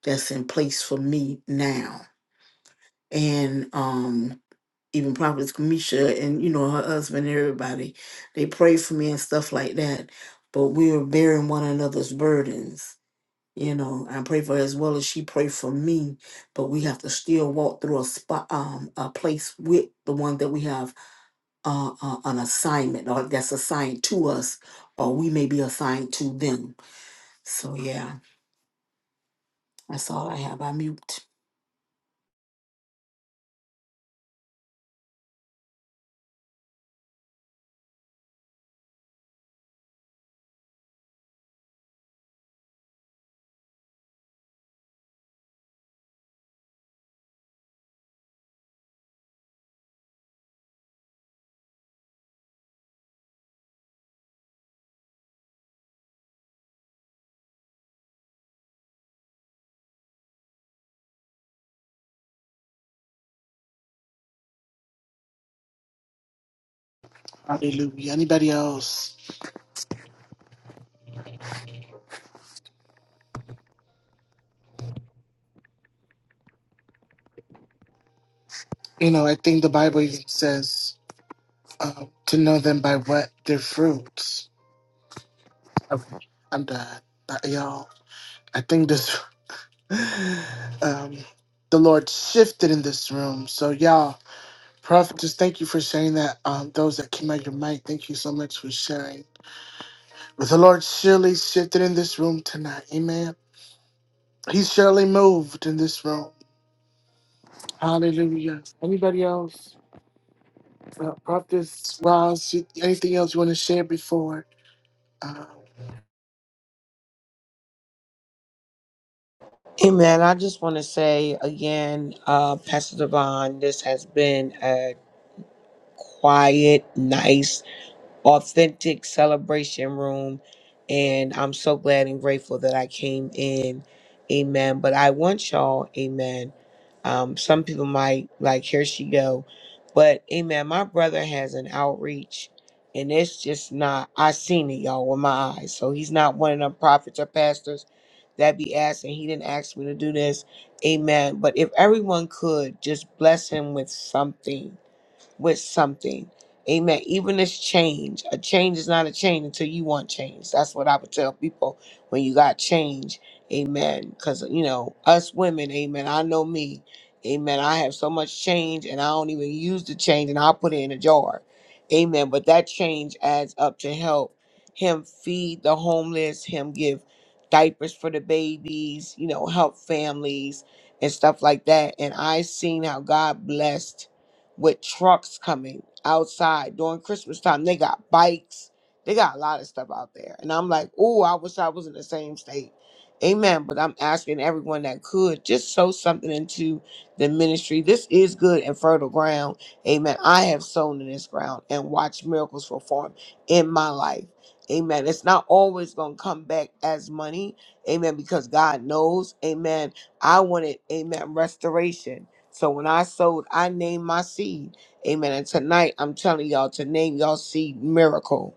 that's in place for me now. And um even Prophetess Kamisha and you know her husband, everybody, they pray for me and stuff like that. But we are bearing one another's burdens. You know, I pray for her as well as she pray for me. But we have to still walk through a spot, um, a place with the one that we have uh, uh, an assignment or that's assigned to us, or we may be assigned to them. So yeah, that's all I have. I mute.
Hallelujah. Anybody else? You know, I think the Bible even says uh, to know them by what their fruits. Oh, I'm done. But y'all, I think this, um, the Lord shifted in this room. So y'all, Prophet, just thank you for sharing that. Um, those that came out your mic, thank you so much for sharing. But the Lord surely shifted in this room tonight. Amen. He's surely moved in this room. Hallelujah. Anybody else? Uh, Prophet Ross, you- anything else you want to share before? Uh,
Amen. I just want to say again, uh, Pastor Devon, this has been a quiet, nice authentic celebration room. And I'm so glad and grateful that I came in. Amen. But I want y'all, amen. Um, some people might like, here she go. But amen, my brother has an outreach and it's just not, I seen it y'all with my eyes. So he's not one of them prophets or pastors that be asking. He didn't ask me to do this. Amen. But if everyone could just bless him with something with something. Amen. Even this change, a change is not a change until you want change. That's what I would tell people when you got change. Amen. Because, you know, us women, amen. I know me. Amen. I have so much change and I don't even use the change and I'll put it in a jar. Amen. But that change adds up to help him feed the homeless, him give diapers for the babies, you know, help families and stuff like that. And I seen how God blessed with trucks coming outside during Christmas time. They got bikes. They got a lot of stuff out there. And I'm like, oh, I wish I was in the same state. Amen. But I'm asking everyone that could just sow something into the ministry. This is good and fertile ground. Amen. I have sown in this ground and watched miracles perform in my life. Amen. It's not always going to come back as money. Amen. Because God knows. Amen. I wanted, amen, restoration. So when I sowed, I named my seed. Amen. And tonight I'm telling y'all to name y'all seed miracle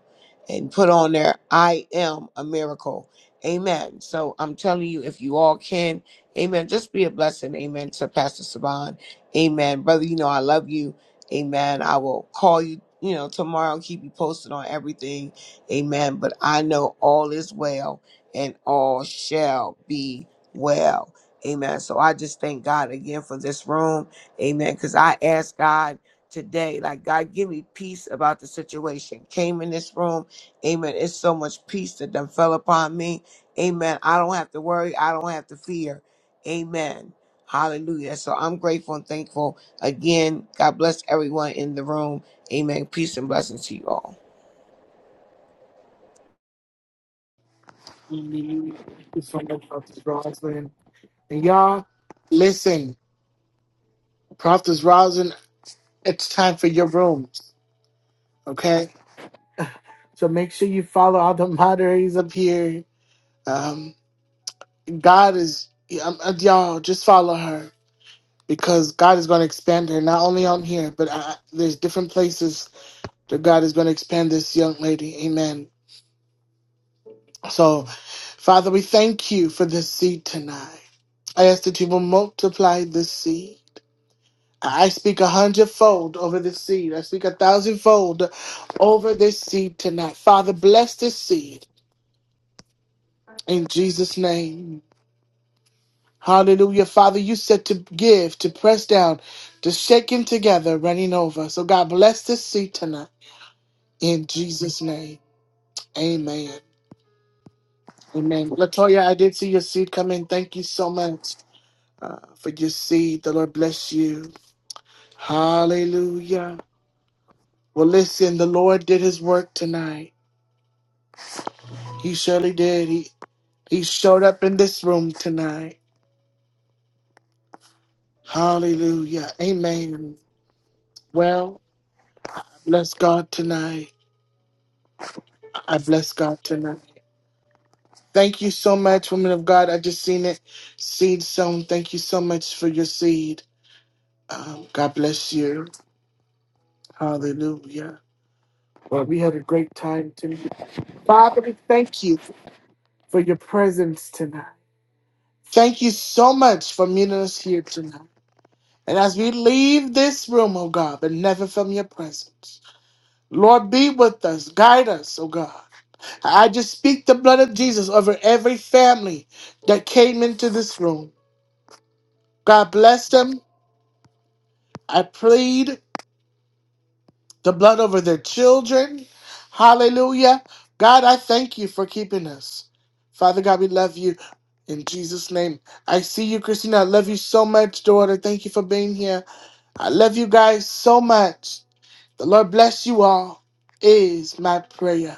and put on there, I am a miracle. Amen. So I'm telling you, if you all can, amen, just be a blessing. Amen. To Pastor Saban. Amen. Brother, you know, I love you. Amen. I will call you, you know, tomorrow, keep you posted on everything. Amen. But I know all is well and all shall be well. Amen. So I just thank God again for this room. Amen. Because I asked God today, like, God, give me peace about the situation. Came in this room. Amen. It's so much peace that done fell upon me. Amen. I don't have to worry. I don't have to fear. Amen. Hallelujah. So I'm grateful and thankful again. God bless everyone in the room. Amen. Peace and blessings to you all.
we leave? before the Prophet Roslyn. And y'all, listen, Prophet Roslyn, it's time for your rooms, okay? So make sure you follow all the moderators up here. Um, God is, um, uh, y'all, just follow her because God is going to expand her, not only on here, but uh, there's different places that God is going to expand this young lady. Amen. So, Father, we thank you for this seed tonight. I ask that you will multiply this seed. I speak a hundredfold over this seed. I speak a thousandfold over this seed tonight. Father, bless this seed in Jesus' name. Hallelujah. Father, you said to give, to press down, to shake him together, running over. So God bless this seed tonight in Jesus' name. Amen. Amen. Latoya, I did see your seed come in. Thank you so much uh, for your seed. The Lord bless you. Hallelujah. Well, listen, the Lord did his work tonight. He surely did. He, he showed up in this room tonight. Hallelujah. Amen. Well, I bless God tonight. I bless God tonight. Thank you so much, woman of God. I just seen it. Seed sown. Thank you so much for your seed. Um, God bless you. Hallelujah. Lord, we had a great time tonight. Father, we thank you for your presence tonight. Thank you so much for meeting us here tonight. And as we leave this room, oh God, but never from your presence, Lord, be with us, guide us, oh God. I just speak the blood of Jesus over every family that came into this room. God bless them. I plead. the blood over their children. Hallelujah. God, I thank you for keeping us. Father God, we love you in Jesus' name. I see you, Christina. I love you so much, daughter. Thank you for being here. I love you guys so much. The Lord bless you all, is my prayer.